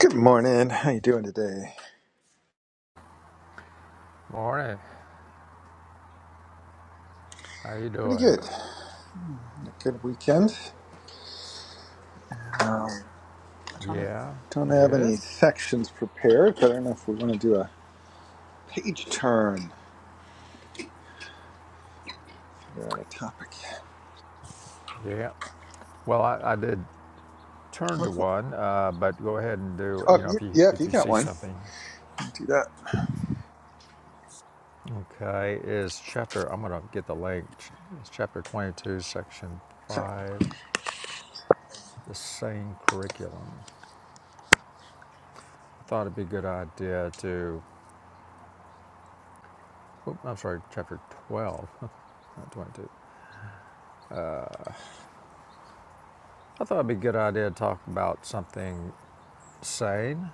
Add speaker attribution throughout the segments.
Speaker 1: Good morning. How you doing today?
Speaker 2: Morning. How you
Speaker 1: Pretty
Speaker 2: doing?
Speaker 1: good. A good weekend. I don't,
Speaker 2: Yeah.
Speaker 1: don't have
Speaker 2: Good.
Speaker 1: any sections prepared, but I don't know if we want to do a page turn. Figure out a topic.
Speaker 2: Yeah. Well, I, I did turn to one, uh, but go ahead and do.
Speaker 1: Oh, if
Speaker 2: You know,
Speaker 1: you,
Speaker 2: if you
Speaker 1: yeah, if
Speaker 2: if
Speaker 1: you
Speaker 2: you
Speaker 1: got
Speaker 2: see
Speaker 1: one,
Speaker 2: something,
Speaker 1: do that.
Speaker 2: okay, is chapter. I'm gonna get the link. It's chapter 22, section
Speaker 1: Sure.
Speaker 2: five. The same curriculum. I thought it'd be a good idea to. oop, I'm sorry, chapter 12, not 22. I thought it'd be a good idea to talk about something sane.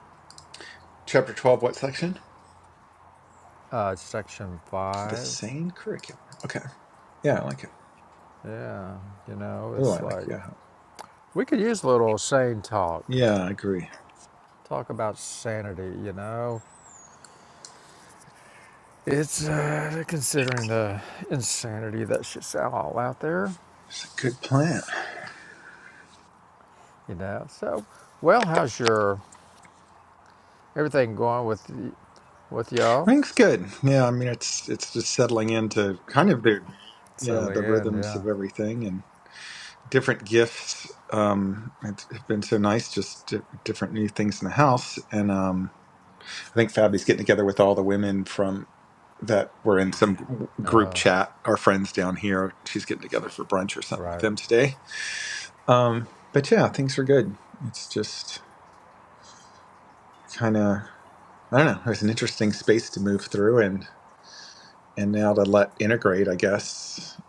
Speaker 1: Chapter 12, what section?
Speaker 2: Uh, section
Speaker 1: The
Speaker 2: five
Speaker 1: same curriculum. Okay. Yeah, I like it.
Speaker 2: Yeah, you know,
Speaker 1: Oh,
Speaker 2: it's
Speaker 1: I like
Speaker 2: like
Speaker 1: yeah.
Speaker 2: we could use a little sane talk.
Speaker 1: Yeah, I agree.
Speaker 2: Talk about sanity, you know. It's uh, considering the insanity that's just all out there,
Speaker 1: It's a good plan.
Speaker 2: you know. So, well, how's your everything going with y- with
Speaker 1: I
Speaker 2: y'all?
Speaker 1: think it's good. Yeah, I mean it's it's just settling into kind of the yeah,
Speaker 2: Settling
Speaker 1: the
Speaker 2: in,
Speaker 1: rhythms
Speaker 2: yeah.
Speaker 1: of everything different gifts um it's been so nice just di- different new things in the house and um i think fabi's getting together with all the women from that were in some gr- group
Speaker 2: Uh,
Speaker 1: chat our friends down here she's getting together for brunch or something with
Speaker 2: right.
Speaker 1: them today um but yeah things are good it's just kind of i don't know it was an interesting space to move through and and now to let integrate i guess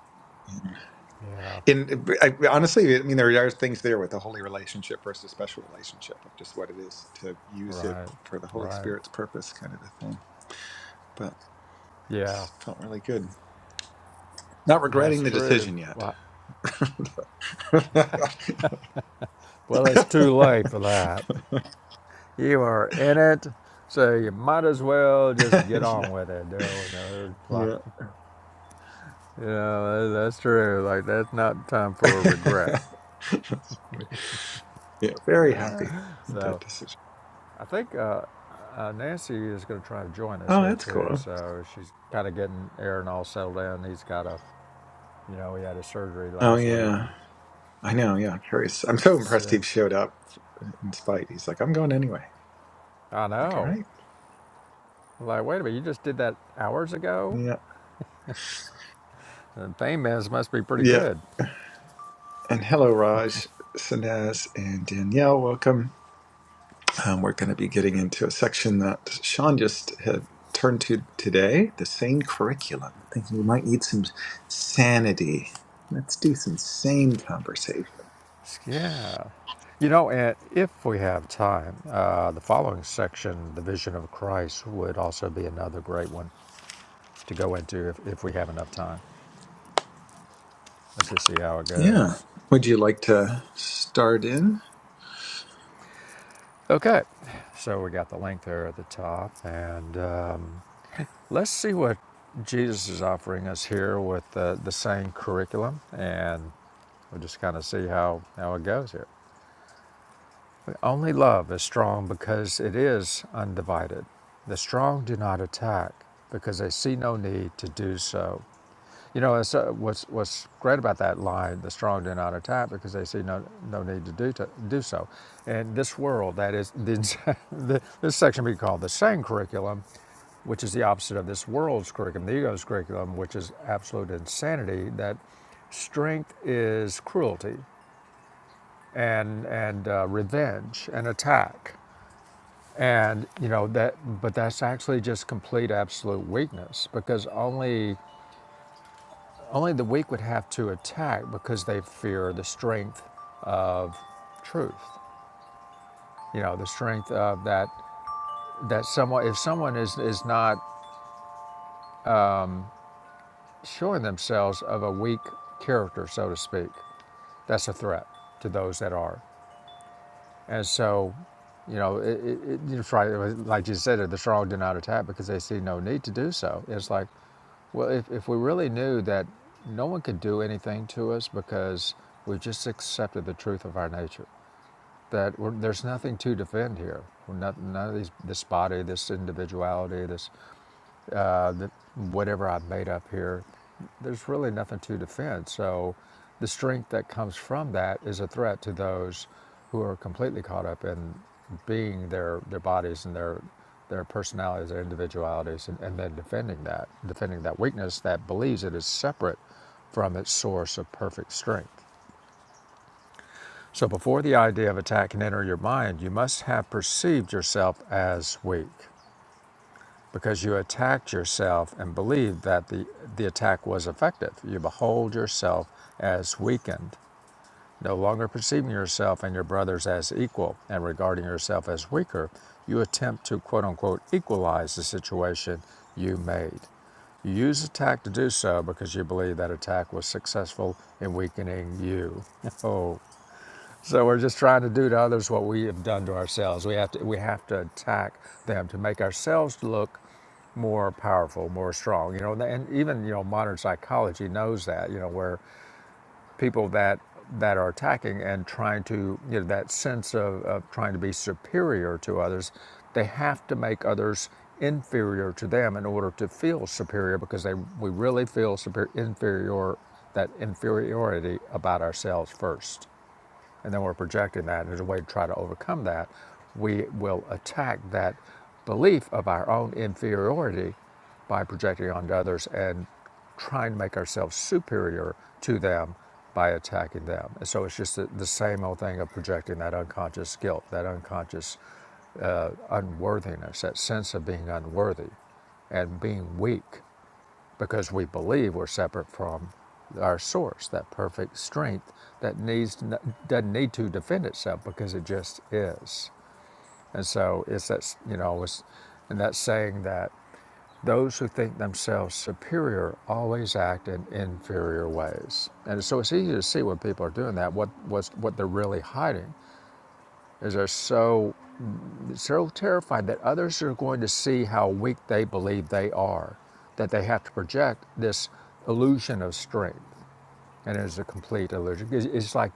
Speaker 2: Yeah.
Speaker 1: in I, honestly i mean there are things there with the holy relationship versus special relationship of just what it is to use it
Speaker 2: Right.
Speaker 1: for the holy
Speaker 2: Right.
Speaker 1: spirit's purpose kind of a thing but
Speaker 2: Yeah.
Speaker 1: it's felt really good not
Speaker 2: That's
Speaker 1: regretting the
Speaker 2: true.
Speaker 1: decision yet
Speaker 2: Well,
Speaker 1: yeah,
Speaker 2: Well, it's too late for that. You are in it, so you might as well just get on with it. Dude. Like,
Speaker 1: yeah.
Speaker 2: you know, that's true. Like, that's not time for regret.
Speaker 1: That's funny. yeah very happy with that
Speaker 2: So,
Speaker 1: decision
Speaker 2: I think uh, uh, Nancy is going to try to join us
Speaker 1: oh
Speaker 2: here
Speaker 1: that's
Speaker 2: too.
Speaker 1: cool
Speaker 2: So she's kind of getting Aaron all settled in. He's got a, you know, he had his surgery
Speaker 1: oh
Speaker 2: last week. And
Speaker 1: yeah i know yeah curious i'm so impressed
Speaker 2: so,
Speaker 1: he showed up in spite he's like i'm going anyway
Speaker 2: I
Speaker 1: like all
Speaker 2: know.
Speaker 1: right
Speaker 2: Like, wait a minute, you just did that hours ago?
Speaker 1: Yeah.
Speaker 2: The pain meds must be pretty
Speaker 1: Yeah.
Speaker 2: good.
Speaker 1: And hello, Raj, Sanaz, and Danielle. Welcome. Um, we're going to be getting into a section that Sean just had turned to today the sane curriculum. Thinking we might need some sanity. Let's do some sane conversation.
Speaker 2: Yeah. You know, and if we have time, uh, the following section, the vision of Christ, would also be another great one to go into if, if we have enough time. Let's just see how it
Speaker 1: Yeah.
Speaker 2: goes.
Speaker 1: Would you like to start in?
Speaker 2: Okay. So we got the link there at the top. And um, let's see what Jesus is offering us here with the, the same curriculum. And we'll just kind of see how, how it goes here. Only love is strong because it is undivided. The strong do not attack because they see no need to do so. You know, it's, uh, what's, what's great about that line, the strong do not attack because they see no, no need to do, to do so. In this world, that is, the, the, this section we call the sane curriculum, which is the opposite of this world's curriculum, the ego's curriculum, which is absolute insanity, that strength is cruelty and, and uh, revenge and attack and you know that, but that's actually just complete absolute weakness because only only the weak would have to attack because they fear the strength of truth. You know, the strength of that that someone if someone is is not showing themselves of a weak character, so to speak, that's a threat to those that are. And so, you know, it, it, it, right, like you said, the strong do not attack because they see no need to do so. It's like, well, if, if we really knew that no one could do anything to us because we've just accepted the truth of our nature, that we're, there's nothing to defend here. We're not, none of these, this body, this individuality, this uh, that whatever I've made up here, there's really nothing to defend. So the strength that comes from that is a threat to those who are completely caught up in being their, their bodies and their, their personalities, their individualities, and, and then defending that, defending that weakness that believes it is separate from its source of perfect strength. So before the idea of attack can enter your mind, you must have perceived yourself as weak because you attacked yourself and believed that the, the attack was effective. You behold yourself as weakened, no longer perceiving yourself and your brothers as equal and regarding yourself as weaker. You attempt to quote unquote equalize the situation you made. You use attack to do so because you believe that attack was successful in weakening you. Oh. So we're just trying to do to others what we have done to ourselves. We have to we have to attack them to make ourselves look more powerful, more strong. You know, and even you know modern psychology knows that. You know, where people that that are attacking and trying to you know that sense of, of trying to be superior to others, they have to make others inferior to them in order to feel superior because they we really feel superior inferior that inferiority about ourselves first and then we're projecting that, and there's a way to try to overcome that, we will attack that belief of our own inferiority by projecting onto others and trying to make ourselves superior to them by attacking them. And so it's just the, the same old thing of projecting that unconscious guilt, that unconscious unworthiness, that sense of being unworthy and being weak because we believe we're separate from our source, that perfect strength that needs to, doesn't need to defend itself because it just is. And so it's that you know it's and that's saying that those who think themselves superior always act in inferior ways. And so it's easy to see when people are doing that what what's, what they're really hiding is they're so so terrified that others are going to see how weak they believe they are, that they have to project this illusion of strength, and it is a complete illusion. It's like,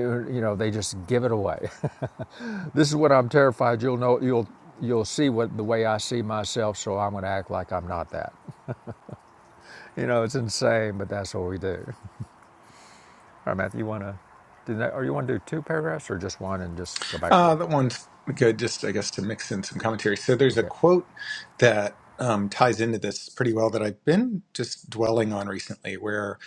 Speaker 2: you know, they just give it away. this is what I'm terrified. You'll know. You'll you'll see what the way I see myself. So I'm going to act like I'm not that. You know, it's insane, but that's what we do. All right, Matthew, you want to do that, or you want to do two paragraphs, or just one and just go back and
Speaker 1: Uh, that
Speaker 2: forth?
Speaker 1: one's good, just I guess to mix in some commentary. So there's a
Speaker 2: Okay.
Speaker 1: quote that um, ties into this pretty well that I've been just dwelling on recently, where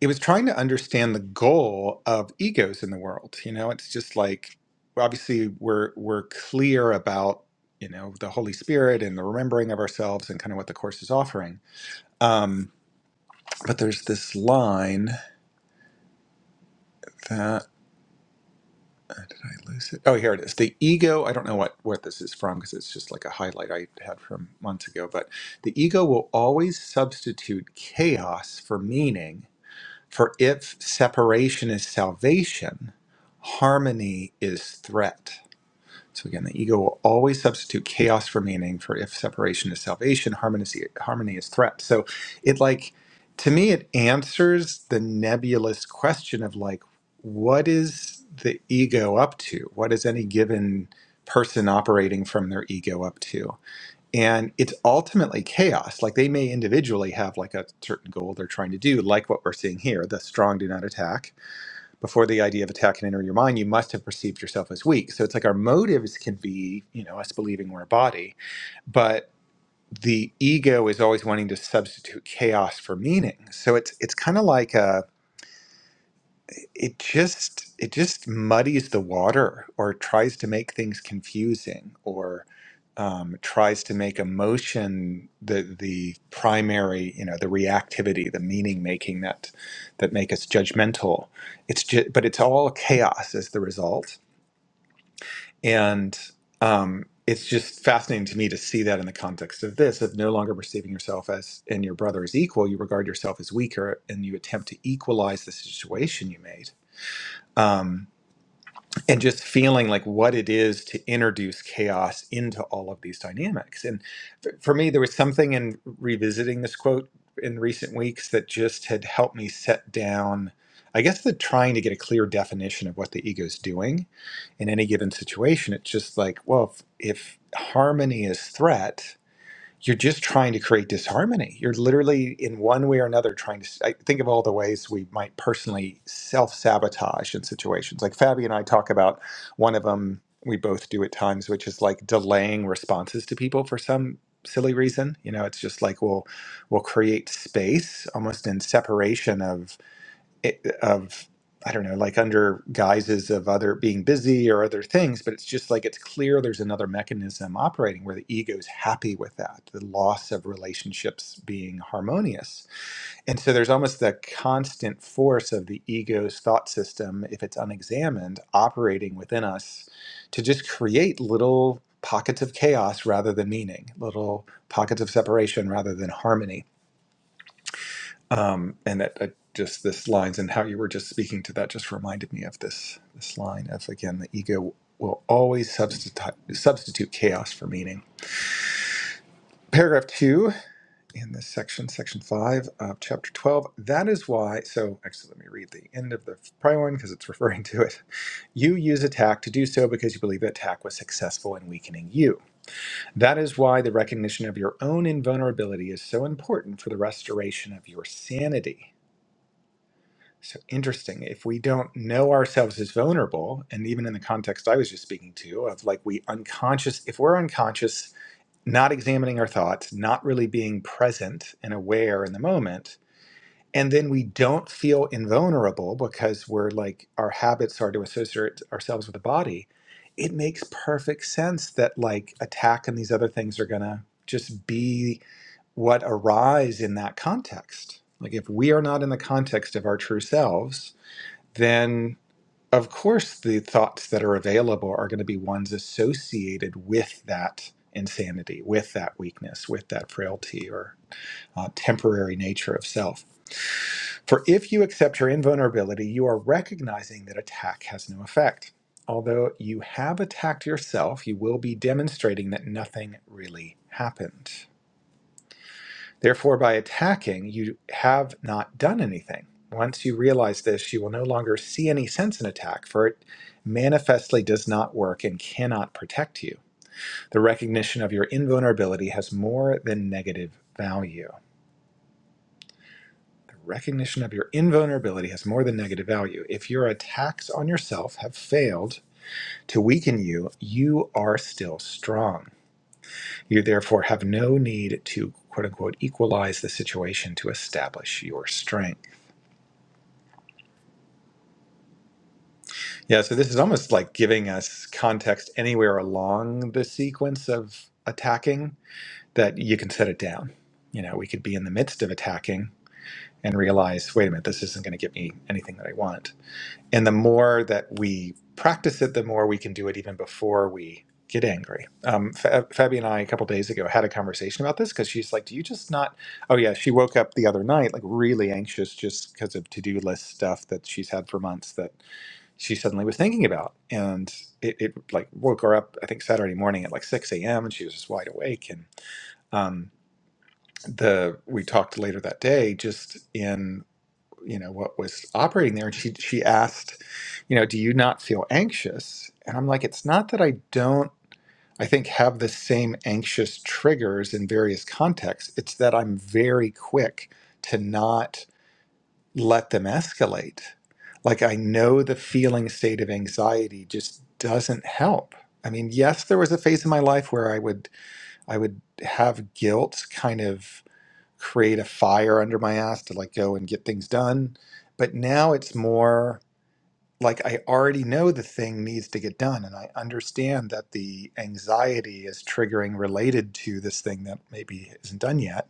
Speaker 1: it was trying to understand the goal of egos in the world. You know, it's just like obviously we're we're clear about you know the Holy Spirit and the remembering of ourselves and kind of what the course is offering. Um, but there's this line. Uh, Did I lose it? Oh, here it is. The ego. I don't know what what this is from because it's just like a highlight I had from months ago. But the ego will always substitute chaos for meaning. For if separation is salvation, harmony is threat. So again, the ego will always substitute chaos for meaning. For if separation is salvation, harmony is, harmony is threat. So it like to me, it answers the nebulous question of like, what is the ego up to? What is any given person operating from their ego up to? And it's ultimately chaos. Like they may individually have like a certain goal they're trying to do, like what we're seeing here: the strong do not attack before the idea of attack can enter your mind, you must have perceived yourself as weak. So it's like our motives can be, you know, us believing we're a body, but the ego is always wanting to substitute chaos for meaning. So it's it's kind of like a it just it just muddies the water or tries to make things confusing or um, tries to make emotion the the primary you know the reactivity the meaning making that that make us judgmental it's just but it's all chaos as the result and um, it's just fascinating to me to see that in the context of this of no longer perceiving yourself as and your brother as equal you regard yourself as weaker and you attempt to equalize the situation you made Um, and just feeling like what it is to introduce chaos into all of these dynamics. And f- for me, there was something in revisiting this quote in recent weeks that just had helped me set down, I guess, the trying to get a clear definition of what the ego's doing in any given situation. It's just like, well, if, if harmony is threat, you're just trying to create disharmony. You're literally, in one way or another, trying to I think of all the ways we might personally self sabotage in situations. Like Fabi and I talk about one of them, we both do at times, which is like delaying responses to people for some silly reason. You know, it's just like we'll we'll create space almost in separation of it, of I don't know, like under guises of other being busy or other things, but it's just like it's clear there's another mechanism operating where the ego is happy with that, the loss of relationships being harmonious. And so there's almost the constant force of the ego's thought system, if it's unexamined, operating within us to just create little pockets of chaos rather than meaning, little pockets of separation rather than harmony um, and that uh, just this lines and how you were just speaking to that just reminded me of this this line of again the ego will always substitute substitute chaos for meaning paragraph two in this section section five of chapter 12 that is why so actually let me read the end of the prior one because it's referring to it you use attack to do so because you believe that attack was successful in weakening you that is why the recognition of your own invulnerability is so important for the restoration of your sanity So interesting. If we don't know ourselves as vulnerable, and even in the context I was just speaking to, of like we unconscious, if we're unconscious, not examining our thoughts, not really being present and aware in the moment, and then we don't feel invulnerable because we're like our habits are to associate ourselves with the body, it makes perfect sense that like attack and these other things are gonna just be what arise in that context. Like if we are not in the context of our true selves, then of course the thoughts that are available are going to be ones associated with that insanity, with that weakness, with that frailty or uh, temporary nature of self. For if you accept your invulnerability, you are recognizing that attack has no effect. Although you have attacked yourself, you will be demonstrating that nothing really happened. Therefore, by attacking, you have not done anything. Once you realize this, you will no longer see any sense in attack, for it manifestly does not work and cannot protect you. The recognition of your invulnerability has more than negative value. The recognition of your invulnerability has more than negative value. If your attacks on yourself have failed to weaken you, you are still strong. You therefore have no need to quote unquote equalize the situation to establish your strength. Yeah, so this is almost like giving us context anywhere along the sequence of attacking that you can set it down. You know, we could be in the midst of attacking and realize, wait a minute, this isn't going to get me anything that I want. And the more that we practice it, the more we can do it even before we get angry. Um, Fa- Fabi and I, a couple days ago, had a conversation about this because she's like, do you just not? Oh, yeah, she woke up the other night, like really anxious just because of to do list stuff that she's had for months that she suddenly was thinking about and it, it like woke her up i think saturday morning at like 6 a.m and she was just wide awake and um, the we talked later that day just in you know what was operating there and she she asked you know do you not feel anxious and i'm like it's not that i don't i think have the same anxious triggers in various contexts it's that i'm very quick to not let them escalate. Like I know the feeling state of anxiety just doesn't help. I mean, yes, there was a phase in my life where I would I would have guilt kind of create a fire under my ass to like go and get things done, but now it's more like I already know the thing needs to get done and I understand that the anxiety is triggering related to this thing that maybe isn't done yet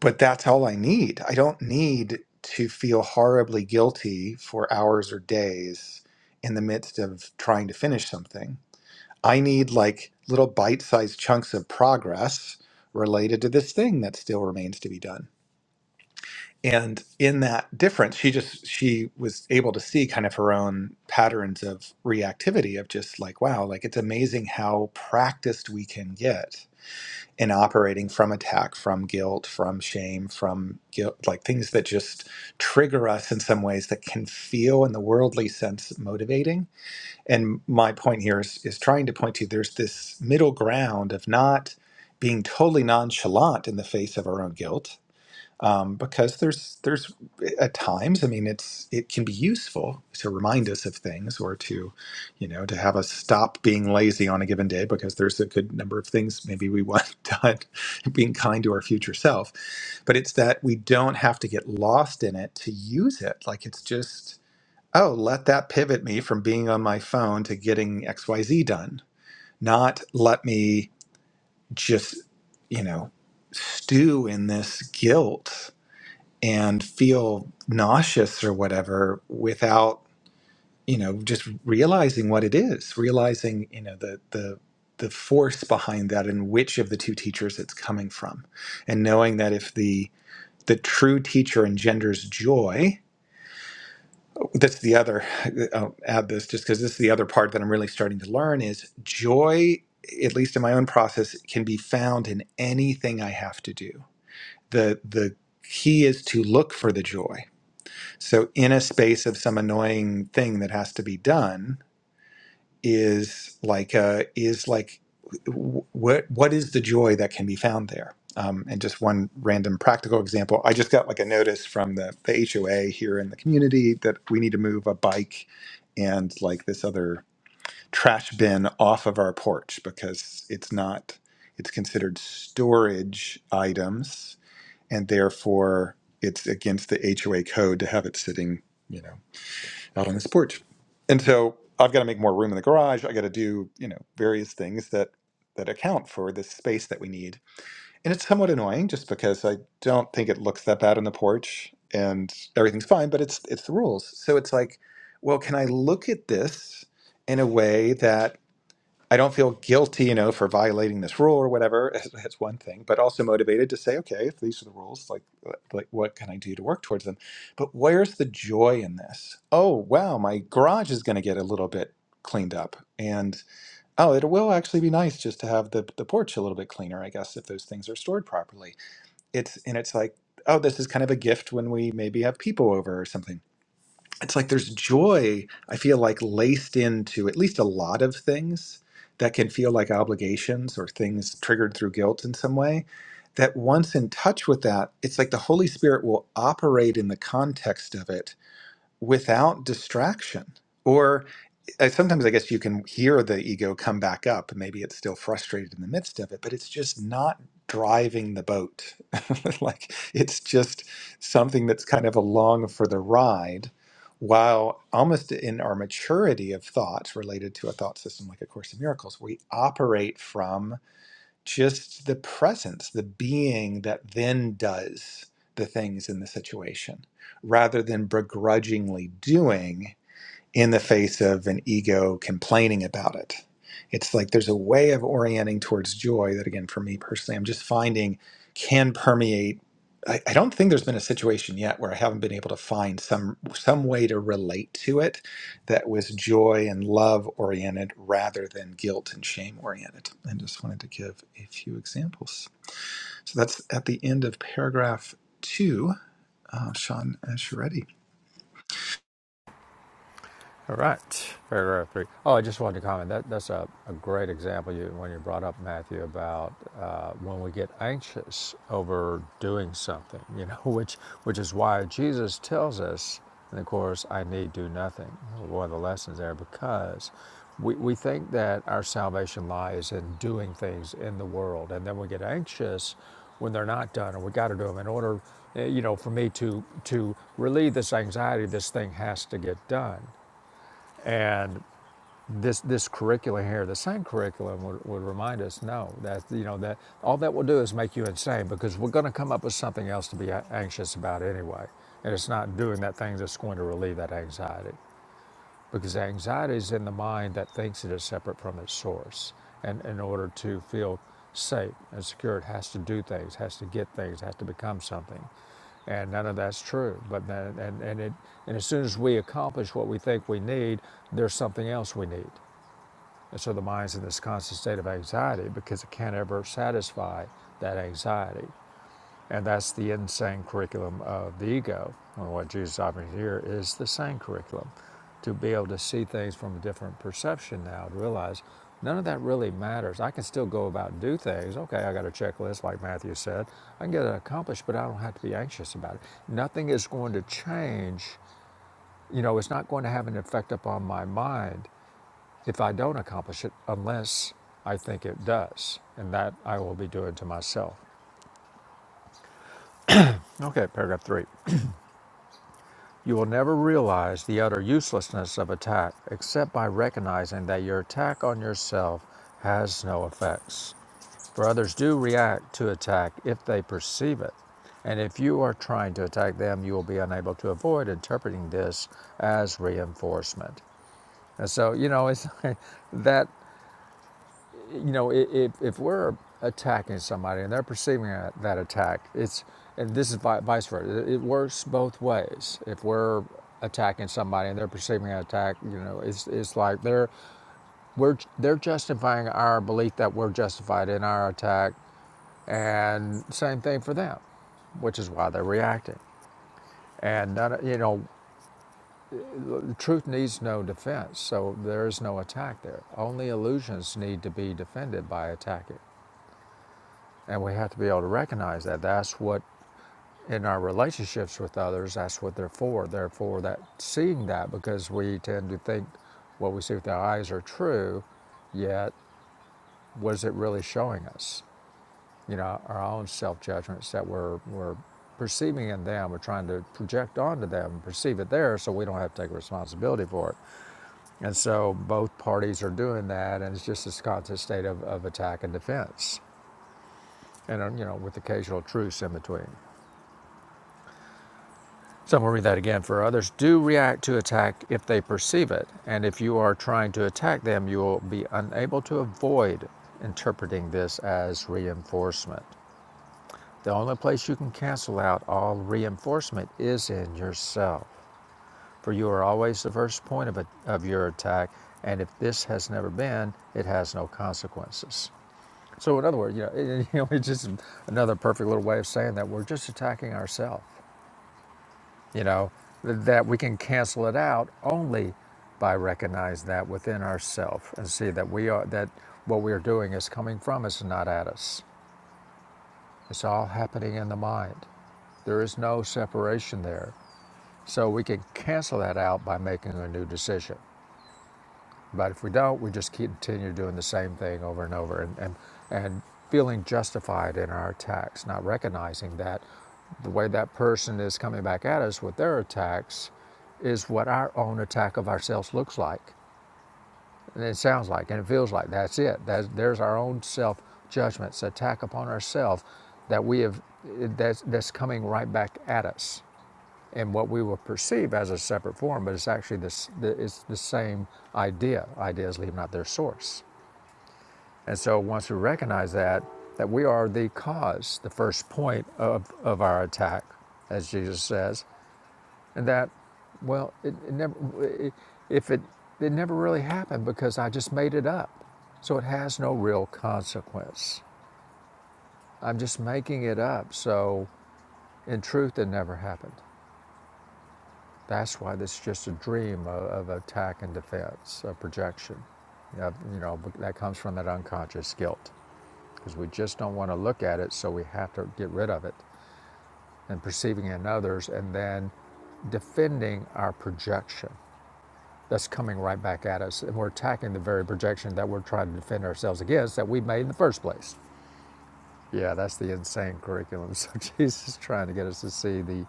Speaker 1: but that's all I need. I don't need to feel horribly guilty for hours or days in the midst of trying to finish something. I need like little bite sized chunks of progress related to this thing that still remains to be done. And in that difference, she just she was able to see kind of her own patterns of reactivity of just like, wow, like it's amazing how practiced we can get and operating from attack, from guilt, from shame, from guilt, like things that just trigger us in some ways that can feel in the worldly sense motivating. And my point here is, is trying to point to there's this middle ground of not being totally nonchalant in the face of our own guilt um, because there's there's eh, at times I mean it's it can be useful to remind us of things or to you know to have us stop being lazy on a given day because there's a good number of things maybe we want done being kind to our future self but it's that we don't have to get lost in it to use it like it's just oh let that pivot me from being on my phone to getting xyz done not let me just you know stew in this guilt and feel nauseous or whatever without you know just realizing what it is realizing you know the the the force behind that and which of the two teachers it's coming from and knowing that if the the true teacher engenders joy that's the other i'll add this just because this is the other part that i'm really starting to learn is joy at least in my own process can be found in anything i have to do the the key is to look for the joy So in a space of some annoying thing that has to be done is like uh is like wh- what what is the joy that can be found there? Um, and just one random practical example, I just got like a notice from the, the HOA here in the community that we need to move a bike and like this other trash bin off of our porch because it's not it's considered storage items and therefore it's against the HOA code to have it sitting you know out on this porch. And so I've got to make more room in the garage. I got to do, you know, various things that that account for the space that we need. And it's somewhat annoying just because I don't think it looks that bad on the porch and everything's fine, but it's it's the rules. So it's like, well, can I look at this in a way that I don't feel guilty, you know, for violating this rule or whatever. That's one thing, but also motivated to say, okay, if these are the rules, like, like what can I do to work towards them? But where's the joy in this? Oh, wow, my garage is going to get a little bit cleaned up, and oh, it will actually be nice just to have the the porch a little bit cleaner, I guess, if those things are stored properly. It's and it's like, oh, this is kind of a gift when we maybe have people over or something it's like there's joy i feel like laced into at least a lot of things that can feel like obligations or things triggered through guilt in some way that once in touch with that it's like the holy spirit will operate in the context of it without distraction Or. I, sometimes I guess you can hear the ego come back up. Maybe it's still frustrated in the midst of it, but it's just not driving the boat. like it's just something that's kind of along for the ride. While almost in our maturity of thoughts related to a thought system like A Course in Miracles, we operate from just the presence, the being that then does the things in the situation, rather than begrudgingly doing in the face of an ego complaining about it. It's like there's a way of orienting towards joy that, again, for me personally, I'm just finding can permeate. I, I don't think there's been a situation yet where I haven't been able to find some some way to relate to it that was joy and love oriented rather than guilt and shame oriented. And just wanted to give a few examples. So that's at the end of paragraph two. Uh, Sean, as you're ready.
Speaker 2: All right, paragraph three. Oh, I just wanted to comment. That, that's a, a great example you, when you brought up, Matthew, about uh, when we get anxious over doing something, you know, which, which is why Jesus tells us, and of Course, I need do nothing. One of the lessons there, because we, we think that our salvation lies in doing things in the world, and then we get anxious when they're not done, and we got to do them in order, eh, you know, for me to to relieve this anxiety. This thing has to get done, and this this curriculum here, the same curriculum would, would remind us, no, that you know that all that will do is make you insane because we're going to come up with something else to be anxious about anyway, and it's not doing that thing that's going to relieve that anxiety. Because anxiety is in the mind that thinks it is separate from its source. And in order to feel safe and secure, it has to do things, has to get things, has to become something. And none of that's true. But then, and, and, it, and as soon as we accomplish what we think we need, there's something else we need. And so the mind's in this constant state of anxiety because it can't ever satisfy that anxiety. And that's the insane curriculum of the ego. And what Jesus offers here is the same curriculum to be able to see things from a different perception now, to realize none of that really matters. I can still go about and do things. Okay, I got a checklist, like Matthew said. I can get it accomplished, but I don't have to be anxious about it. Nothing is going to change. You know, it's not going to have an effect upon my mind if I don't accomplish it unless I think it does. And that I will be doing to myself. Okay, paragraph three. You will never realize the utter uselessness of attack except by recognizing that your attack on yourself has no effects. For others do react to attack if they perceive it. And if you are trying to attack them, you will be unable to avoid interpreting this as reinforcement. And so, you know, it's that you know, if, if we're attacking somebody and they're perceiving that, attack, it's, and this is vice versa, it, works both ways. If we're attacking somebody and they're perceiving an attack, you know, it's, it's like they're, we're, they're justifying our belief that we're justified in our attack, and same thing for them, which is why they're reacting. And none, you know, truth needs no defense, so there is no attack there. Only illusions need to be defended by attacking. And we have to be able to recognize that. That's what, in our relationships with others, that's what they're for. They're for that seeing that because we tend to think what we see with our eyes are true, yet what is it really showing us? You know, our own self judgments that we're, we're perceiving in them, we're trying to project onto them and perceive it there so we don't have to take responsibility for it. And so both parties are doing that, and it's just this constant state of, of attack and defense, and, uh, you know, with occasional truce in between. So I'm going to read that again. For others do react to attack if they perceive it, and if you are trying to attack them, you will be unable to avoid interpreting this as reinforcement. The only place you can cancel out all reinforcement is in yourself, for you are always the first point of, a, of your attack, and if this has never been, it has no consequences. So, in other words, you know, it, you know, it's just another perfect little way of saying that we're just attacking ourselves you know, th- that we can cancel it out only by recognizing that within ourselves and see that we are that what we are doing is coming from us and not at us. It's all happening in the mind. There is no separation there. So we can cancel that out by making a new decision. But if we don't, we just continue doing the same thing over and over and, and, and feeling justified in our attacks, not recognizing that the way that person is coming back at us with their attacks is what our own attack of ourselves looks like. And it sounds like, and it feels like that's it. That's, there's our own self judgments, attack upon ourselves that we have that's, that's coming right back at us in what we will perceive as a separate form, but it's actually this, it's the same idea. Ideas leave not their source. And so once we recognize that, that we are the cause, the first point of, of our attack, as Jesus says, and that, well, it, it never, it, if it, it never really happened because I just made it up. So it has no real consequence. I'm just making it up. So in truth, it never happened. That's why this is just a dream of, of attack and defense, a projection. Of, you know, that comes from that unconscious guilt because we just don't want to look at it, so we have to get rid of it and perceiving in others and then defending our projection that's coming right back at us. And we're attacking the very projection that we're trying to defend ourselves against that we made in the first place. Yeah, that's the insane curriculum. So Jesus is trying to get us to see the,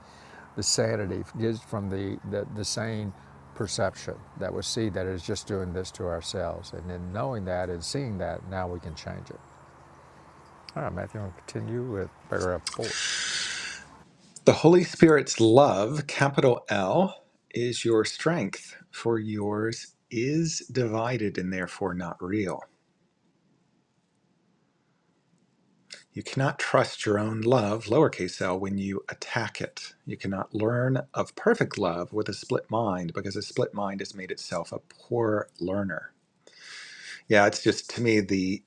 Speaker 2: the sanity just from the, the, the sane perception that we see that it's just doing this to ourselves. And then knowing that and seeing that, now we can change it. All right, Matthew, we'll continue with paragraph four.
Speaker 1: The Holy Spirit's love, capital L, is your strength, for yours is divided and therefore not real. You cannot trust your own love, lowercase l, when you attack it. You cannot learn of perfect love with a split mind because a split mind has made itself a poor learner. Yeah, it's just to me the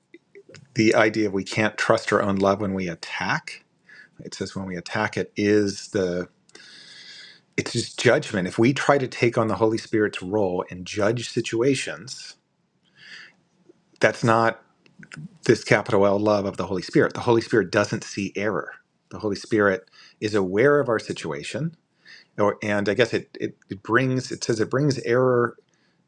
Speaker 1: the idea of we can't trust our own love when we attack. It says when we attack it is the it's just judgment. If we try to take on the Holy Spirit's role and judge situations, that's not this capital L love of the Holy Spirit. The Holy Spirit doesn't see error. The Holy Spirit is aware of our situation, or, and I guess it, it, it brings, it says it brings error.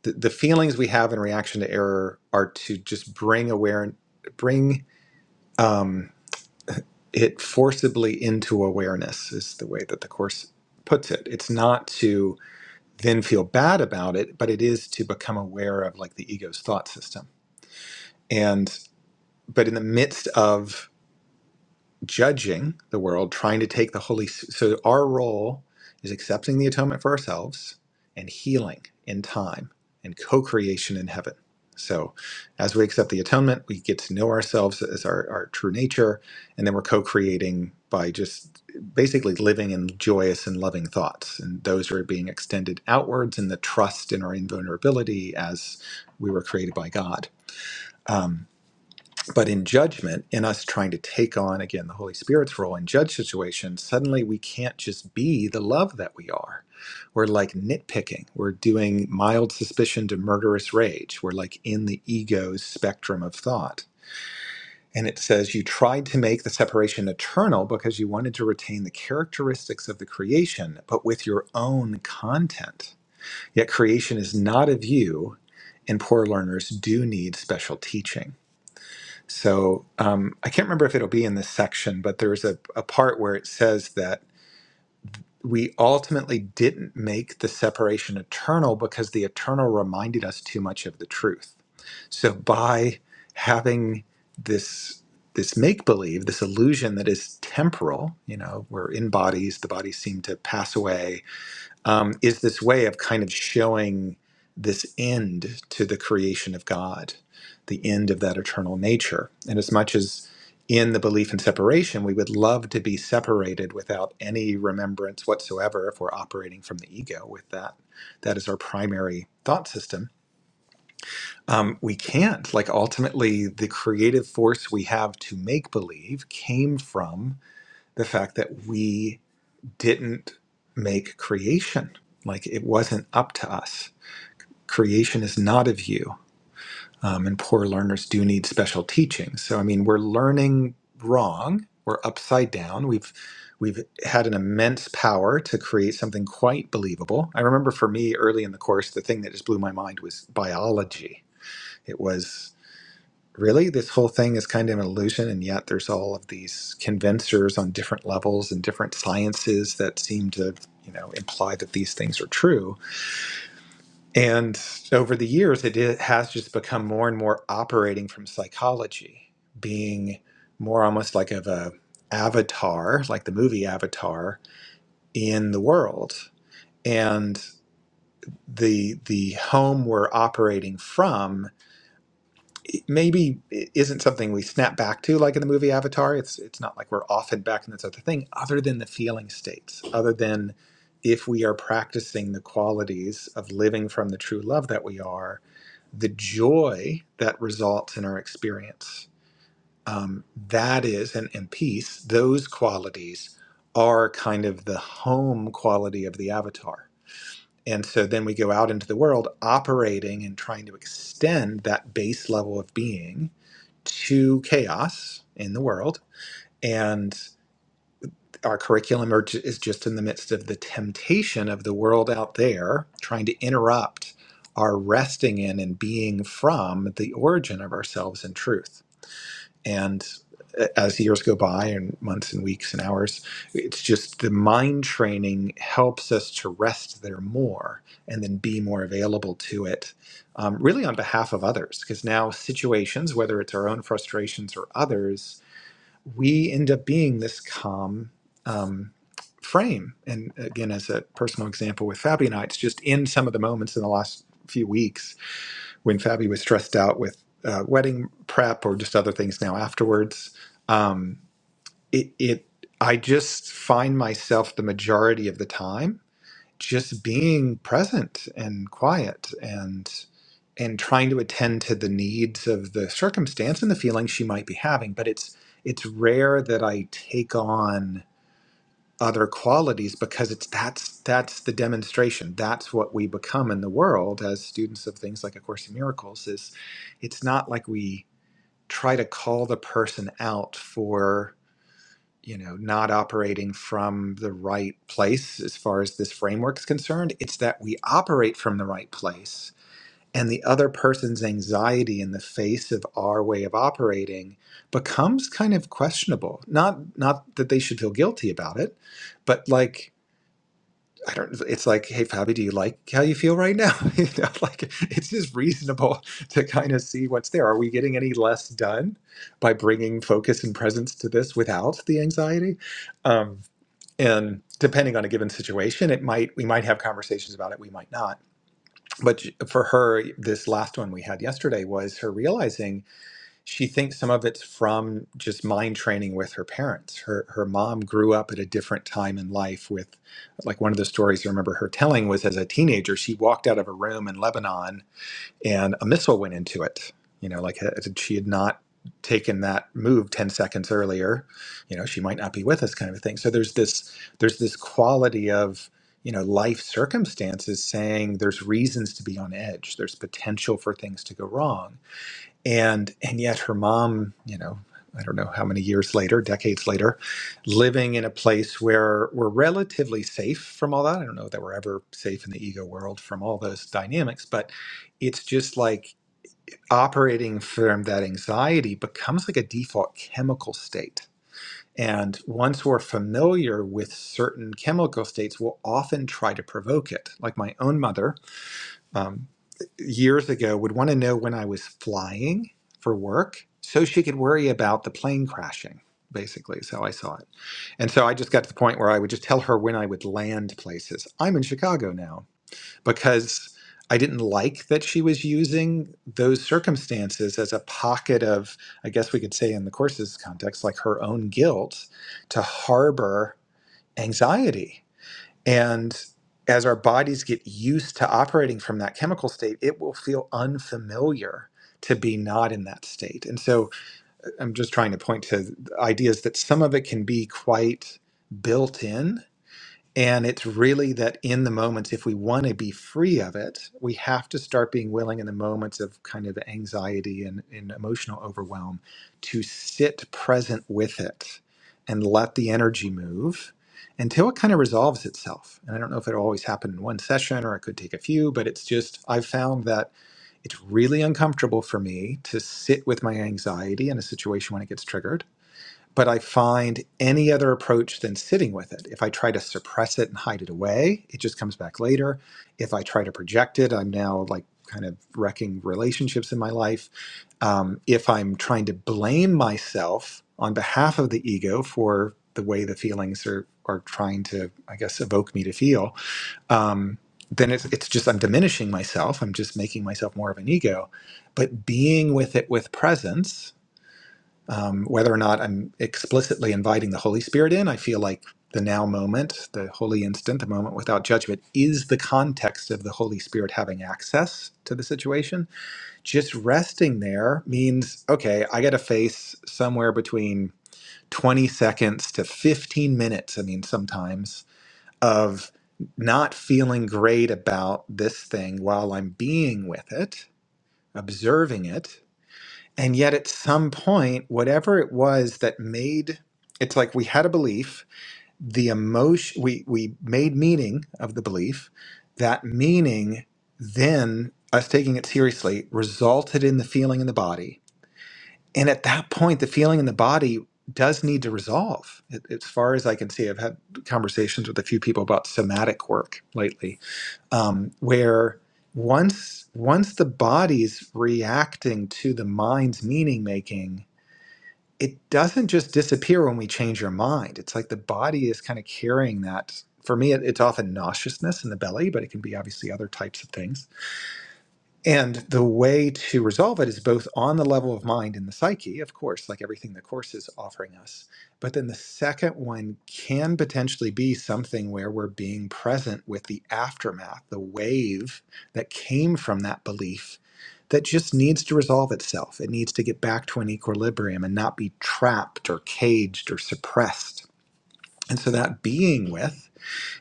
Speaker 1: The, the feelings we have in reaction to error are to just bring aware, bring um, it forcibly into awareness, is the way that the Course puts it. It's not to then feel bad about it, but it is to become aware of like the ego's thought system. And but in the midst of judging the world, trying to take the Holy. Spirit. So our role is accepting the atonement for ourselves and healing in time and co-creation in heaven. So as we accept the atonement, we get to know ourselves as our, our true nature, and then we're co-creating by just basically living in joyous and loving thoughts. And those are being extended outwards in the trust in our invulnerability as we were created by God. Um, but in judgment, in us trying to take on again the Holy Spirit's role in judge situations, suddenly we can't just be the love that we are. We're like nitpicking. We're doing mild suspicion to murderous rage. We're like in the ego's spectrum of thought. And it says, You tried to make the separation eternal because you wanted to retain the characteristics of the creation, but with your own content. Yet creation is not of you, and poor learners do need special teaching. So um, I can't remember if it'll be in this section, but there's a, a part where it says that we ultimately didn't make the separation eternal because the eternal reminded us too much of the truth. So by having this this make believe, this illusion that is temporal, you know, we're in bodies, the bodies seem to pass away, um, is this way of kind of showing this end to the creation of God, the end of that eternal nature. And as much as in the belief in separation, we would love to be separated without any remembrance whatsoever if we're operating from the ego with that. That is our primary thought system. Um, we can't. Like, ultimately, the creative force we have to make believe came from the fact that we didn't make creation. Like it wasn't up to us. Creation is not of you. Um, and poor learners do need special teaching. So I mean, we're learning wrong. We're upside down. We've we've had an immense power to create something quite believable. I remember for me early in the course, the thing that just blew my mind was biology. It was really this whole thing is kind of an illusion and yet there's all of these convincers on different levels and different sciences that seem to you know imply that these things are true and over the years it i- has just become more and more operating from psychology being more almost like of a avatar like the movie avatar in the world and the the home we're operating from it maybe is isn't something we snap back to like in the movie Avatar. It's it's not like we're off and back in this other thing, other than the feeling states, other than if we are practicing the qualities of living from the true love that we are, the joy that results in our experience. Um, that is, and, and peace, those qualities are kind of the home quality of the avatar. And so then we go out into the world operating and trying to extend that base level of being to chaos in the world. And our curriculum are ju- is just in the midst of the temptation of the world out there trying to interrupt our resting in and being from the origin of ourselves in truth. And a- as years go by and months and weeks and hours, it's just the mind training helps us to rest there more and then be more available to it, um, really on behalf of others. Because now situations, whether it's our own frustrations or others, we end up being this calm um, frame. And again, as a personal example with Fabi and I, it's just in some of the moments in the last few weeks when Fabi was stressed out with uh, wedding prep or just other things now afterwards. Um, it, it, I just find myself the majority of the time just being present and quiet and and trying to attend to the needs of the circumstance and the feelings she might be having but it's it's rare that i take on other qualities because it's that's that's the demonstration that's what we become in the world as students of things like a course in miracles is it's not like we try to call the person out for you know not operating from the right place as far as this framework is concerned it's that we operate from the right place and the other person's anxiety in the face of our way of operating becomes kind of questionable not not that they should feel guilty about it but like I don't. It's like, hey, Fabi, do you like how you feel right now? you know, like it's just reasonable to kind of see what's there. Are we getting any less done by bringing focus and presence to this without the anxiety? Um, and depending on a given situation, it might we might have conversations about it. We might not. But for her, this last one we had yesterday was her realizing she thinks some of it's from just mind training with her parents. Her her mom grew up at a different time in life with like one of the stories I remember her telling was as a teenager she walked out of a room in Lebanon and a missile went into it. You know, like uh, she had not taken that move 10 seconds earlier, you know, she might not be with us kind of a thing. So there's this there's this quality of you know, life circumstances saying there's reasons to be on edge. There's potential for things to go wrong and and yet her mom you know i don't know how many years later decades later living in a place where we're relatively safe from all that i don't know that we're ever safe in the ego world from all those dynamics but it's just like operating from that anxiety becomes like a default chemical state and once we're familiar with certain chemical states we'll often try to provoke it like my own mother um, years ago would want to know when I was flying for work so she could worry about the plane crashing, basically, is how I saw it. And so I just got to the point where I would just tell her when I would land places. I'm in Chicago now because I didn't like that she was using those circumstances as a pocket of, I guess we could say in the course's context, like her own guilt to harbor anxiety and as our bodies get used to operating from that chemical state, it will feel unfamiliar to be not in that state. And so I'm just trying to point to ideas that some of it can be quite built in and it's really that in the moments, if we want to be free of it, we have to start being willing in the moments of kind of anxiety and, and emotional overwhelm to sit present with it and let the energy move until it kind of resolves itself. And I don't know if it'll always happen in one session or it could take a few, but it's just, I've found that it's really uncomfortable for me to sit with my anxiety in a situation when it gets triggered but I find any other approach than sitting with it. If I try to suppress it and hide it away, it just comes back later. If I try to project it, I'm now like kind of wrecking relationships in my life. Um, if I'm trying to blame myself on behalf of the ego for the way the feelings are are trying to, I guess, evoke me to feel, um, then it's it's just I'm diminishing myself. I'm just making myself more of an ego. But being with it with presence um, whether or not I'm explicitly inviting the Holy Spirit in, I feel like the now moment, the holy instant, the moment without judgment, is the context of the Holy Spirit having access to the situation. Just resting there means, okay, I got to face somewhere between 20 seconds to 15 minutes, I mean, sometimes, of not feeling great about this thing while I'm being with it, observing it and yet, at some point, whatever it was that made it's like we had a belief, the emotion, we, we made meaning of the belief. That meaning, then us taking it seriously, resulted in the feeling in the body. And at that point, the feeling in the body does need to resolve. It, as far as I can see, I've had conversations with a few people about somatic work lately, um, where once once the body's reacting to the mind's meaning making it doesn't just disappear when we change our mind. It's like the body is kind of carrying that. For me, it, it's often nauseousness in the belly, but it can be obviously other types of things and the way to resolve it is both on the level of mind and the psyche, of course, like everything the course is offering us. But then the second one can potentially be something where we're being present with the aftermath, the wave that came from that belief that just needs to resolve itself. It needs to get back to an equilibrium and not be trapped or caged or suppressed. And so that being with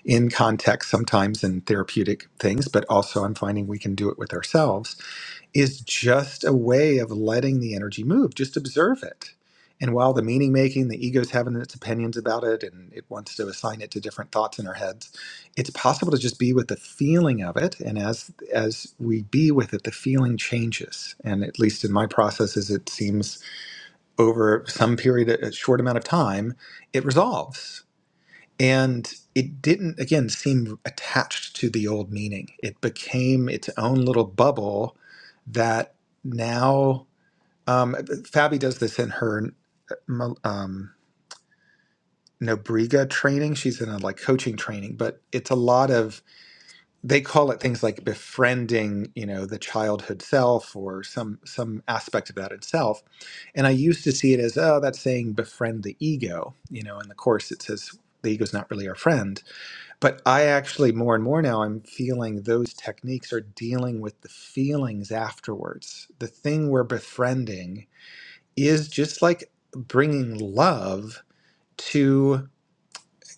Speaker 1: in context, sometimes in therapeutic things, but also I'm finding we can do it with ourselves is just a way of letting the energy move. Just observe it. And while the meaning making, the ego's having its opinions about it and it wants to assign it to different thoughts in our heads, it's possible to just be with the feeling of it. And as as we be with it, the feeling changes. And at least in my processes, it seems over some period, a short amount of time, it resolves. And it didn't, again, seem attached to the old meaning. It became its own little bubble that now, um, uh, Fabi does this in her um, Nobrega training. She's in a like coaching training, but it's a lot of, they call it things like befriending, you know, the childhood self or some, some aspect of that itself. And I used to see it as, oh, that's saying befriend the ego, you know, in the course it says the ego's not really our friend but I actually, more and more now, I'm feeling those techniques are dealing with the feelings afterwards. The thing we're befriending is just like bringing love to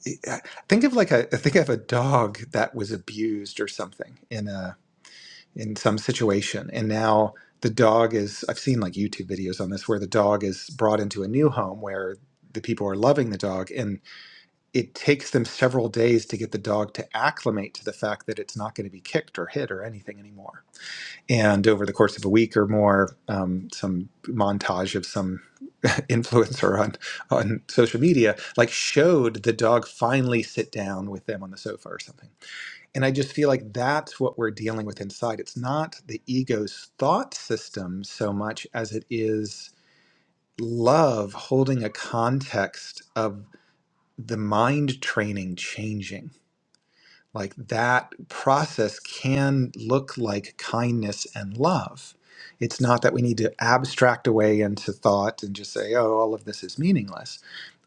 Speaker 1: eh, eh, think of like a think of a dog that was abused or something in a in some situation and now the dog is I've seen like YouTube videos on this where the dog is brought into a new home where the people are loving the dog and it takes them several days to get the dog to acclimate to the fact that it's not going to be kicked or hit or anything anymore. And over the course of a week or more, um, some montage of some influencer on on social media like showed the dog finally sit down with them on the sofa or something. And I just feel like that's what we're dealing with inside. It's not the ego's thought system so much as it is love holding a context of the mind training changing like that process can look like kindness and love. It's not that we need to abstract away into thought and just say, oh, all of this is meaningless.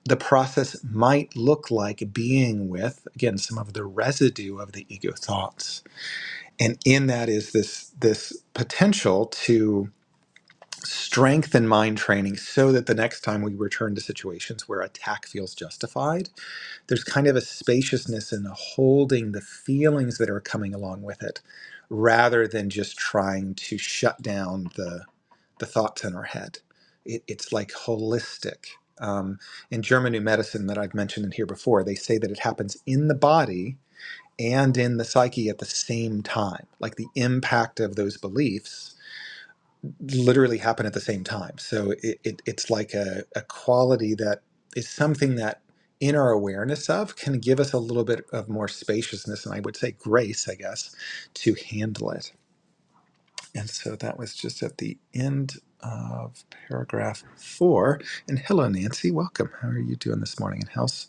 Speaker 1: The process might look like being with, again, some of the residue of the ego thoughts. And in that is this, this potential to strengthen mind training so that the next time we return to situations where attack feels justified there's kind of a spaciousness in holding the feelings that are coming along with it rather than just trying to shut down the, the thoughts in our head. It, it's like holistic. Um, in German New Medicine, that I've mentioned in here before, they say that it happens in the body and in the psyche at the same time, like the impact of those beliefs literally happen at the same time. So it, it, it's like a, a quality that is something that in our awareness of can give us a little bit of more spaciousness and I would say grace, I guess, to handle it. And so that was just at the end of paragraph four. And hello, Nancy. Welcome. How are you doing this morning? And how's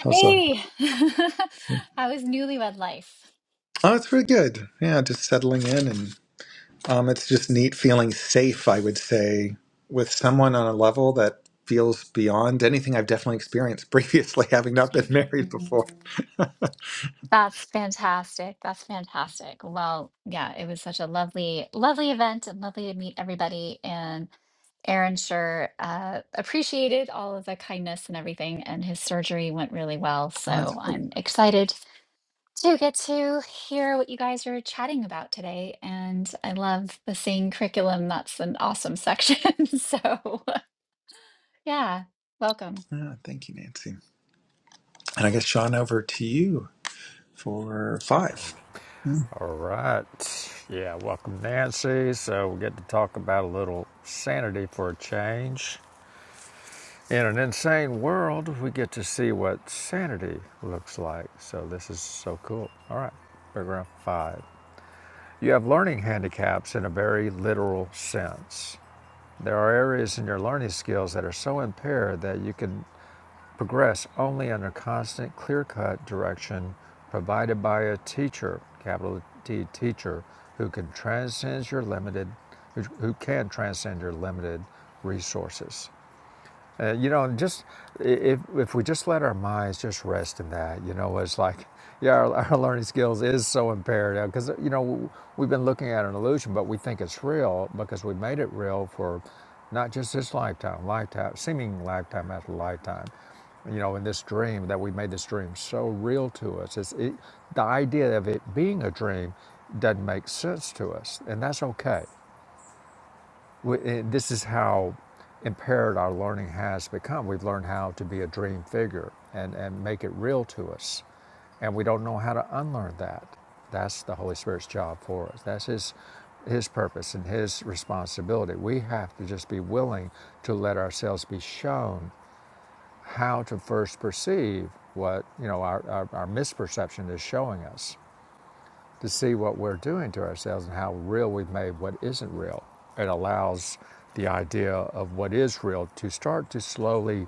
Speaker 1: how's um?
Speaker 3: Hey, how is newlywed life?
Speaker 1: Oh, it's pretty good. Yeah, just settling in and. Um, it's just neat feeling safe, I would say, with someone on a level that feels beyond anything I've definitely experienced previously, having not been married
Speaker 3: Mm,
Speaker 1: before. oh,
Speaker 3: That's fantastic. That's fantastic. Well, yeah, it was such a lovely, lovely event and lovely to meet everybody. And Aaron sure uh, appreciated all of the kindness and everything, and his surgery went really well.
Speaker 1: that's
Speaker 3: So
Speaker 1: great.
Speaker 3: I'm excited to get to hear what you guys are chatting about today. And I love the singing curriculum. That's an awesome section. So, yeah, welcome.
Speaker 1: Yeah, thank you, Nancy. And I guess, Sean, over to you for five. Hmm.
Speaker 2: All right. Yeah, welcome, Nancy. So we get to talk about a little sanity for a change. In an insane world, we get to see what sanity looks like. So this is so cool. All right, paragraph five. You have learning handicaps in a very literal sense. There are areas in your learning skills that are so impaired that you can progress only under constant, clear cut direction provided by a teacher, capital T teacher, who can transcend your limited, who, who can transcend your limited resources. Uh, you know, just if if we just let our minds just rest in that, you know, it's like, yeah, our, our learning skills is so impaired because you know we've been looking at an illusion, but we think it's real because we made it real for not just this lifetime, lifetime, seeming lifetime after lifetime. You know, in this dream that we made this dream so real to us, it's, it, the idea of it being a dream doesn't make sense to us, and that's okay eh, this is how impaired our learning has become. We've learned how to be a dream figure and, and make it real to us. And we don't know how to unlearn that. That's the Holy Spirit's job for us. That's His, his purpose and His responsibility. We have to just be willing to let ourselves be shown how to first perceive what you know our, our, our misperception is showing us to see what we're doing to ourselves and how real we've made what isn't real. It allows the idea of what is real to start to slowly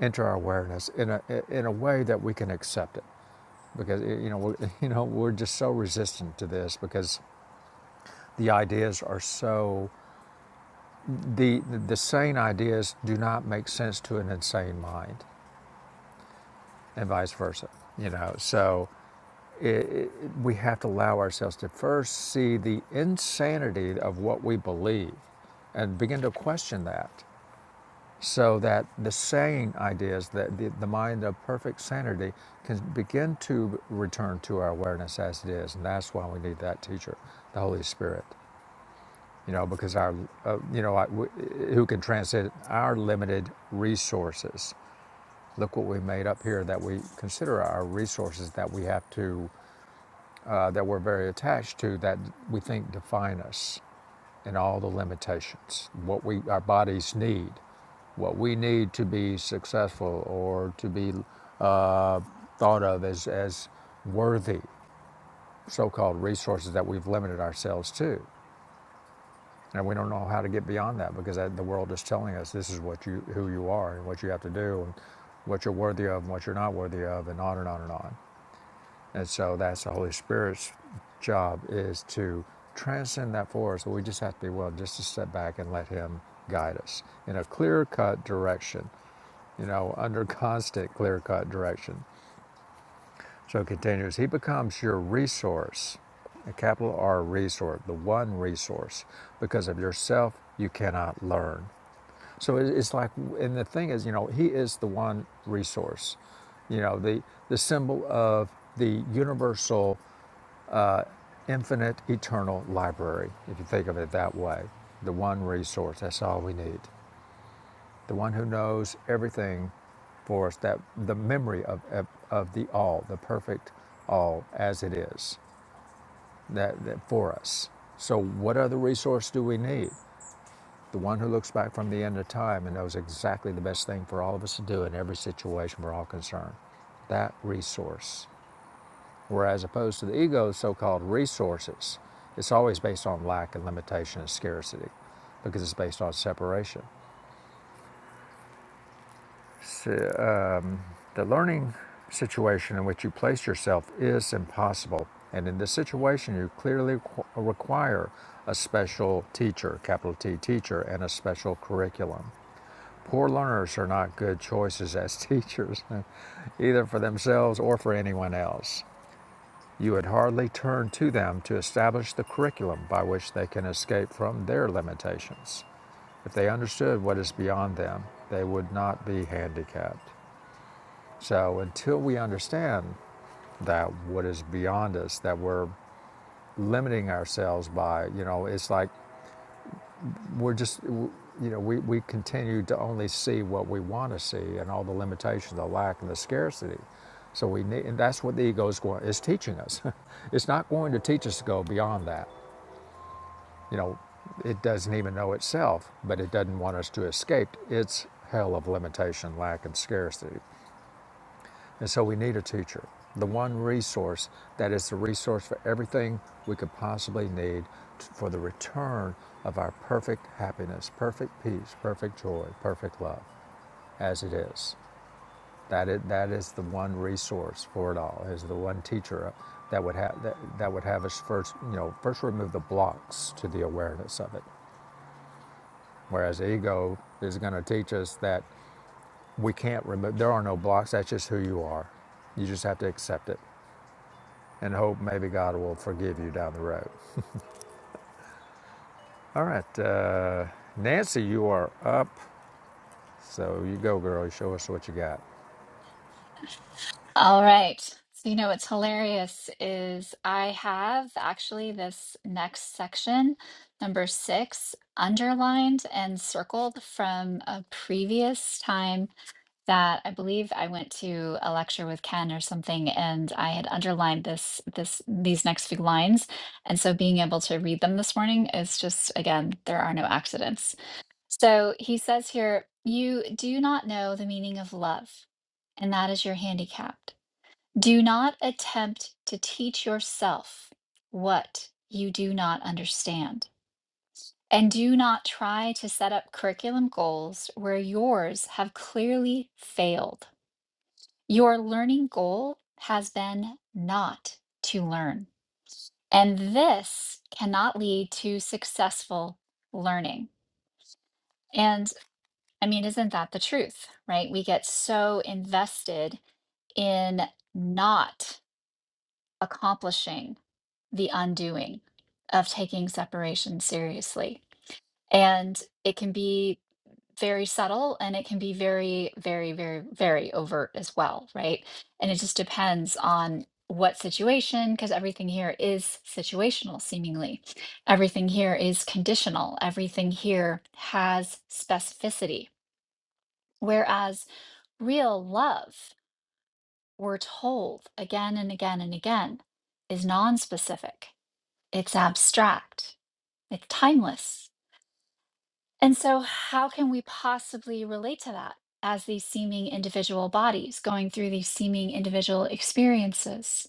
Speaker 2: enter our awareness in a in a way that we can accept it because eh, you know we're, you know we're just so resistant to this because the ideas are so the the sane ideas do not make sense to an insane mind and vice versa you know so it, we have to allow ourselves to first see the insanity of what we believe and begin to question that so that the sane ideas that the, the mind of perfect sanity can begin to return to our awareness as it is and that's why we need that teacher the holy spirit you know because our uh, you know I, w- who can transcend our limited resources look what we made up here that we consider our resources that we have to uh, that we're very attached to that we think define us and all the limitations, what we our bodies need, what we need to be successful or to be uh, thought of as as worthy, so-called resources that we've limited ourselves to, and we don't know how to get beyond that because the world is telling us this is what you who you are and what you have to do and what you're worthy of and what you're not worthy of and on and on and on. And so that's the Holy Spirit's job is to transcend that for us. So We just have to be willing just to step back and let Him guide us in a clear cut direction, you know, under constant clear cut direction. So it continues, He becomes your resource, a capital R resource, the one resource. Because of yourself, you cannot learn. So it's like, and the thing is, you know, He is the one resource you know the the symbol of the universal infinite, eternal library, if you think of it that way. The one resource, that's all we need. The one who knows everything for us, that the memory of, of, of the all, the perfect all as it is that, that for us. So what other resource do we need? The one who looks back from the end of time and knows exactly the best thing for all of us to do in every situation we're all concerned. That resource. Whereas opposed to the ego's so-called resources, it's always based on lack and limitation and scarcity because it's based on separation. S- uh, the learning situation in which you place yourself is impossible. And in this situation, you clearly qu- require a special teacher, capital T teacher, and a special curriculum. Poor learners are not good choices as teachers, either for themselves or for anyone else. You would hardly turn to them to establish the curriculum by which they can escape from their limitations. If they understood what is beyond them, they would not be handicapped. So until we understand that what is beyond us, that we're limiting ourselves by, you know, it's like we're just, you know, we, we continue to only see what we want to see and all the limitations, the lack, and the scarcity. So we need, and that's what the ego is going, is teaching us. it's not going to teach us to go beyond that. You know, it doesn't even know itself, but it doesn't want us to escape its hell of limitation, lack, and scarcity. And so we need a teacher, the one resource that is the resource for everything we could possibly need t- for the return of our perfect happiness, perfect peace, perfect joy, perfect love as it is. That is, that is the one resource for it all. Is the one teacher uh, that would have that, that would have us first, you know, first remove the blocks to the awareness of it, Whereas ego is going to teach us that we can't remove, there are no blocks. That's just who you are. You just have to accept it and hope maybe God will forgive you down the road. All right. Uh, Nancy, you are up. So you go, girl. You show us what you got.
Speaker 3: All right. So, you know, what's hilarious is I have actually this next section, number six, underlined and circled from a previous time that I believe I went to a lecture with Ken or something, and I had underlined this, this, these next few lines. And so being able to read them this morning is just, again, there are no accidents. So he says here, you do not know the meaning of love, and that is your handicap. Do not attempt to teach yourself what you do not understand. And do not try to set up curriculum goals where yours have clearly failed. Your learning goal has been not to learn. And this cannot lead to successful learning. And I mean, isn't that the truth, right? We get so invested in not accomplishing the undoing of taking separation seriously. And it can be very subtle and it can be very, very, very, very overt as well, right? And it just depends on what situation, because everything here is situational, seemingly. Everything here is conditional. Everything here has specificity. Whereas real love, we're told again and again and again, is non specific, it's abstract it's timeless. And so, how can we possibly relate to that as these seeming individual bodies going through these seeming individual experiences?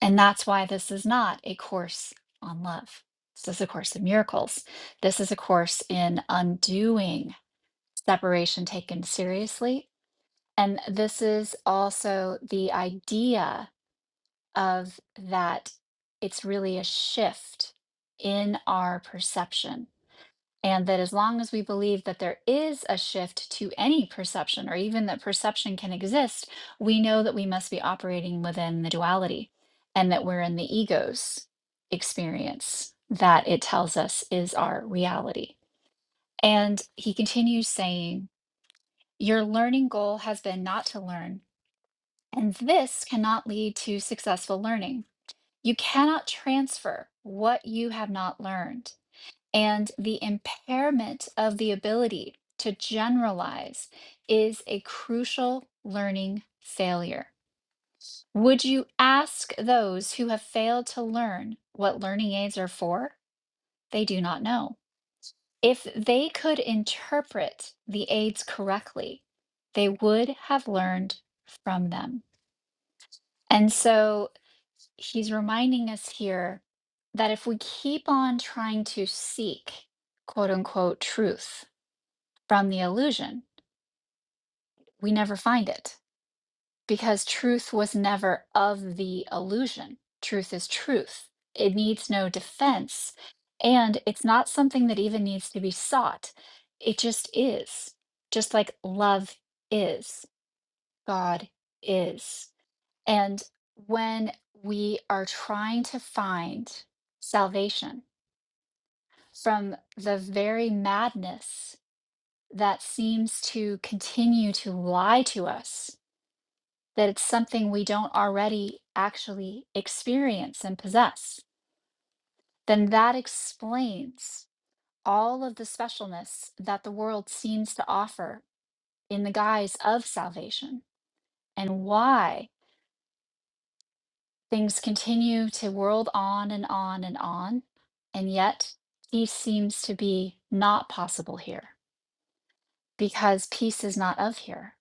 Speaker 3: And that's why this is not a course on love. This is a course in miracles. This is a course in undoing separation taken seriously. And this is also the idea of that it's really a shift in our perception And that as long as we believe that there is a shift to any perception, or even that perception can exist, we know that we must be operating within the duality and that we're in the ego's experience that it tells us is our reality. And he continues saying, Your learning goal has been not to learn, and this cannot lead to successful learning. You cannot transfer what you have not learned. And the impairment of the ability to generalize is a crucial learning failure. Would you ask those who have failed to learn what learning aids are for? They do not know. If they could interpret the aids correctly, they would have learned from them. And so he's reminding us here that if we keep on trying to seek quote unquote truth, from the illusion. We never find it because truth was never of the illusion. Truth is truth, it needs no defense. And it's not something that even needs to be sought. It just is, just like love is, God is. And when we are trying to find salvation from the very madness that seems to continue to lie to us that it's something we don't already actually experience and possess, then that explains all of the specialness that the world seems to offer in the guise of salvation and why things continue to whirl on and on and on. And yet, peace seems to be not possible here because peace is not of here.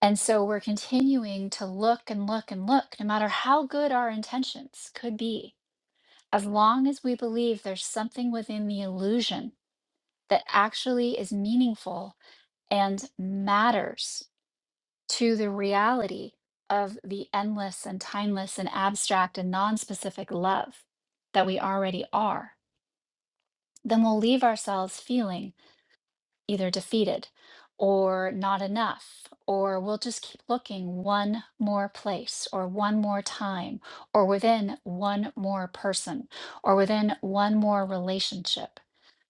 Speaker 3: And so we're continuing to look and look and look, no matter how good our intentions could be As long as we believe there's something within the illusion that actually is meaningful and matters to the reality of the endless and timeless and abstract and non specific love that we already are, then we'll leave ourselves feeling either defeated or not enough, or we'll just keep looking one more place or one more time or within one more person or within one more relationship.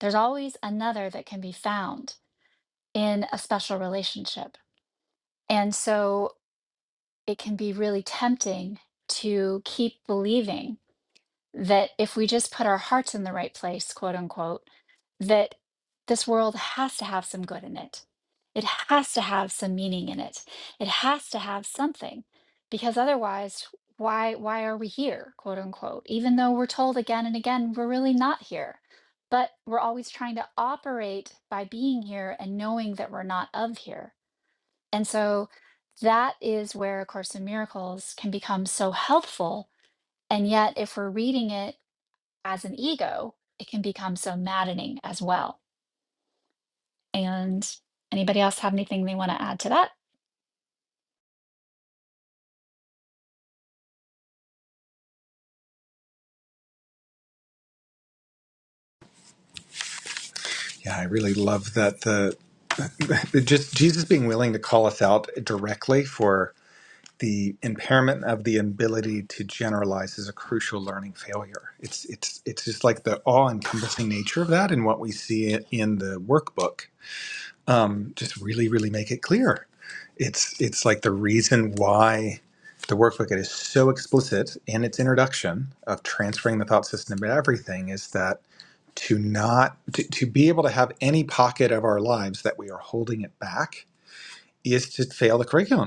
Speaker 3: There's always another that can be found in a special relationship. And so it can be really tempting to keep believing that if we just put our hearts in the right place, quote unquote, that this world has to have some good in it. It has to have some meaning in it. It has to have something because otherwise, why why are we here, quote unquote? Even though we're told again and again we're really not here. But we're always trying to operate by being here and knowing that we're not of here. And so that is where A Course in Miracles can become so helpful. And yet, if we're reading it as an ego, it can become so maddening as well. And anybody else have anything they want to add to that?
Speaker 1: Yeah, I really love that the just Jesus being willing to call us out directly for. the impairment of the ability to generalize is a crucial learning failure. It's it's it's just like the awe-encompassing nature of that, and what we see i- in the workbook um, just really really make it clear. It's it's like the reason why the workbook is so explicit in its introduction of transferring the thought system to everything is that to not to, to be able to have any pocket of our lives that we are holding it back is to fail the curriculum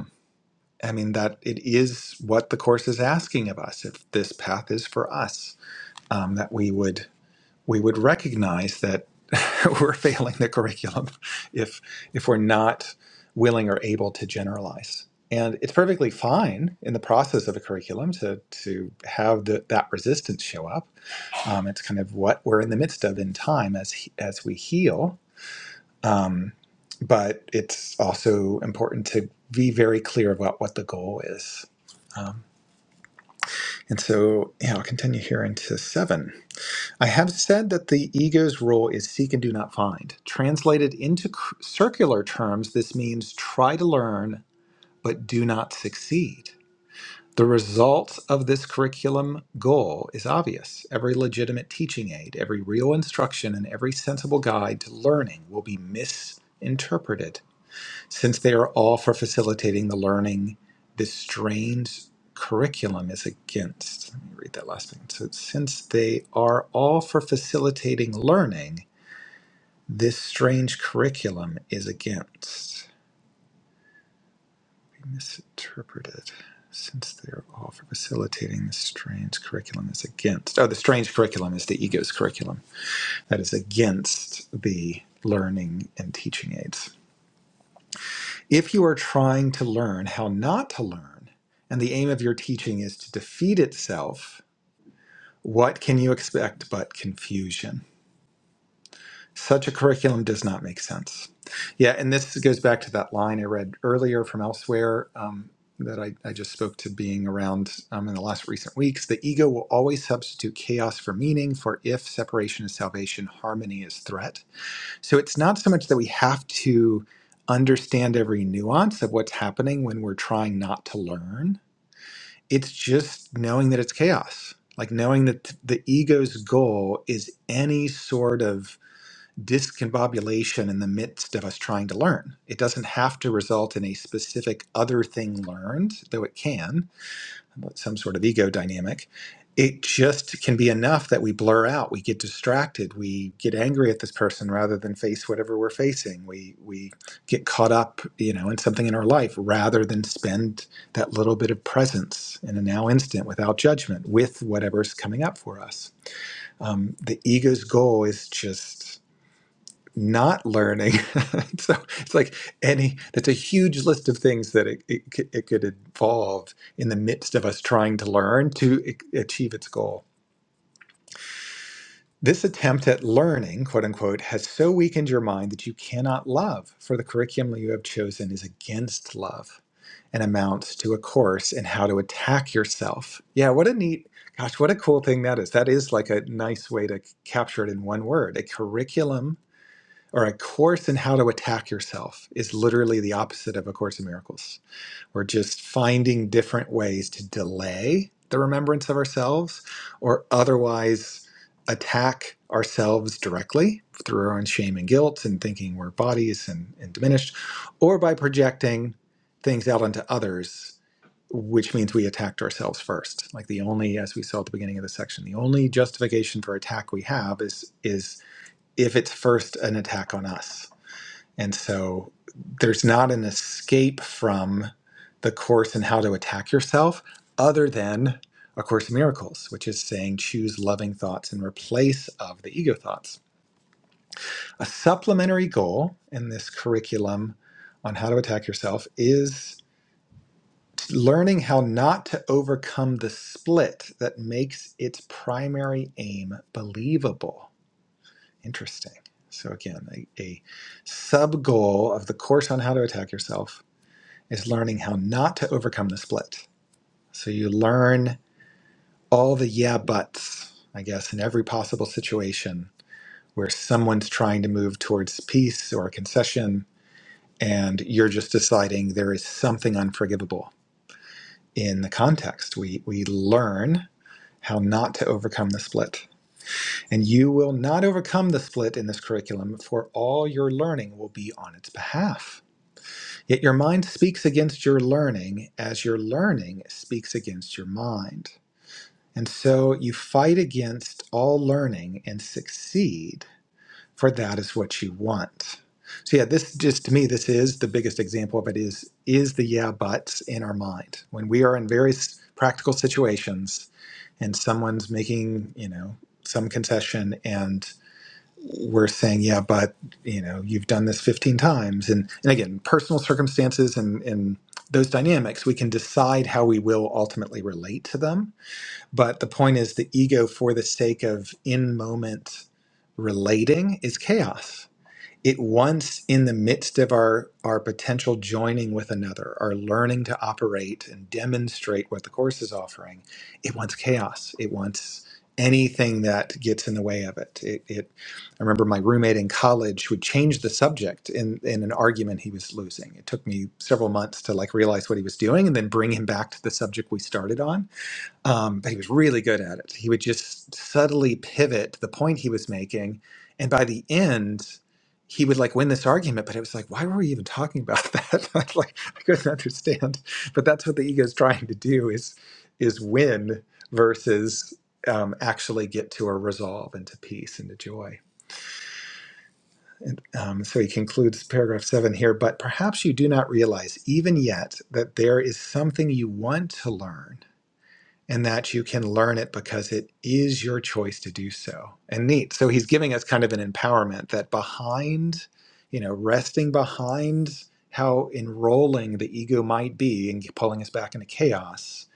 Speaker 1: I mean, that it is what the course is asking of us. If this path is for us, um, that we would we would recognize that we're failing the curriculum if if we're not willing or able to generalize. And it's perfectly fine in the process of a curriculum to to have the, that resistance show up. Um, it's kind of what we're in the midst of in time as he- as we heal um, but it's also important to be very clear about what the goal is. Um, and so, yeah, I'll continue here into seven. I have said that the ego's role is seek and do not find. Translated into cr- circular terms, this means try to learn, but do not succeed. The result of this curriculum goal is obvious. Every legitimate teaching aid, every real instruction, and every sensible guide to learning will be misinterpreted since they are all for facilitating the learning this strained curriculum is against. Let me read that last thing. So, since they are all for facilitating learning, this strange curriculum is against. Be misinterpreted. Since they are all for facilitating this strange curriculum is against. Oh, the strange curriculum is the ego's curriculum. That is against the learning and teaching aids. If you are trying to learn how not to learn, and the aim of your teaching is to defeat itself, what can you expect but confusion? Such a curriculum does not make sense. Yeah, and this goes back to that line I read earlier from elsewhere um, that I, I just spoke to being around um, in the last recent weeks. The ego will always substitute chaos for meaning, for if separation is salvation, harmony is threat. So it's not so much that we have to understand every nuance of what's happening when we're trying not to learn. It's just knowing that it's chaos. Like knowing that the ego's goal is any sort of discombobulation in the midst of us trying to learn. It doesn't have to result in a specific other thing learned, though it can but some sort of ego dynamic, it just can be enough that we blur out, we get distracted, we get angry at this person rather than face whatever we're facing. We we get caught up, you know, in something in our life rather than spend that little bit of presence in a now instant without judgment with whatever's coming up for us. Um, the ego's goal is just not learning. so it's like any, that's a huge list of things that it, it, c- it could involve in the midst of us trying to learn to a- achieve its goal. This attempt at learning, quote unquote, has so weakened your mind that you cannot love, for the curriculum you have chosen is against love and amounts to a course in how to attack yourself. Yeah, what a neat, gosh, what a cool thing that is. That is like a nice way to capture it in one word a curriculum or a course in how to attack yourself is literally the opposite of a course in miracles we're just finding different ways to delay the remembrance of ourselves or otherwise attack ourselves directly through our own shame and guilt and thinking we're bodies and, and diminished or by projecting things out onto others which means we attacked ourselves first like the only as we saw at the beginning of the section the only justification for attack we have is is if it's first an attack on us and so there's not an escape from the course and how to attack yourself other than a course in miracles, which is saying choose loving thoughts in replace of the ego thoughts. A supplementary goal in this curriculum on how to attack yourself is learning how not to overcome the split that makes its primary aim believable. Interesting. So again, a, a sub goal of the course on how to attack yourself is learning how not to overcome the split. So you learn all the yeah buts, I guess, in every possible situation where someone's trying to move towards peace or a concession, and you're just deciding there is something unforgivable in the context. We we learn how not to overcome the split. And you will not overcome the split in this curriculum, for all your learning will be on its behalf Yet your mind speaks against your learning as your learning speaks against your mind. And so you fight against all learning and succeed, for that is what you want. So yeah, this just to me, this is the biggest example of it is is the yeah buts in our mind. When we are in various practical situations and someone's making, you know, some concession and we're saying, yeah, but you know, you've done this 15 times. And, and again, personal circumstances and, and those dynamics, we can decide how we will ultimately relate to them. But the point is, the ego, for the sake of in moment relating, is chaos it once in the midst of our our potential joining with another our learning to operate and demonstrate what the course is offering it wants chaos it wants anything that gets in the way of it it, it i remember my roommate in college would change the subject in in an argument he was losing it took me several months to like realize what he was doing and then bring him back to the subject we started on um, but he was really good at it. He would just subtly pivot the point he was making, and by the end, he would like win this argument. But it was like, why were we even talking about that? I was like I couldn't understand. But that's what the ego is trying to do is is win versus um, actually get to a resolve and to peace and to joy. And um, so he concludes paragraph seven here. But perhaps you do not realize even yet that there is something you want to learn and that you can learn it because it is your choice to do so. And neat. So he's giving us kind of an empowerment that behind, you know, resting behind how enrolling the ego might be and pulling us back into chaos,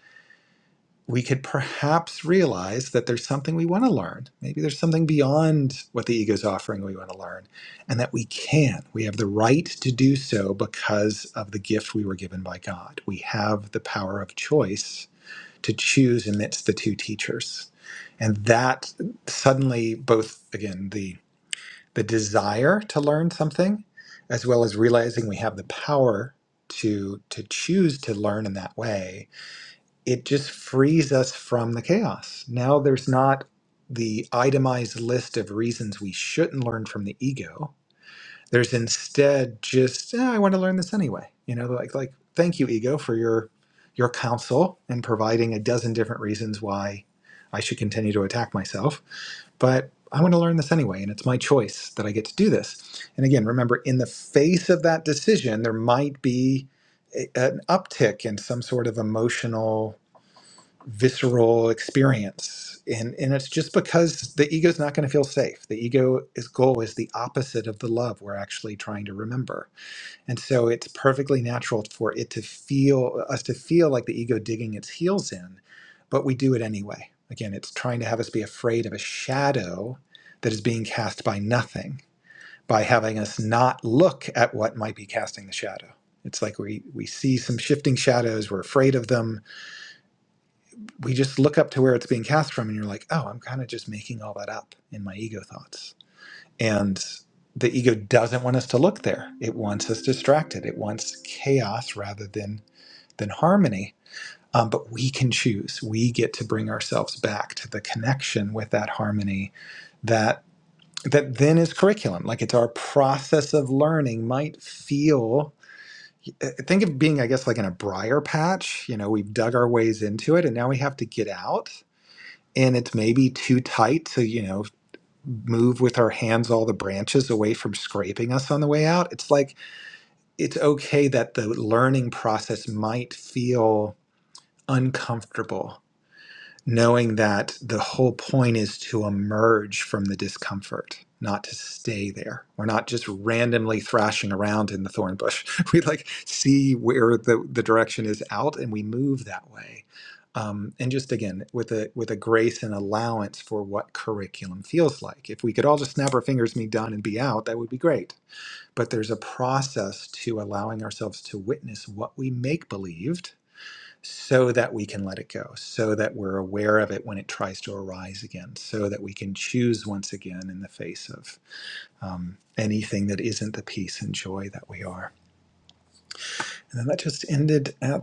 Speaker 1: we could perhaps realize that there's something we want to learn. Maybe there's something beyond what the ego's offering we want to learn, and that we can. We have the right to do so because of the gift we were given by God. We have the power of choice to choose amidst the two teachers. And that suddenly both again the the desire to learn something as well as realizing we have the power to to choose to learn in that way, it just frees us from the chaos. Now there's not the itemized list of reasons we shouldn't learn from the ego there's instead just "Ah, I want to learn this anyway. You know, like like thank you ego for your your counsel and providing a dozen different reasons why I should continue to attack myself, but I want to learn this anyway and it's my choice that I get to do this. And again, remember in the face of that decision there might be a, an uptick in some sort of emotional visceral experience and and it's just because the ego's not going to feel safe the ego's goal is the opposite of the love we're actually trying to remember and so it's perfectly natural for it to feel us to feel like the ego digging its heels in but we do it anyway again it's trying to have us be afraid of a shadow that is being cast by nothing by having us not look at what might be casting the shadow it's like we we see some shifting shadows we're afraid of them we just look up to where it's being cast from and you're like oh i'm kind of just making all that up in my ego thoughts and the ego doesn't want us to look there it wants us distracted it wants chaos rather than than harmony um, but we can choose we get to bring ourselves back to the connection with that harmony that that then is curriculum like it's our process of learning might feel uh, think of being i guess like in a briar patch you know we've dug our ways into it and now we have to get out and it's maybe too tight to you know move with our hands all the branches away from scraping us on the way out it's like it's okay that the learning process might feel uncomfortable knowing that the whole point is to emerge from the discomfort not to stay there we're not just randomly thrashing around in the thorn bush we like see where the, the direction is out and we move that way um, and just again with a with a grace and allowance for what curriculum feels like if we could all just snap our fingers and be done and be out that would be great but there's a process to allowing ourselves to witness what we make believed so that we can let it go, so that we're aware of it when it tries to arise again, so that we can choose once again in the face of um, anything that isn't the peace and joy that we are. And then that just ended at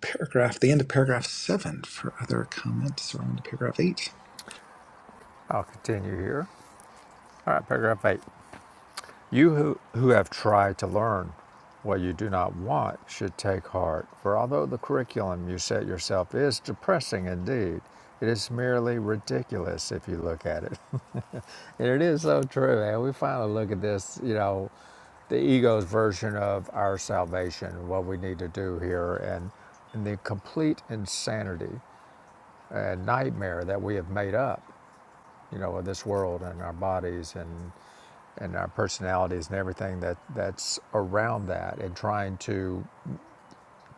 Speaker 1: paragraph, the end of paragraph seven for other comments or on to paragraph eight.
Speaker 2: I'll continue here. All right. Paragraph eight. You who, who have tried to learn what you do not want should take heart. For although the curriculum you set yourself is depressing indeed, it is merely ridiculous if you look at it. It is so true, man. We finally look at this, you know, the ego's version of our salvation, what we need to do here, and, and the complete insanity and nightmare that we have made up, you know, of this world and our bodies and and our personalities and everything that that's around that, and trying to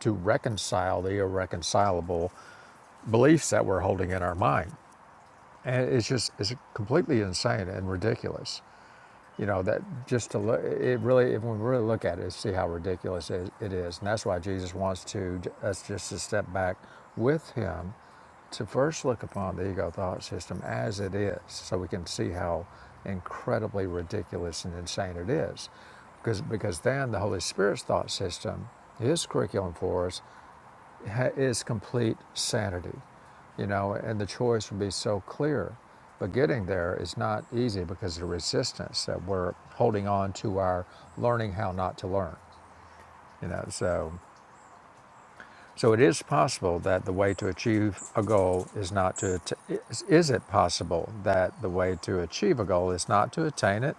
Speaker 2: to reconcile the irreconcilable beliefs that we're holding in our mind. And it's just it's completely insane and ridiculous. you know that just to look it really if we really look at it see how ridiculous it is and that's why jesus wants to us just to step back with him to first look upon the ego thought system as it is so we can see how incredibly ridiculous and insane it is because because then the holy spirit's thought system his curriculum for us is complete sanity, you know, and the choice would be so clear. But getting there is not easy because of the resistance that we're holding on to our learning how not to learn, you know. So, so it is possible that the way to achieve a goal is not to. Att- is, is it possible that the way to achieve a goal is not to attain it?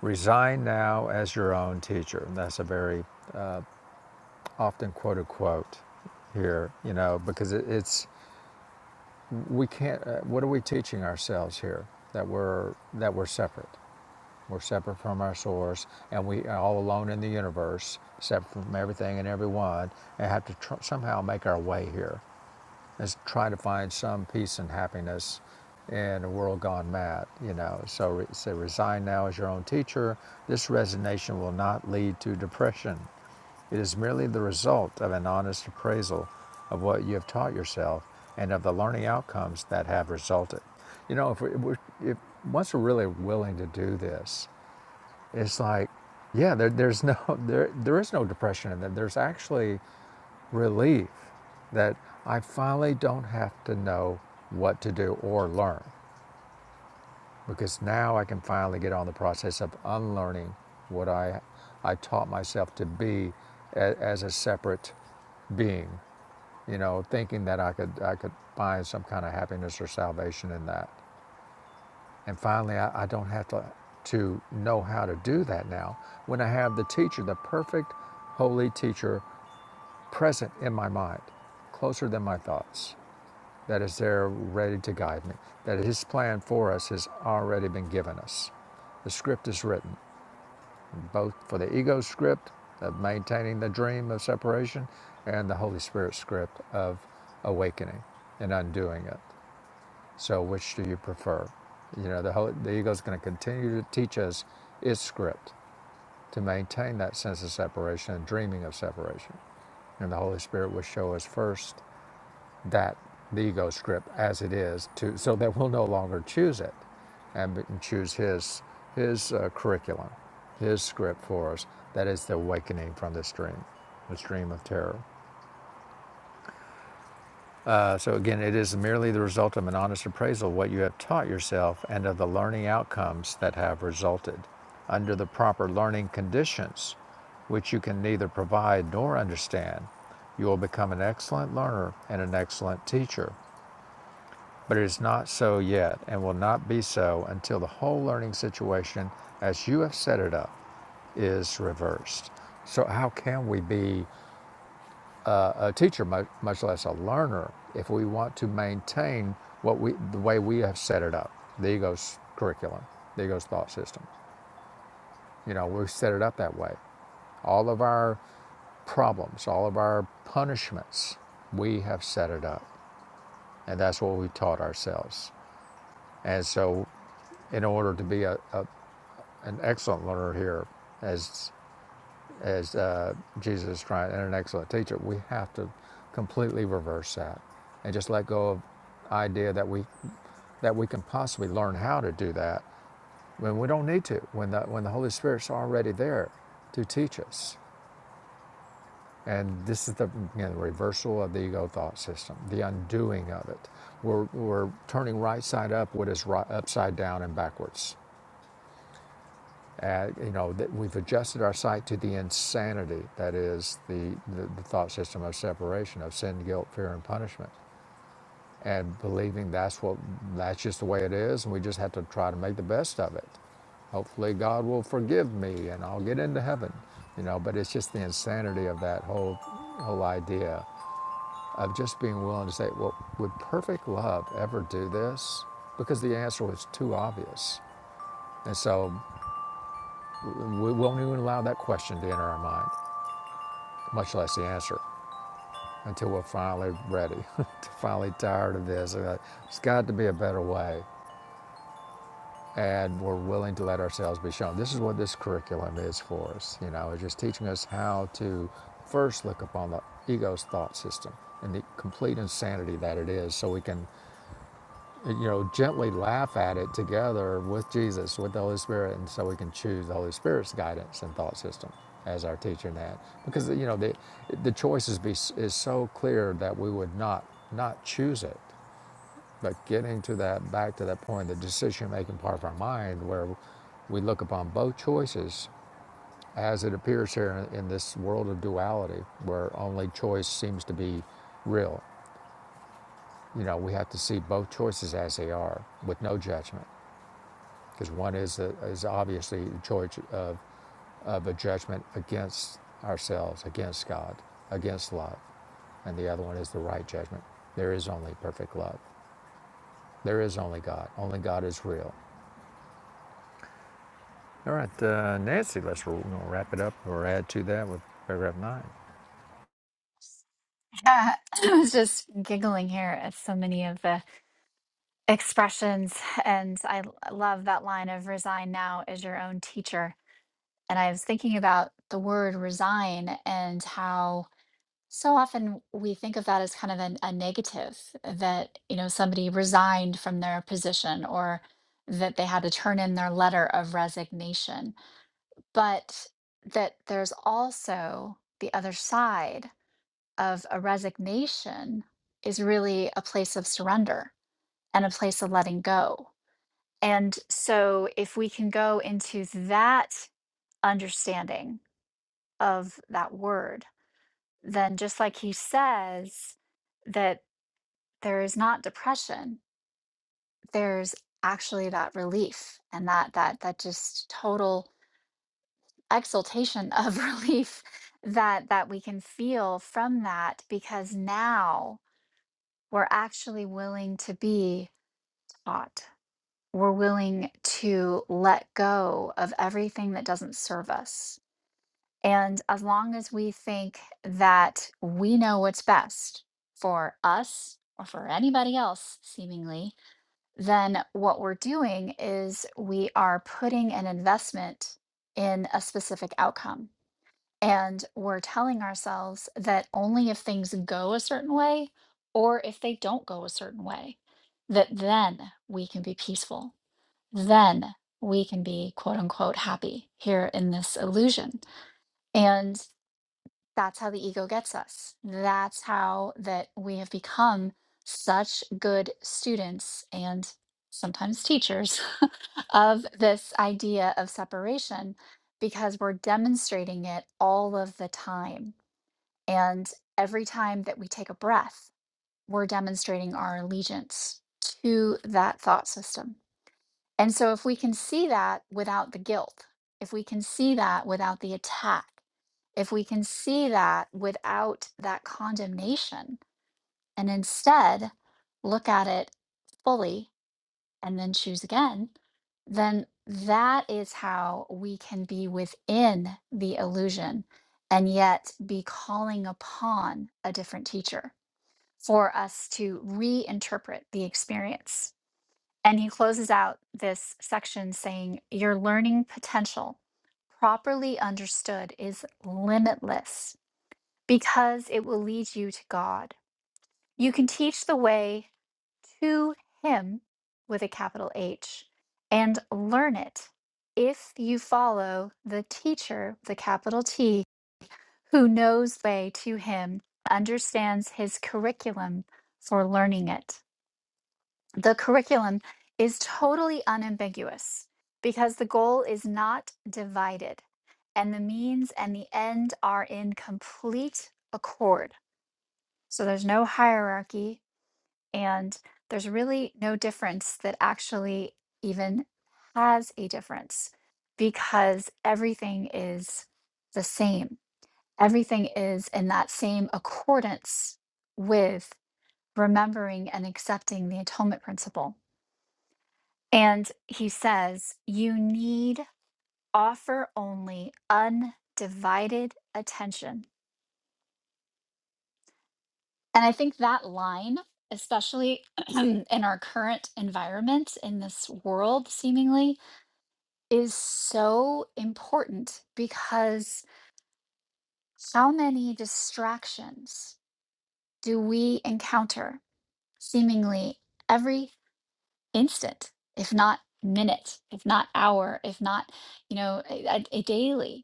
Speaker 2: Resign now as your own teacher. And that's a very often quoted quote here, you know, because it, it's we can't uh, what are we teaching ourselves here that we're that we're separate we're separate from our source and we are all alone in the universe separate from everything and everyone and have to tr- somehow make our way here is trying to find some peace and happiness in a world gone mad, you know. So re- say resign now as your own teacher. This resignation will not lead to depression. It is merely the result of an honest appraisal of what you have taught yourself and of the learning outcomes that have resulted. You know, if we, we if once we're really willing to do this, it's like, yeah, there, there's no, there, there is no depression in that. There's actually relief that I finally don't have to know what to do or learn because now I can finally get on the process of unlearning what I I taught myself to be a, as a separate being, you know, thinking that I could I could find some kind of happiness or salvation in that. And finally, I, I don't have to to know how to do that now when I have the teacher, the perfect holy teacher, present in my mind, closer than my thoughts. that is there ready to guide me, that His plan for us has already been given us. The script is written, both for the ego script of maintaining the dream of separation and the Holy Spirit script of awakening and undoing it. So, which do you prefer? You know, the, whole, the ego is going to continue to teach us its script to maintain that sense of separation and dreaming of separation. And the Holy Spirit will show us first that the ego script as it is to so that we'll no longer choose it and be- choose his his uh, curriculum his script for us that is the awakening from this dream this dream of terror uh, so again it is merely the result of an honest appraisal of what you have taught yourself and of the learning outcomes that have resulted under the proper learning conditions which you can neither provide nor understand you will become an excellent learner and an excellent teacher But it is not so yet, and will not be so until the whole learning situation, as you have set it up, is reversed. So, how can we be a, teacher, much less a learner, if we want to maintain what we, the way we have set it up, the ego's curriculum, the ego's thought system? You know, we've set it up that way. All of our problems, all of our punishments, we have set it up. And that's what we taught ourselves. And so, in order to be a, a an excellent learner here as as uh, Jesus is trying and an excellent teacher. We have to completely reverse that and just let go of the idea that we that we can possibly learn how to do that when we don't need to when the when the Holy Spirit's already there to teach us. And this is the you know, the reversal of the ego thought system, the undoing of it. We're, we're turning right side up what is right, upside down and backwards Uh, you know, that we've adjusted our sight to the insanity that is the, the, the thought system of separation, of sin, guilt, fear, and punishment, and believing that's what that's just the way it is, and we just have to try to make the best of it. Hopefully, God will forgive me, and I'll get into heaven. You know, but it's just the insanity of that whole whole idea of just being willing to say, "Well, would perfect love ever do this?" Because the answer was too obvious, and so. We won't even allow that question to enter our mind, much less the answer, until we're finally ready, finally tired of this. there has got to be a better way, and we're willing to let ourselves be shown. This is what this curriculum is for us. You know, it's just teaching us how to first look upon the ego's thought system and the complete insanity that it is, so we can you know, gently laugh at it together with Jesus, with the Holy Spirit, and so we can choose the Holy Spirit's guidance and thought system as our teacher in that. Because you know, the the choices be is so clear that we would not not choose it. But getting to that back to that point, the decision making part of our mind where we look upon both choices as it appears here in this world of duality where only choice seems to be real. You know, we have to see both choices as they are with no judgment because one is, a, is obviously the choice of, of a judgment against ourselves, against God, against love, and the other one is the right judgment. There is only perfect love. There is only God. Only God is real. All right, uh, Nancy, let's we're gonna wrap it up or add to that with paragraph nine.
Speaker 3: Yeah, I was just giggling here at so many of the expressions. And I l- love that line of resign now as your own teacher. And I was thinking about the word resign and how so often we think of that as kind of an, a negative that, you know, somebody resigned from their position or that they had to turn in their letter of resignation. but that there's also the other side of a resignation is really a place of surrender and a place of letting go. And so, if we can go into that understanding of that word, then just like he says, that there is not depression, there's actually that relief and that that that just total exultation of relief that that we can feel from that because now we're actually willing to be taught we're willing to let go of everything that doesn't serve us and as long as we think that we know what's best for us or for anybody else seemingly then what we're doing is we are putting an investment in a specific outcome and we're telling ourselves that only if things go a certain way or if they don't go a certain way, that then we can be peaceful. Then we can be quote unquote happy here in this illusion. And that's how the ego gets us. That's how that we have become such good students and sometimes teachers of this idea of separation because we're demonstrating it all of the time and every time that we take a breath, we're demonstrating our allegiance to that thought system. And so, if we can see that without the guilt, if we can see that without the attack, if we can see that without that condemnation, and instead look at it fully and then choose again, then that is how we can be within the illusion and yet be calling upon a different teacher for us to reinterpret the experience. And he closes out this section saying, Your learning potential, properly understood, is limitless because it will lead you to God. You can teach the way to Him with a capital H and learn it if you follow the teacher, the capital T, who knows the way to Him, understands His curriculum for learning it. the curriculum is totally unambiguous because the goal is not divided and the means and the end are in complete accord. So there's no hierarchy and there's really no difference that actually even has a difference because everything is the same. Everything is in that same accordance with remembering and accepting the atonement principle. And he says, you need offer only undivided attention. And I think that line, especially in our current environment, in this world seemingly, is so important because how many distractions do we encounter seemingly every instant, if not minute, if not hour, if not, you know, a, a a daily?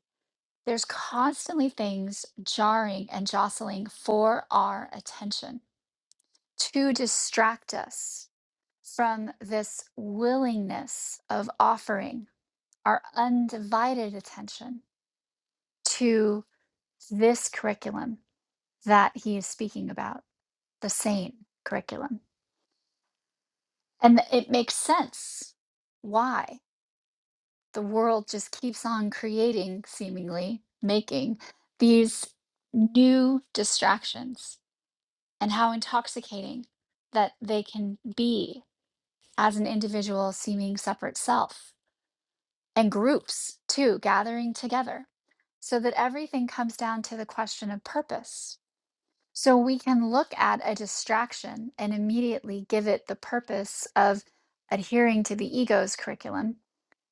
Speaker 3: There's constantly things jarring and jostling for our attention to distract us from this willingness of offering our undivided attention to this curriculum that he is speaking about, the same curriculum. And it makes sense why the world just keeps on creating, seemingly making these new distractions and how intoxicating that they can be as an individual seeming separate self and groups too gathering together so that everything comes down to the question of purpose so we can look at a distraction and immediately give it the purpose of adhering to the ego's curriculum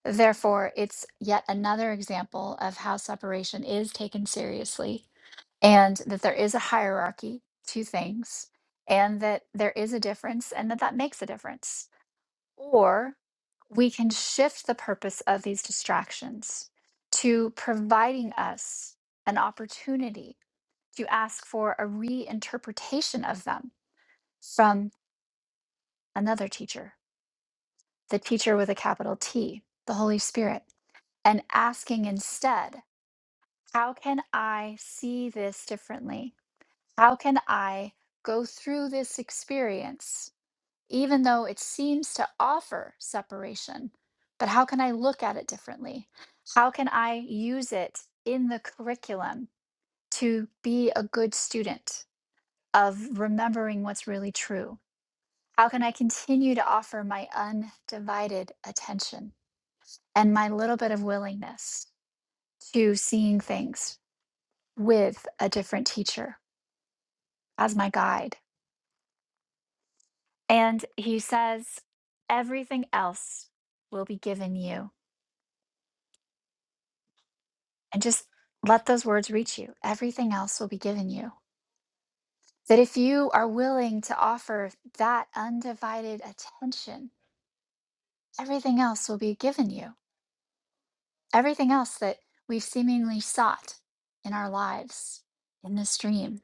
Speaker 3: therefore it's yet another example of how separation is taken seriously and that there is a hierarchy to things and that there is a difference and that that makes a difference or we can shift the purpose of these distractions to providing us an opportunity to ask for a reinterpretation of them from another teacher the teacher with a capital T the holy spirit and asking instead how can i see this differently How can I go through this experience, even though it seems to offer separation? But how can I look at it differently? How can I use it in the curriculum to be a good student of remembering what's really true? How can I continue to offer my undivided attention and my little bit of willingness to seeing things with a different teacher as my guide? And he says, Everything else will be given you. And just let those words reach you. Everything else will be given you. That if you are willing to offer that undivided attention, everything else will be given you. Everything else that we've seemingly sought in our lives, in this dream.